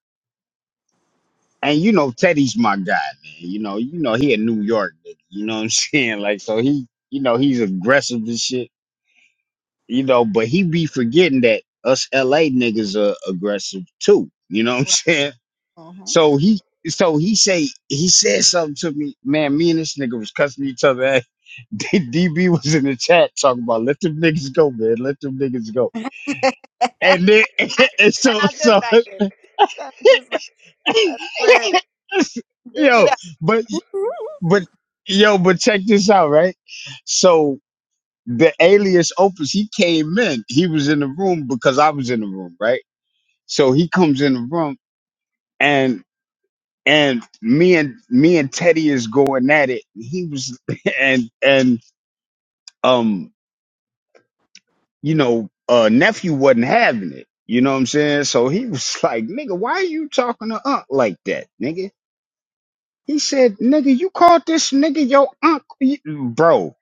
S1: and you know Teddy's my guy, man. You know, you know he a New York nigga. You know what I'm saying? Like so he, you know, he's aggressive and shit. You know, but he be forgetting that us LA niggas are aggressive too. You know what I'm
S3: Right.
S1: saying?
S3: Mm-hmm.
S1: So he so he say he said something to me, man. Me and this nigga was cussing each other. Out. D- DB was in the chat talking about let them niggas go, man. Let them niggas go.
S3: it
S1: And then and so
S3: sounds just
S1: so
S3: like it. Sounds just like I swear. Duke it
S1: yo,
S3: out.
S1: but but yo, but check this out, right? So the alias opus, he came in. He was in the room because I was in the room, right? So he comes in the room and. and me and me and Teddy is going at it. He was and and um you know uh nephew wasn't having it. You know what I'm saying? So he was like, nigga, why are you talking to Unc like that, nigga? He said, nigga, you called this nigga your Unc, bro.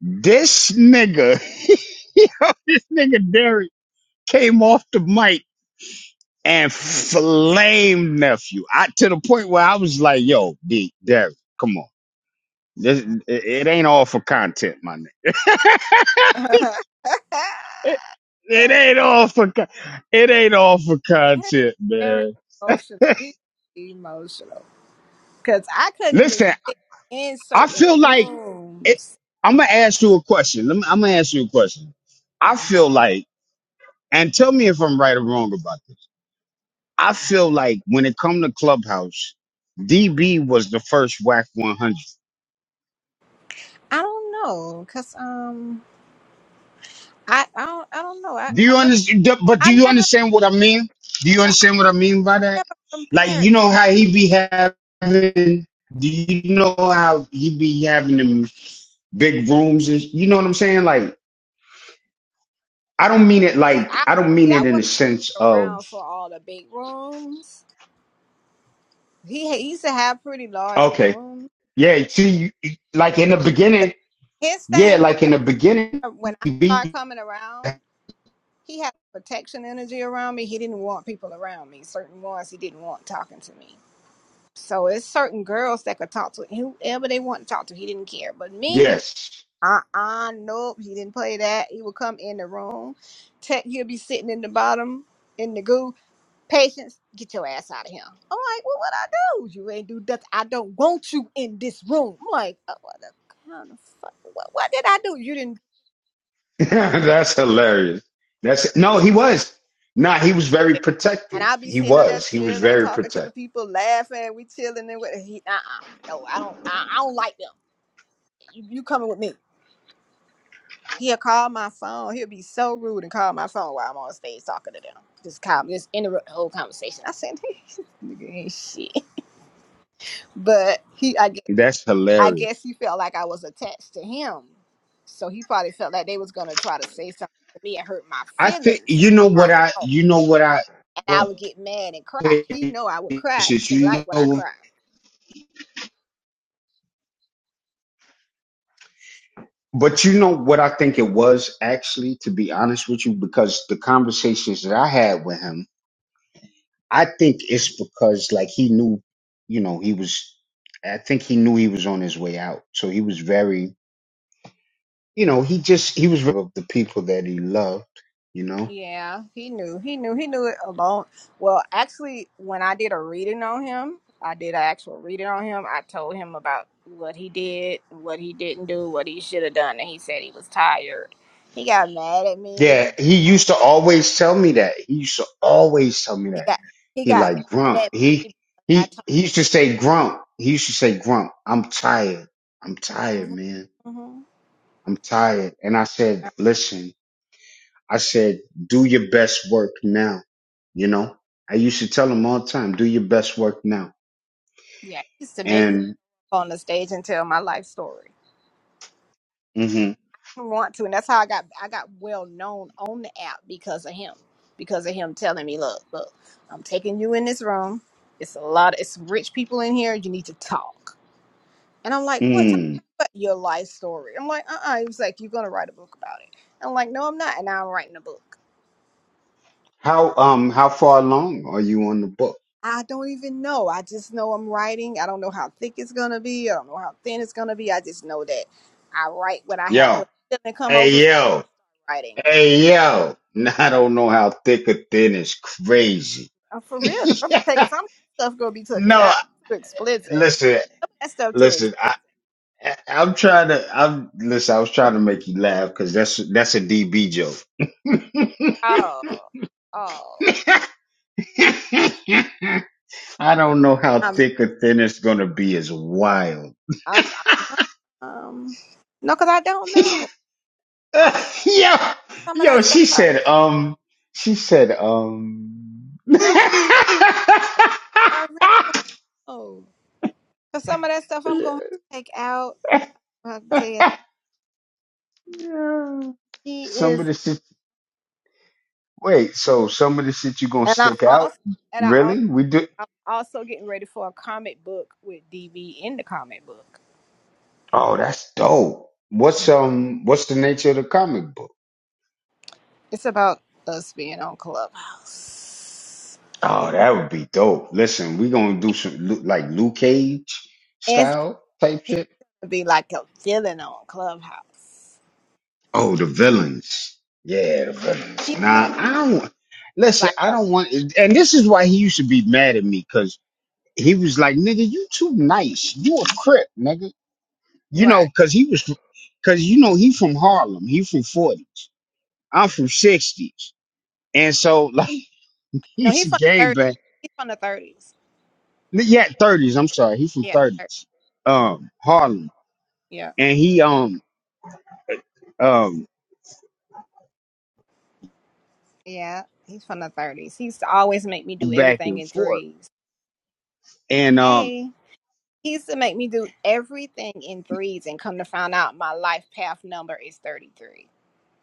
S1: This nigga, yo, this nigga Derek came off the mic and flamed nephew. I to the point where I was like, yo, D, Derek, come on. This it, it ain't all for content, my nigga. It, it
S3: yeah,
S1: ain't all for con- it ain't all for content,
S3: very
S1: man.
S3: emotional. We emotional. Cause I couldn't even
S1: Listen,
S3: sit in
S1: I
S3: certain
S1: feel like it,
S3: rooms.
S1: I'm gonna ask you a question. Let me, I'm gonna ask you a question. I feel like, and tell me if I'm right or wrong about this. I feel like when it come to Clubhouse, DB was the first WAC 100.
S3: I don't know. Cause um I, I don't I don't know. I,
S1: Do
S3: I
S1: you
S3: never
S1: understand? But do
S3: I
S1: you
S3: never,
S1: understand what I mean? Do you
S3: but I
S1: understand what I mean by that?
S3: never
S1: Like,
S3: compared.
S1: you know how he be having. Do you know how he be having them big rooms? And, you know what I'm saying? Like, I don't mean it.
S3: See,
S1: Like,
S3: I
S1: I don't
S3: see,
S1: mean
S3: I
S1: it in the
S3: wasn't
S1: sense of
S3: around for all the big rooms. He, ha- he used to have pretty large
S1: okay,
S3: rooms.
S1: yeah. See, you, like in the
S3: But
S1: beginning,
S3: his
S1: yeah,
S3: thing
S1: like in the beginning,
S3: was when I
S1: he
S3: started
S1: be
S3: coming around, he had protection energy around me. He didn't want people around me. Certain ones he didn't want talking to me. So it's certain girls that could talk to whoever they want to talk to. He didn't care. But me,
S1: yes.
S3: uh uh nope. He didn't play that. He would come in the room. Tech, he'd be sitting in the bottom in the goo Patience, get your ass out of here. I'm like, well, what I do? You ain't do nothing. I don't want you in this room. I'm like, oh, what the kind of fuck? What, what did I do? You didn't do
S1: That's hilarious. That's no, he was. Nah, he was very
S3: that. And
S1: protective.
S3: i be
S1: He
S3: sitting up there
S1: was. He was
S3: chilling,
S1: very
S3: talking to
S1: protective
S3: the people, laughing. We chilling and with he, uh-uh. No, I don't. I, I don't like them. You, you coming with me? He'll call my phone. He'll be so rude and call my phone while I'm on stage talking to them. Just call, me, just interrupt the whole conversation. I said, "Nigga ain't shit," but he, I guess.
S1: That's
S3: I
S1: hilarious.
S3: guess he felt like I was attached to him. So he probably felt like they was gonna try to say something to me and hurt my
S1: I think
S3: feelings.
S1: you know
S3: I'm
S1: what
S3: not
S1: I
S3: no.
S1: you know what I
S3: And I would
S1: what
S3: get mad and cry. He knew I would cry.
S1: patience,
S3: He didn't
S1: you
S3: like what I
S1: know
S3: cried.
S1: but you know what I think it was actually to be honest with you because the conversations that I had with him I think it's because like he knew you know he was I think he knew he was on his way out so he was very you know he just he was of the people that he loved you know
S3: Yeah, he knew. He knew. He knew it alone. Well, actually, when I did a reading on him, I did an actual reading on him. I told him about what he did, what he didn't do, what he should have done, and he said he was tired. He got mad at
S1: yeah
S3: me.
S1: he used to always tell me that he used to always tell me
S3: He
S1: that
S3: got he
S1: He
S3: got
S1: like
S3: mad
S1: grump.
S3: at
S1: He
S3: me. I
S1: he
S3: told
S1: he used to say grump. He used to say grump. I'm tired. I'm
S3: him.
S1: tired, man.
S3: hmm
S1: I'm tired. And I said, listen. I said, do your best work now. You know, I used to tell him all the time, do your best work now.
S3: Yeah, he used to make me
S1: And
S3: go on the stage and tell my life story.
S1: hmm
S3: Didn't want to, and that's how I got I got well known on the app because of him. Because of him telling me, look, look, I'm taking you in this room. It's a lot. Of, it's rich people in here. You need to talk. And I'm like, what? Talk
S1: mm,
S3: about your life story. I'm like, uh, uh He was like, you're gonna write a book about it. I'm like, no, I'm not. And now I'm writing a book.
S1: how um how far along are you on the book?
S3: I don't even know. I just know I'm writing. I don't know how thick it's gonna be. I don't know how thin it's gonna be. I just know that I write what I have.
S1: Yo,
S3: What doesn't come
S1: hey
S3: over me
S1: yo,
S3: writing.
S1: hey yo. I don't know how thick or thin is crazy.
S3: Uh, for real, because I'm gonna take some of that stuff. Gonna be taken
S1: no,
S3: out. Too explicit.
S1: listen.
S3: That stuff too. Ex-
S1: Listen, I, I I'm trying to I'm listen, I was trying to make you laugh because that's that's a DB joke.
S3: oh, oh.
S1: I don't know how
S3: I'm.
S1: thick or thin it's gonna be is wild.
S3: I'm, I'm um. No, because I don't
S1: yo,
S3: know. I do some of that
S1: yo,
S3: stuff.
S1: she
S3: I,
S1: said, um, she said, um
S3: no, 'cause I really know. Cause some of that stuff I'm gonna have to take out. I'm saying he
S1: Some
S3: is,
S1: of the shit wait, so some of the shit you gonna
S3: and I
S1: stick out?
S3: also. And I also
S1: Really? We do
S3: I'm also getting ready for a comic book with DV in the comic book.
S1: Oh, that's dope. What's um what's the nature of the comic book?
S3: It's about us being on Clubhouse.
S1: Oh, that would be dope. Listen, we're gonna do some Lu- like Luke Cage
S3: It's
S1: style type shit.
S3: gonna be like a villain on Clubhouse.
S1: Oh, the villains. Yeah, the
S3: He's
S1: villains.
S3: gonna
S1: Nah, I don't listen,
S3: like
S1: I
S3: a
S1: don't want and this is why he used to be mad at me, cause he was like, nigga, you too nice. You a crip, nigga. You
S3: right.
S1: know, cause he was cause you know he from Harlem. He from forties. I'm from sixties. And so like he
S3: No,
S1: he's
S3: he's
S1: a
S3: from the 30s.
S1: gangbang
S3: He's from the thirties.
S1: yeah, thirties. I'm sorry, he's from
S3: Yeah. 30.
S1: thirties,
S3: Mhm.
S1: um, Harlem,
S3: Yeah.
S1: and he um um
S3: Yeah. He's from the thirties. He used to always make me do
S1: back
S3: everything
S1: and
S3: in
S1: forth.
S3: threes.
S1: And um,
S3: Hey. He used to make me do everything in threes and come to find out my life path number is thirty three.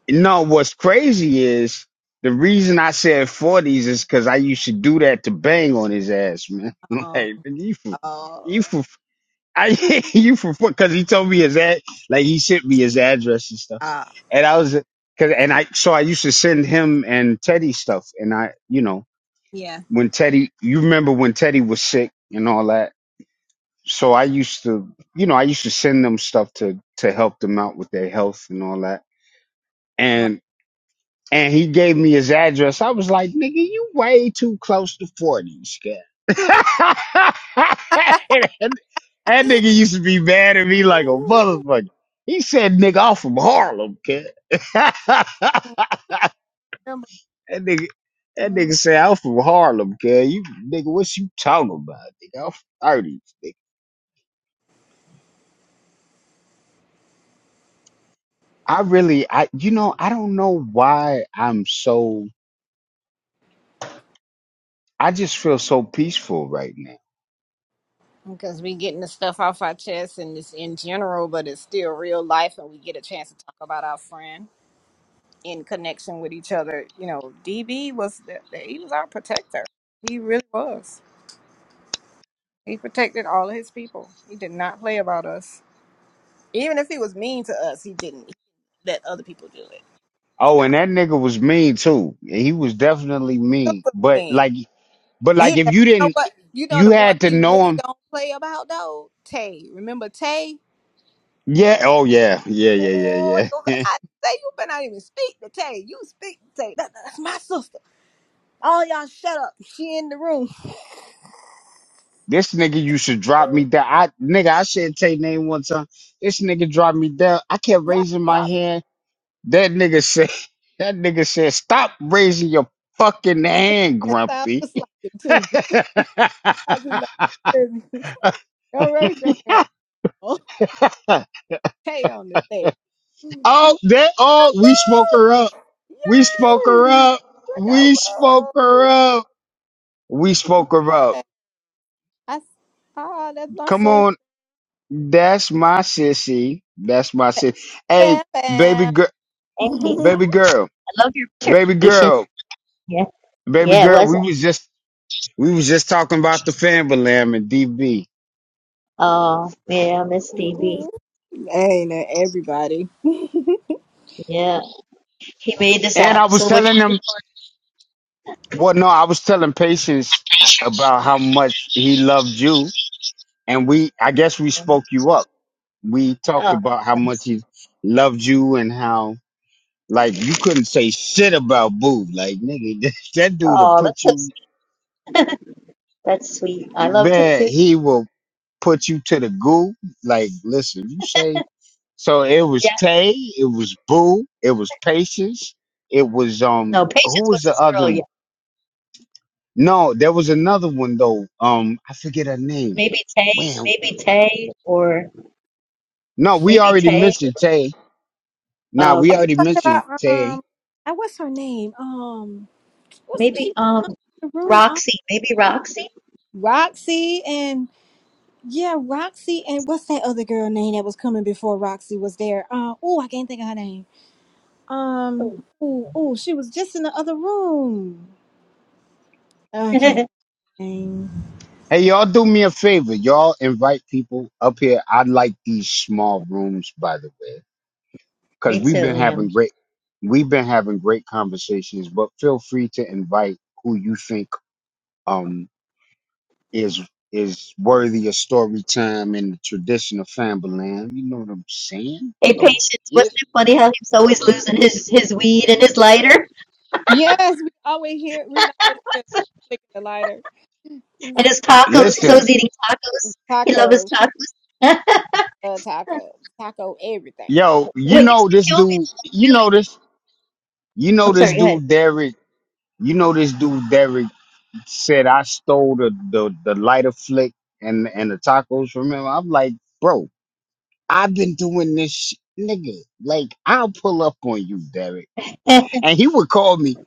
S1: no, what's crazy is the reason I said forties is because I used to do that to bang on his ass, man. like
S3: Oh.
S1: nigga, you from you
S3: Oh.
S1: from I you from because he told me his ad like he sent me his address and stuff, and I was because and I so I used to send him and Teddy stuff, and I you know
S3: Yeah.
S1: when Teddy you remember when Teddy was sick and all that so I used to, you know, I used to send them stuff to to help them out with their health and all that.
S3: Right.
S1: And and he gave me his address. I was like, nigga, you way too close to forty, scared. that that nigga used to be mad at me like a motherfucker. He said, nigga, I'm from Harlem, kid. that nigga. That nigga said, I'm from Harlem, kid. You nigga, what you talking about? Nigga, I'm from 30. I really, I, you know, I don't know why I'm so, I just feel so peaceful right now.
S3: Because we getting the stuff off our chest and it's in general, but it's still real life, and we get a chance to talk about our friend in connection with each other. You know, DB was the, the- he was our protector. He really was. He protected all of his people. He did not play about us. Even if he was mean to us, he didn't let other people do it.
S1: Oh,
S3: No,
S1: and that nigga was mean too. He was definitely mean,
S3: super
S1: but
S3: mean.
S1: like, but
S3: And he,
S1: like
S3: you
S1: if you
S3: know
S1: didn't,
S3: what? You know
S1: you
S3: the one
S1: had to
S3: he
S1: know
S3: really
S1: him.
S3: don't play about though. Tay. Remember Tay?
S1: Yeah. Oh yeah. Yeah. Yeah.
S3: Oh,
S1: Yeah.
S3: you better
S1: Yeah.
S3: I say you better not even speak to Tay. You speak to Tay. That, that's my sister. All y'all shut up. She in the room.
S1: this nigga used to drop me down. I, nigga, I said take name one time. This nigga dropped me down. I kept
S3: Not
S1: raising my
S3: drop
S1: hand. That nigga said, that nigga said, stop raising your fucking hand,
S3: that sound
S1: Grumpy.
S3: just like it too. I just like hear Don't raise your hand. Oh, Tay on the thing. Look
S1: oh, that oh,
S3: out,
S1: we spoke
S3: boo!
S1: her up. We spoke her
S3: Yes.
S1: up.
S3: Look out,
S1: We spoke her
S3: boo!
S1: up. We spoke her up.
S3: Hey, I s- oh, that's my
S1: Come
S3: sister.
S1: on, that's my sissy. That's my sissy. Hey,
S3: Bam,
S1: baby
S3: bam.
S1: girl,
S10: Amy's.
S1: baby girl,
S10: I love your
S1: baby
S10: presentation.
S1: girl,
S10: Yeah,
S1: baby
S10: yeah, it
S1: girl.
S10: was.
S1: We was just we was just talking about the family lamb and DB,
S10: Oh, yeah, miss DB.
S3: Ain't that everybody?
S10: Yeah, he made this
S1: and
S10: app
S1: I was
S10: so much.
S1: telling them. Well, no, I was telling Patience about how much he loved you and we I guess we spoke you up. We talked
S10: Oh,
S1: about how much
S10: nice.
S1: he loved you and how like you couldn't say shit about Boo. Like nigga, that, that dude will
S10: Oh,
S1: put
S10: that's so
S1: you
S10: sweet. That's sweet. I loved him
S1: man.
S10: too.
S1: He will put you to the goo. Like listen, you say so. It was
S10: Yeah.
S1: Tay. It was Boo. It was Patience. It was um.
S10: No,
S1: Who
S10: Patience was
S1: was the
S10: this
S1: other
S10: girl. Yeah.
S1: one? No, there was another one though. Um, I forget her name.
S10: Maybe Tay.
S1: Man,
S10: Maybe Tay or
S1: no, we
S10: maybe
S1: already
S10: Tay.
S1: mentioned Tay. Nah,
S10: Oh,
S1: we
S10: okay.
S1: already mentioned
S3: about
S1: Tay.
S3: um and what's her name? Um what's
S10: Maybe
S3: she's
S10: um
S3: in the room um,
S10: Roxy. Maybe Roxy.
S3: Roxy and yeah, Roxy and what's that other girl name that was coming before Roxy was there? Uh, oh, I can't think of her name.
S10: Oh.
S3: Um oh oh she was just in the other room. Okay, name.
S1: Hey, y'all do me a favor. Y'all invite people up here. I like these small rooms, by the way, because
S10: Me
S1: we've
S10: too.
S1: been
S10: Yeah.
S1: having great, we've been having great conversations, but feel free to invite who you think, um, is, is worthy of story time in the tradition of Famberland. You know what I'm saying?
S10: Hey,
S1: You know what
S10: Patience.
S1: it
S10: Wasn't
S1: is.
S10: it funny how he was always losing his his weed and his lighter?
S3: Yes, we always hear we can always hear flicking the lighter.
S10: And
S3: These
S10: his tacos, he's
S1: Listen,
S10: always eating tacos. He loves his
S3: tacos,
S10: tacos.
S3: taco, taco, taco everything.
S1: yo, you
S10: what used
S1: know
S10: to
S1: this
S10: kill me,
S1: dude, you
S10: really?
S1: know this, you know
S10: I'm
S1: this
S10: sorry, go
S1: dude, Derek, you know this dude, Derek said I stole the the, the lighter flick and and the tacos from him. I'm like, bro, I've been doing this, sh- nigga. Like, I'll pull up on you, Derek. And he would call me.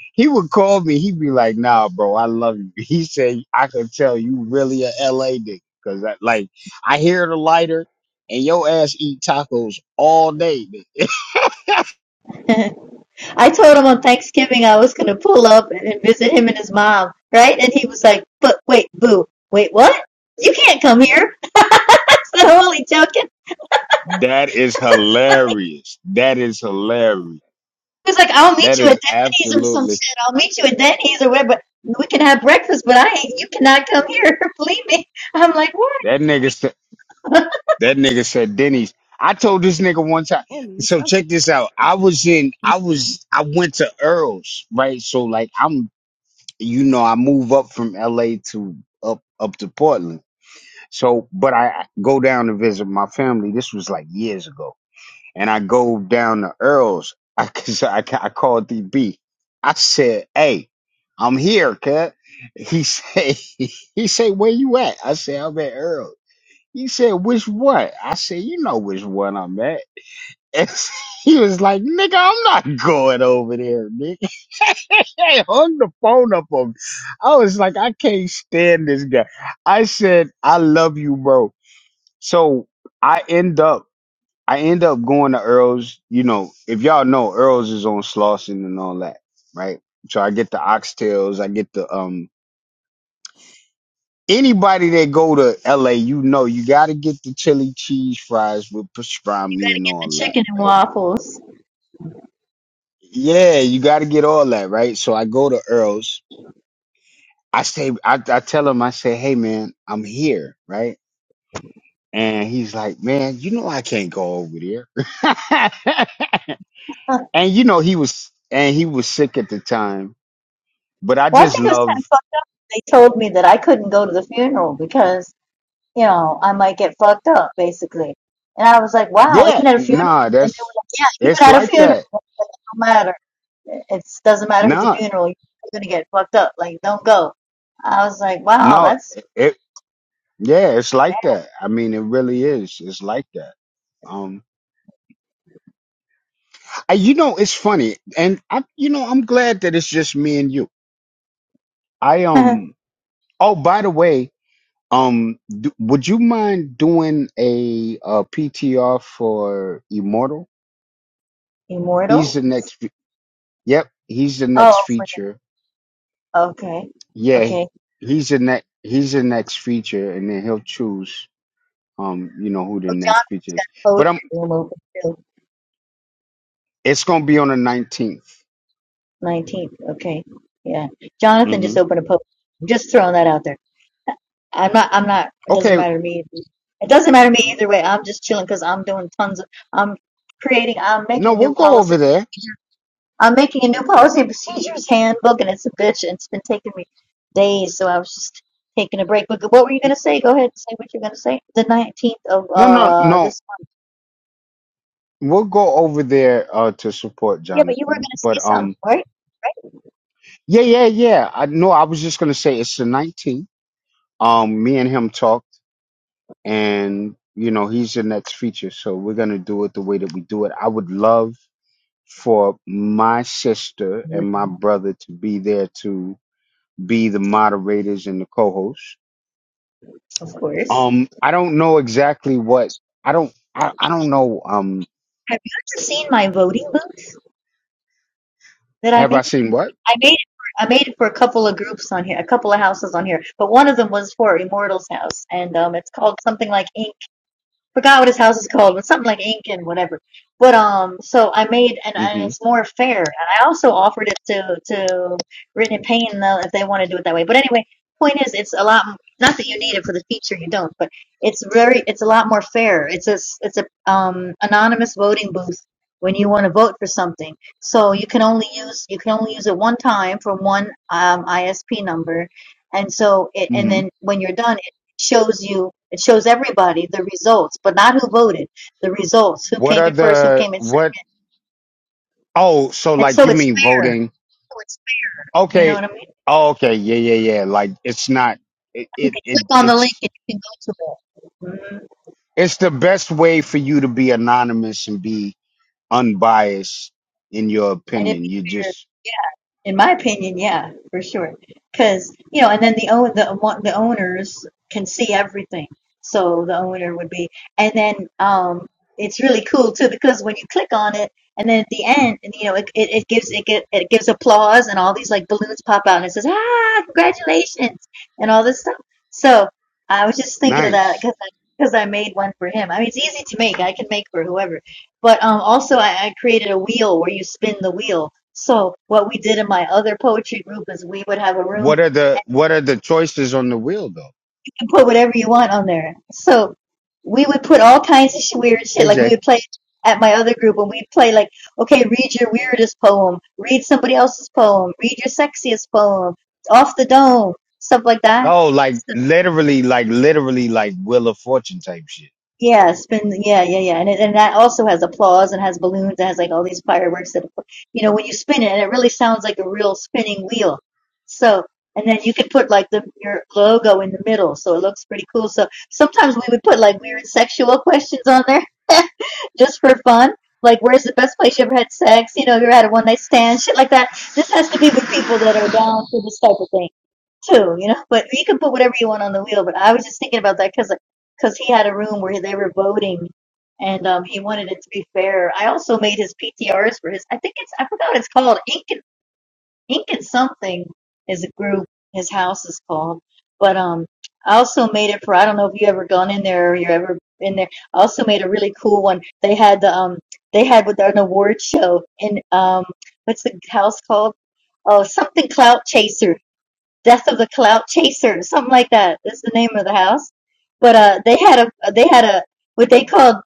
S1: he would call me. He'd be like, Nah, bro, I love you. He said I could tell you really a LA nigga because I like I hear the lighter and your ass eat tacos all day. nigga."
S10: ahead. I told him on Thanksgiving I was going to pull up and and visit him and his mom, right? And he was like, but wait, boo, wait, what? You can't come here. I said, holy joking.
S1: That is hilarious. That is hilarious.
S10: He was like, I'll meet
S1: That
S10: you at
S1: is
S10: Denny's or some
S1: absolutely
S10: shit. I'll meet you at Denny's or whatever. We can have breakfast, but I ain't, you cannot come here. Believe me. I'm like,
S1: that nigga.
S10: what?
S1: That nigga said Denny's. I told this nigga one time. So check this out. I was in. I was. I went to Earl's, right? So like, I'm. You know, I move up from L.A. to up up to Portland. So, but I go down to visit my family. This was like years ago, and I go down to Earl's. I cause I, I called DB. I said, "Hey, I'm here, cut." He say, "He say, where you at?" I said, "I'm at Earl's." He said, which one? I said, you know which one I'm at. And he was like, nigga, I'm not going over there, nigga. I hung the phone up on me. I was like, I can't stand this guy. I said, I love you, bro. So I end up, I end up going to Earl's. You know, if y'all know, Earl's is on Slauson and all that, right? So I get the oxtails, I get the um Anybody that go to LA, you know you gotta get the chili cheese fries with pastrami and all that,
S10: Chicken and
S1: right?
S10: waffles.
S1: Yeah, you gotta get all that, right? So I go to Earl's. I say I, I tell him, I say, hey man, I'm here, right? And he's like, Man, you know I can't go over there. and you know he was and he was sick at the time. But I
S10: Well, I
S1: just
S10: think it was kind of
S1: love
S10: fucked up. They told me that I couldn't go to the funeral because, you know, I might get fucked up, basically. And I was like, wow,
S1: yeah,
S10: even at a funeral?
S1: nah,
S10: And they were
S1: that's
S10: like, yeah,
S1: it's
S10: even at a
S1: like
S10: funeral,
S1: that.
S10: no matter. It doesn't matter if it's a
S1: Nah,
S10: funeral, you're gonna get fucked up. Like, don't go. I was like, wow,
S1: no,
S10: that's
S1: Yeah, it's like that. I mean, it really is. It's like that. Um, I, you know, it's funny, and I, you know, I'm glad that it's just me and you. I
S10: bad.
S1: um. Oh, by the way, um, d would you mind doing a, uh PTR for Immortal? He's
S10: Immortal?
S1: the next. fe- Yep, he's the
S10: Oh,
S1: next
S10: for
S1: feature.
S10: the, okay.
S1: Yeah,
S10: Okay.
S1: he's the next. He's the next feature, and then he'll choose. Um, you know who the
S10: Oh,
S1: next
S10: Jonathan's
S1: feature is,
S10: got a
S1: but I'm.
S10: poetry room open till
S1: It's gonna be on the 19th
S10: 19th. Okay. Yeah. Jonathan just
S1: Mm-hmm.
S10: opened a poetry. I'm just throwing that out there. I'm not, I'm not, it doesn't
S1: Okay.
S10: matter to me. It doesn't matter to me either way. I'm just chilling because I'm doing tons of, I'm creating, I'm
S1: No,
S10: making
S1: we'll
S10: new
S1: go
S10: policy.
S1: over there.
S10: I'm making a new policy and procedures handbook and it's a bitch and it's been taking me days. So I was just taking a break. But what were you going to say? Go ahead and say what you're going to say. The 19th of
S1: No, no,
S10: uh
S1: no.
S10: this month.
S1: We'll go over there uh to support
S10: Yeah, but you were going
S1: Jonathan.
S10: to say
S1: But um
S10: something, right?
S1: yeah, yeah, yeah. I no, I was just gonna say it's the nineteenth. Um me and him talked and you know, he's the next feature, so we're gonna do it the way that we do it. I would love for my sister
S10: You're
S1: and my
S10: wrong,
S1: brother to be there to be the moderators and the co hosts.
S10: Of course.
S1: Um I don't know exactly what I don't I, I don't know um
S10: Have you ever seen my voting booth that I made?
S1: have I seen what?
S10: I made it for, I made it for a couple of groups on here, a couple of houses on here, but one of them was for Immortals House, and um, it's called something like Ink forgot what his house is called, but something like Ink and whatever. But um, so I made and, and
S1: Mm-hmm.
S10: it's more fair, and I also offered it to to Brittany Payne though if they want to do it that way. But anyway, point is, it's a lot. Not that you need it for the feature, you don't, but it's very, it's a lot more fair. It's a it's a um anonymous voting booth when you want to vote for something. So you can only use you can only use it one time for one um ISP number. And so, it, and
S1: mm-hmm.
S10: then when you're done, shows you it shows everybody the results but not who voted the results who
S1: What
S10: came
S1: are
S10: in first who
S1: the
S10: came in second
S1: what? Oh, so
S10: and
S1: like
S10: so
S1: you
S10: it's
S1: mean
S10: fair
S1: voting?
S10: so it's fair you know what i
S1: Okay.
S10: mean
S1: Oh, okay. Yeah, yeah, yeah. Like it's not. It,
S10: you
S1: it
S10: can
S1: it
S10: click on the link
S1: it's
S10: and you can go to it Mhm.
S1: it's the best way for you to be anonymous and be unbiased in your
S10: and it'd be
S1: opinion. You
S10: fair
S1: just
S10: In my opinion, yeah, for sure. Because, you know, and then the own the one- the owners can see everything. So the owner would be, and then um, it's really cool too because when you click on it, and then at the end, and you know, it, it, it gives it, gi- it gives applause and all these like balloons pop out and it says, ah, congratulations, and all this stuff. So I was just thinking of that
S1: nice.
S10: because I, because I made one for him. I mean, it's easy to make. I can make for whoever. But um, also, I, I created a wheel where you spin the wheel. So what we did in my other poetry group is we would have a room
S1: What are the what are the choices on the wheel though?
S10: You can put whatever you want on there. So we would put all kinds of sh- weird shit.
S1: Hey
S10: Like we
S1: Jay.
S10: would play at my other group and we'd play like, okay, read your weirdest poem, read somebody else's poem, read your sexiest poem, off the dome, stuff like that.
S1: Oh, like literally, like literally, like Wheel of Fortune type shit.
S10: Yeah, spin. Yeah, yeah, yeah, and it, and that also has applause and has balloons and has like all these fireworks that you know when you spin it and it really sounds like a real spinning wheel. So and then you could put like the your logo in the middle, so it looks pretty cool. So sometimes we would put like weird sexual questions on there just for fun, like where's the best place you ever had sex? You know, you ever had a one night stand, shit like that. This has to be with people that are down for this type of thing too, you know. But you can put whatever you want on the wheel. But I was just thinking about that because because he had a room where they were voting, and um, he wanted it to be fair. I also made his PTRs for his. I think it's I forgot what it's called. Ink and Ink and something is a group. His house is called. But um, I also made it for. I don't know if you ever gone in there or you're ever in there. I also made a really cool one. They had the um they had with an award show in um what's the house called? Oh, something clout chaser Death of the Clout Chaser, or something like that. That's the name of the house. But uh, they had a they had a what they called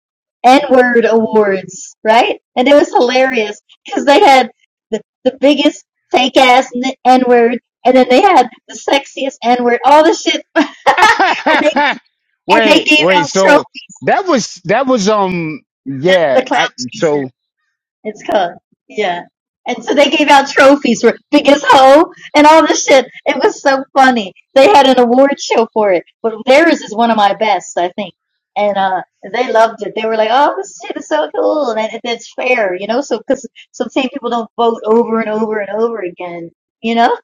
S10: N word awards, right? And it was hilarious because they had the the biggest fake ass N word, and then they had the sexiest N word, all the shit, and they and they
S1: wait,
S10: gave
S1: wait.
S10: out trophies.
S1: So that was that was um
S10: Death of
S1: yeah.
S10: the Clout
S1: I
S10: Chaser.
S1: so
S10: It's called, yeah. And so they gave out trophies for biggest hoe and all this shit. It was so funny. They had an award show for it, but theirs is one of my best, I think. And uh, they loved it. They were like, "Oh, this shit is so cool, and it, it's fair, you know." So because so the same people don't vote over and over and over again, you know.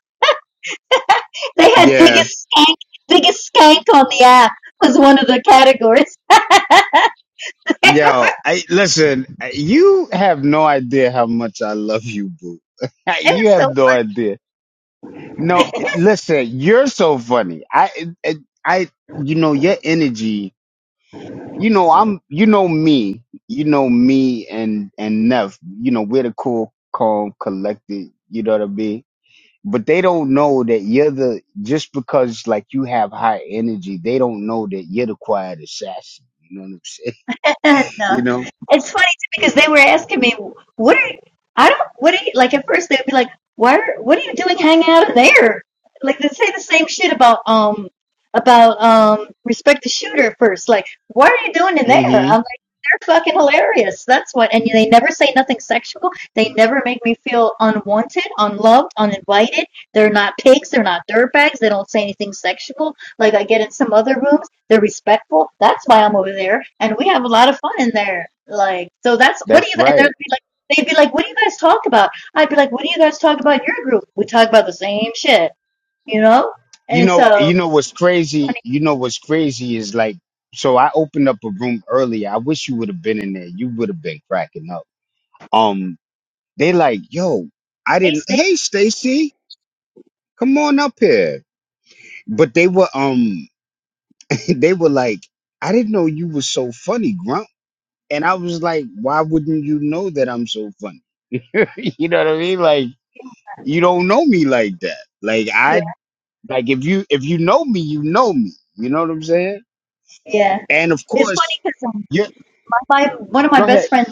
S10: They had
S1: yeah
S10: biggest skank, biggest skank on the app was one of the categories. it
S1: yo. I listen. You have no idea how much I love you, boo.
S10: was
S1: you have
S10: so
S1: no idea. No,
S10: funny.
S1: listen. You're so funny. I I I- you know your energy. You know I'm. You know me. You know me and and Neff. You know we're the cool, calm, collected. You know what I mean? but they don't know that you're the just because like you have high energy, they don't know that you're the quiet assassin. You know what I'm saying?
S10: no.
S1: You know?
S10: It's funny too because they were asking me, "What are you, I don't what are you like?" At first they'd be like, "Why? Are, what are you doing hanging out in there?" Like they say the same shit about um about um respect the shooter at first. Like, "Why are you doing in there?"
S1: hmm
S10: I'm like, "They're fucking hilarious. That's what." And they never say nothing sexual. They never make me feel unwanted, unloved, uninvited. They're not pigs. They're not dirtbags. They don't say anything sexual. Like I get in some other rooms they're respectful. That's why I'm over there, and we have a lot of fun in there. Like, so that's what do you?
S1: That's
S10: And they'd
S1: right.
S10: be like, they'd be like, "What do you guys talk about?" I'd be like, "What do you guys talk about in your group?" We talk about the same shit, you know.
S1: You
S10: And
S1: know,
S10: so,
S1: you know what's
S10: when
S1: crazy?
S10: it
S1: You know what's crazy is like so I opened up a room earlier. I wish you would have been in there. You would have been cracking up. Um, they like, yo, I didn't
S10: tastes things,
S1: hey Stacy, come on up here. But they were um they were like, I didn't know you were so funny, And I was like, why wouldn't you know that I'm so funny? you know what I mean? Like, you don't know me like that. Like I like if you if you know me, you know me. You know what I'm saying?
S10: yeah,
S1: And of
S10: it's funny
S1: course,
S10: because um,
S1: yeah,
S10: my one of my
S1: go
S10: best
S1: ahead.
S10: friends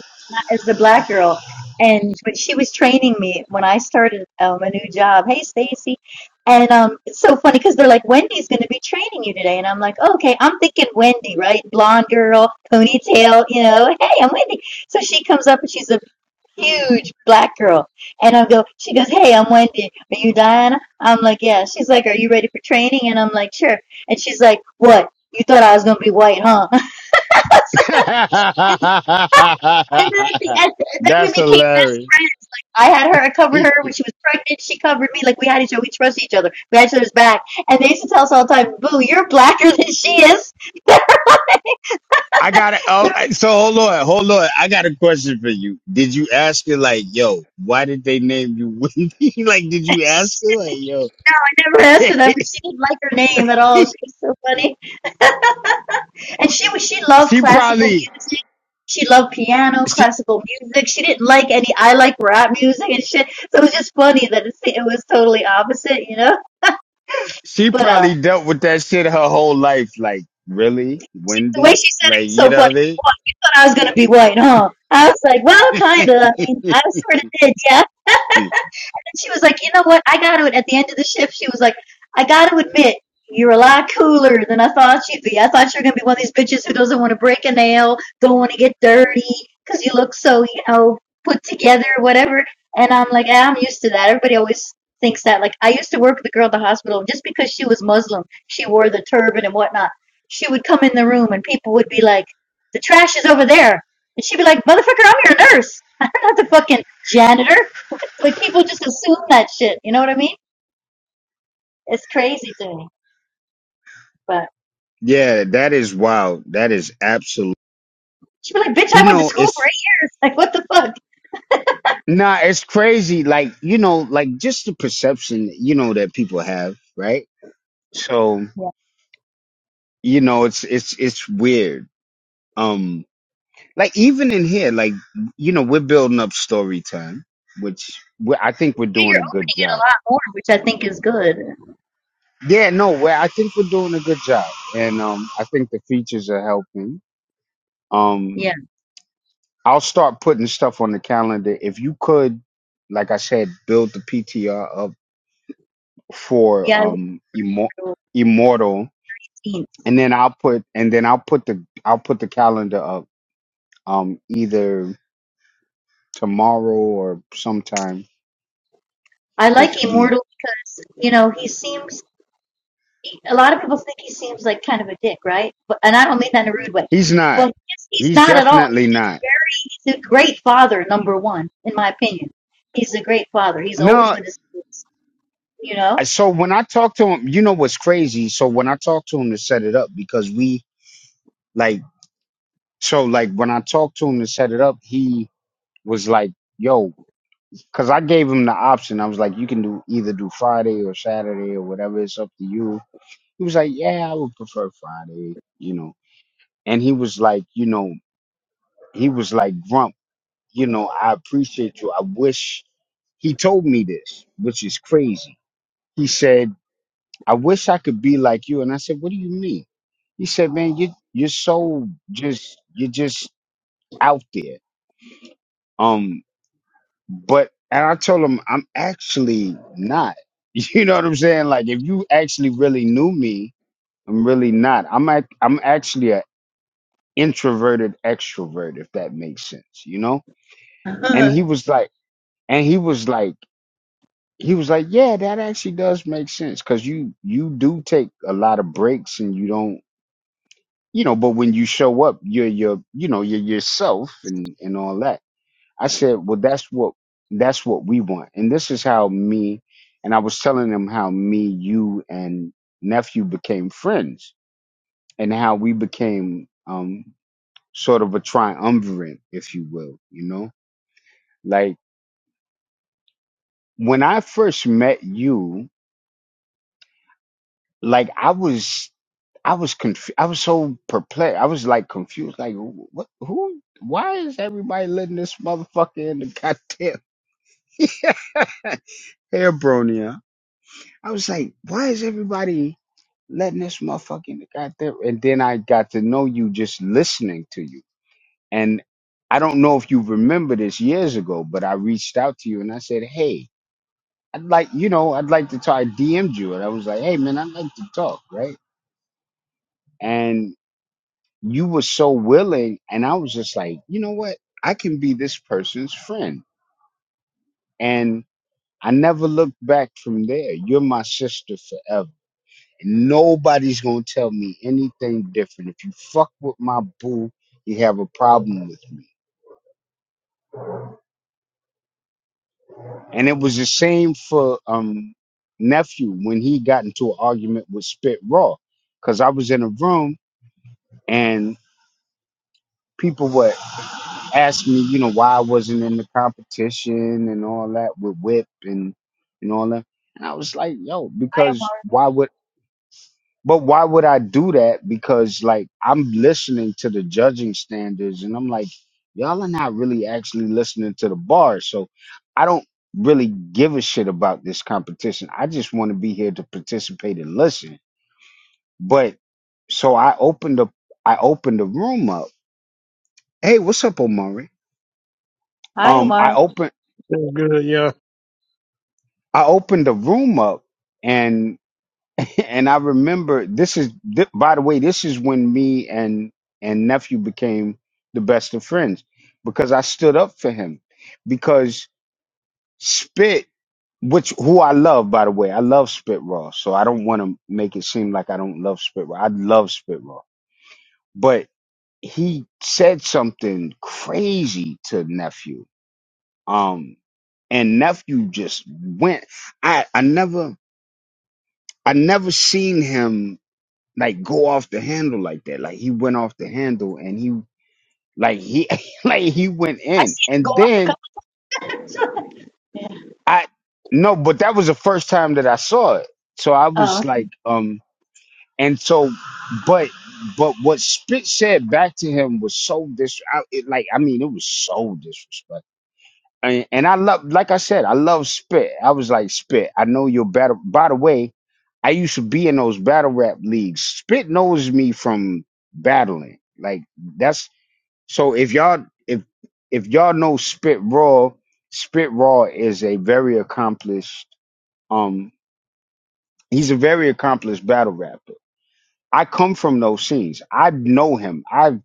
S10: is the black girl, and when she was training me when I started um, a new job, hey Stacy, and um, it's so funny because they're like Wendy's going to be training you today, and I'm like, okay, I'm thinking Wendy, right, blonde girl, ponytail, you know, hey, I'm Wendy. So she comes up and she's a huge black girl, and I go, she goes, hey, I'm Wendy, are you Diana? I'm like, yeah. She's like, are you ready for training? And I'm like, sure. And she's like, what? You thought I was going to be white, huh? And then at the end, and then we
S1: That's
S10: became best
S1: hilarious.
S10: friends. Like I had her, I covered
S1: He-
S10: her when she was pregnant. She covered me. Like we had each other. We trusted each other. We had each other's back. And they used to tell us all the time, "Boo, you're blacker than she is."
S1: I got it. Oh, I- so hold on, hold on. I got a question for you. Did you ask her like, yo, why did they name you Wendy? like, did you ask her
S10: I
S1: like, yo?
S10: never asked her that, but she didn't like her name at all. She was so funny. and she was she loved
S1: she
S10: classical
S1: probably.
S10: music. She loved piano, classical music. She didn't like any. I like rap music and shit. So it was just funny that it's, it was totally opposite, you know.
S1: she
S10: But uh,
S1: probably dealt with that shit her whole life. Like, really,
S10: the way
S1: Wendy?
S10: she said it
S1: Like,
S10: was
S1: you
S10: so
S1: know
S10: funny.
S1: what
S10: What, you thought I was gonna be white, huh? I was like, well,
S1: I
S10: kinda. I mean, I sort of did, yeah.
S1: mean?
S10: And she was like, you know what? I got to, at the end of the shift, she was like, I got to admit, you're a lot cooler than I thought you'd be. I thought you were going to be one of these bitches who doesn't want to break a nail, don't want to get dirty, because you look so, you know, put together, whatever. And I'm like, "Ah, I'm used to that. Everybody always thinks that. Like, I used to work with a girl at the hospital, just because she was Muslim, she wore the turban and whatnot. She would come in the room, and people would be like, the trash is over there. And she'd be like, motherfucker, I'm your nurse. I'm not the fucking janitor. Like people just assume that shit. You know what I mean? It's crazy to me. But
S1: yeah, that is wild. That is absolute.
S10: she'd be like, "Bitch,
S1: You
S10: I went to
S1: know,
S10: school for
S1: it's
S10: eight years. Like, what the fuck?"
S1: nah, it's crazy. Like, you know, like just the perception, you know, that people have, right? So,
S10: Yeah.
S1: you know, it's it's it's weird. Um, like even in here, like you know, we're building up story time, which we I think we're
S10: Yeah,
S1: doing
S10: You're
S1: a good
S10: opening it
S1: job
S10: a lot more, which I think is good.
S1: Yeah, no, well, I think we're doing a good job, and um, I think the features are helping. Um,
S10: Yeah,
S1: I'll start putting stuff on the calendar. If you could, like I said, build the PTR up for
S10: yeah, I would
S1: um Immo- immortal, and then I'll put and then I'll put the I'll put the calendar up um either tomorrow or sometime
S10: I
S1: this
S10: like
S1: week.
S10: Immortal because you know he seems. A lot of people think he seems like kind of a dick, right? But and I don't mean that in a rude way.
S1: He's not.
S10: But he's, he's
S1: He's
S10: not at all.
S1: definitely
S10: He's just
S1: not.
S10: very. He's a great father, number one, in my opinion. He's a great father. He's
S1: No,
S10: always with his kids. You know.
S1: I- So when I talked to him, you know what's crazy? So when I talked to him to set it up, because we like, so like when I talked to him to set it up, he was like, yo, because I gave him the option. I was like, you can do either do Friday or Saturday or whatever. It's up to you. He was like, yeah, I would prefer Friday, you know. And he was like, you know, he was like, Grump, you know, I appreciate you. I wish he told me this, which is crazy. He said, I wish I could be like you. And I said, What do you mean? He said, Man, you you're so just you're just out there. Um, but and I told him I'm actually not. You know what I'm saying? Like if you actually really knew me, I'm really not. I'm ac- I'm actually a introverted extrovert, if that makes sense, you know? And he was like, and he was like, he was like, yeah, that actually does make sense because you you do take a lot of breaks and you don't you know, but when you show up, you're your, you know, you're yourself and and all that. I said, well, that's what that's what we want, and this is how me, and I was telling them how me, you, and nephew became friends, and how we became um sort of a triumvirate, if you will, you know, like when I first met you. Like I was, I was conf- I was so perplexed. I was like confused. Like what? Who? Why is everybody letting this motherfucker in the goddamn hair I was like, why is everybody letting this motherfucker in the goddamn? And then I got to know you just listening to you. And I don't know if you remember this years ago, but I reached out to you and I said, hey, I'd like, you know, I'd like to talk. I DM'd you and I was like, hey man, I'd like to talk, right? And you were so willing and i was just like you know what i can be this person's friend and i never looked back from there you're my sister forever and nobody's gonna tell me anything different if you fuck with my boo you have a problem with me and it was the same for um nephew when he got into an argument with spit raw because i was in a room and people were asked me, you know, why I wasn't in the competition and all that with Whip and and all that. And I was like, yo,
S10: I don't
S1: because why would but why would I do that? Because like I'm listening to the judging standards and I'm like, y'all are not really actually listening to the bar. So I don't really give a shit about this competition. I just want to be here to participate and listen. But so I opened up I opened the room up. Hey, what's up, Omari?
S10: Hi,
S1: Um, I
S10: Omar.
S1: opened.
S11: That's good, yeah.
S1: I opened the room up and and I remember this is th- by the way this is when me and and nephew became the best of friends because I stood up for him because Spit which who I love by the way I love Spit Raw so I don't want to make it seem like I don't love Spit Raw I love Spit Raw but he said something crazy to nephew um and nephew just went I I never I never seen him like go off the handle like that. Like he went off the handle and he like he like he went
S10: I
S1: in.
S10: see him go
S1: And
S10: up a
S1: then
S10: couple. of times. Yeah.
S1: I no, but that was the first time that I saw it. So I was
S10: oh,
S1: like, um and so but but what Spit said back to him was so dis I, it, like I mean it was so disrespectful and, and I love, like I said, I love spit. I was like, spit. I know your battle. By the way, I used to be in those battle rap leagues. Spit knows me from battling. Like that's so. If y'all, if if y'all know Spit Raw, Spit Raw is a very accomplished. Um, he's a very accomplished battle rapper. I come from those scenes. I know him. I've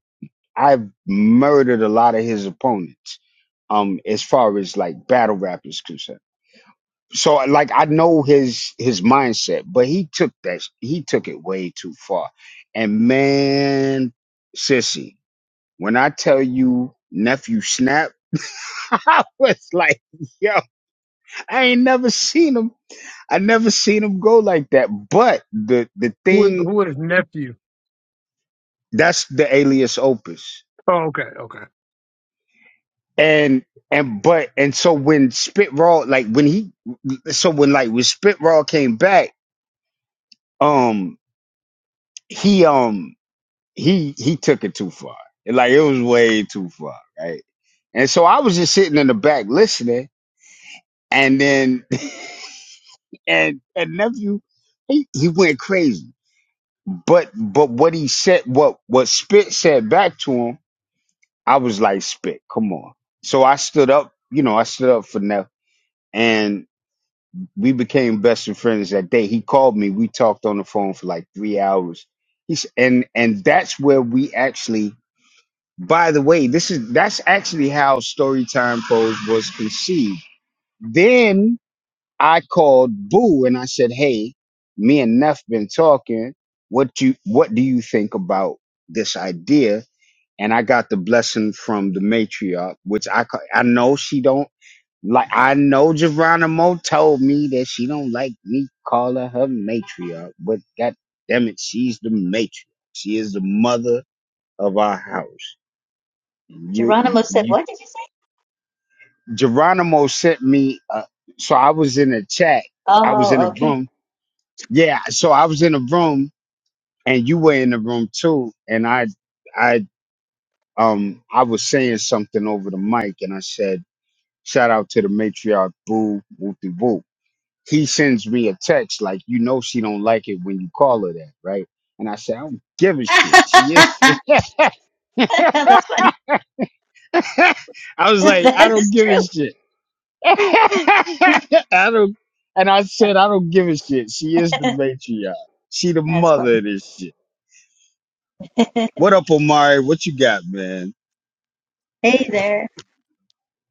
S1: I've murdered a lot of his opponents. Um, as far as like battle rap is concerned. so like I know his his mindset, but he took that he took it way too far. And man, sissy, when I tell you nephew snap, I was like, yo, I ain't never seen him. I never seen him go like that. But the the
S11: Who,
S1: thing
S11: who is nephew?
S1: that's the alias opus.
S11: Oh, okay, okay.
S1: And and but and so when Spit Raw like when he so when like when Spit Raw came back, um he um he he took it too far. Like it was way too far, right? And so I was just sitting in the back listening, and then and and nephew he, he went crazy. But but what he said, what what Spit said back to him, I was like Spit, come on. So I stood up, you know, I stood up for Neff, and we became best of friends that day. He called me, we talked on the phone for like three hours. He's and and that's where we actually By the way, this is that's actually how Storytime Pros was conceived. Then I called Boo and I said, "Hey, me and Neff been talking. What you what do you think about this idea?" And I got the blessing from the matriarch, which I ca- I know she don't like. I know Geronimo told me that she don't like me calling her matriarch, but God damn it, she's the matriarch. She is the mother of our house. You
S10: Geronimo said,
S1: you
S10: "What did you say?"
S1: Geronimo sent me. Uh, so I was in a chat. I was in
S10: Oh,
S1: a
S10: okay.
S1: room. Yeah. So I was in a room, and you were in the room too. And I, I, um, I was saying something over the mic, and I said, "Shout out to the matriarch, Boo Whoopie Whoop." He sends me a text like, "You know, she don't like it when you call her that, right?" And I said, "I don't give a shit. She is."
S10: That's funny.
S1: I was like, "I
S10: that
S1: don't
S10: is
S1: give a
S10: true.
S1: shit." I don't, and I said, I don't give a shit. She is the matriarch. She the
S10: That's
S1: mother
S10: funny.
S1: of this shit. What up, Omari? What you got, man?
S10: hey there.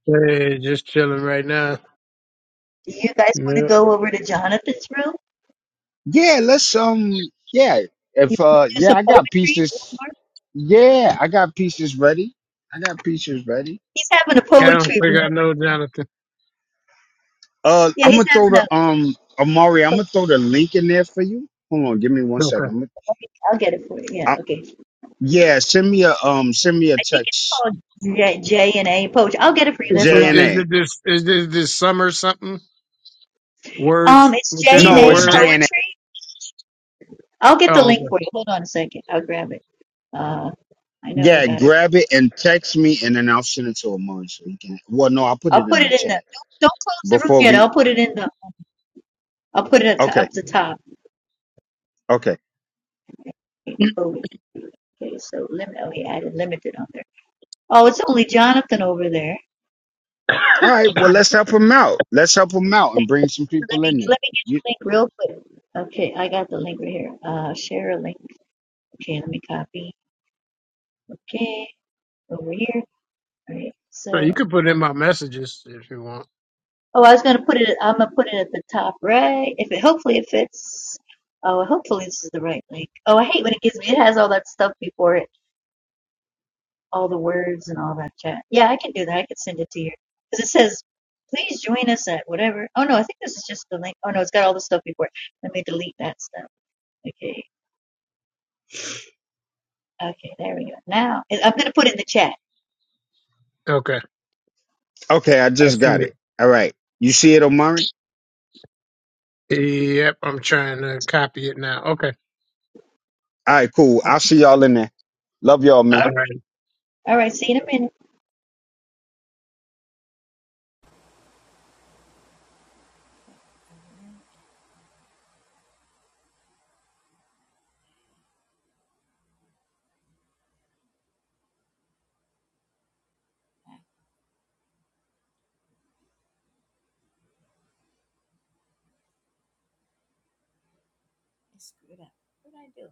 S11: Hey, just chilling right now.
S10: Do you guys want to
S11: No,
S10: go over to Jonathan's room?
S1: Yeah, let's um, yeah.
S10: You
S1: If
S10: can
S1: uh,
S10: do
S1: yeah,
S10: some
S1: I got
S10: poetry.
S1: pieces.
S10: Omar?
S1: Yeah, I got pieces ready. I got pieces ready.
S10: He's having a
S11: I don't
S10: poetry
S11: think
S10: room.
S11: I know Jonathan.
S1: Uh,
S10: Yeah,
S1: I'm
S10: he's
S1: gonna
S10: having
S1: throw the
S10: a
S1: um, Omari. I'm gonna
S10: poetry.
S1: throw the link in there for you. Hold on, give me one second.
S11: Okay.
S1: I'm gonna,
S10: okay, I'll get it for you. Yeah,
S1: I,
S10: okay.
S1: yeah, send me a um, send me a
S10: I think it's
S1: text.
S10: called J, J and A poetry. I'll get it for you. That's
S11: Is
S10: what
S1: J
S11: it
S10: I'm.
S1: and
S11: is
S1: A.
S11: it this is this this summer something? Words
S10: Um, it's J
S11: within
S10: and
S11: the
S1: No,
S10: A
S1: it's
S11: word.
S1: JNA.
S10: poetry. I'll get the
S11: Oh,
S10: link
S11: okay.
S10: for you. Hold on a second. I'll grab it. Uh, I know I
S1: Yeah,
S10: got it.
S1: grab it and text me, and then I'll send it to Amon so he can. Well, no, I'll put
S10: I'll
S1: it
S10: put
S1: in
S10: it
S1: the
S10: in the.
S1: chat
S10: Don't, don't close the room
S1: before
S10: yet.
S1: we.
S10: I'll put it in the. I'll put it at to,
S1: Okay,
S10: up the top.
S1: okay.
S10: Okay, Chloe. Okay, so limit. Oh, he added limited on there. Oh, it's only Jonathan over there.
S1: All right. Well,
S10: Okay.
S1: let's help him out. Let's help him out and bring some
S10: Let
S1: people
S10: me
S1: in there.
S10: let me get
S1: You
S10: the link real quick. Okay, I got the link right here. Uh, share a link. Okay, let me copy. Okay, over here. All right.
S11: So
S10: so.
S11: you can put in my messages if you want.
S10: Oh, I was gonna put it. I'm gonna put it at the top right. If it hopefully it fits. Oh, hopefully this is the right link. Oh, I hate when it gives me. It has all that stuff before it, all the words and all that chat. Yeah, I can do that. I can send it to you because it says, "Please join us at whatever." Oh no, I think this is just the link. Oh no, it's got all the stuff before. it. Let me delete that stuff. Okay, okay, there we go. Now I'm gonna put it in the chat.
S11: Okay,
S1: okay? I
S11: I
S1: just
S11: see
S1: got it. All right. You see it, Omari?
S11: it. Yep, I'm trying to copy it now. Okay.
S1: All right. Cool.
S10: I'll,
S1: I'll see y'all in there. Love y'all, man.
S11: All
S10: okay,
S11: right.
S10: all right. See you in a minute. Screwed up. What did I do?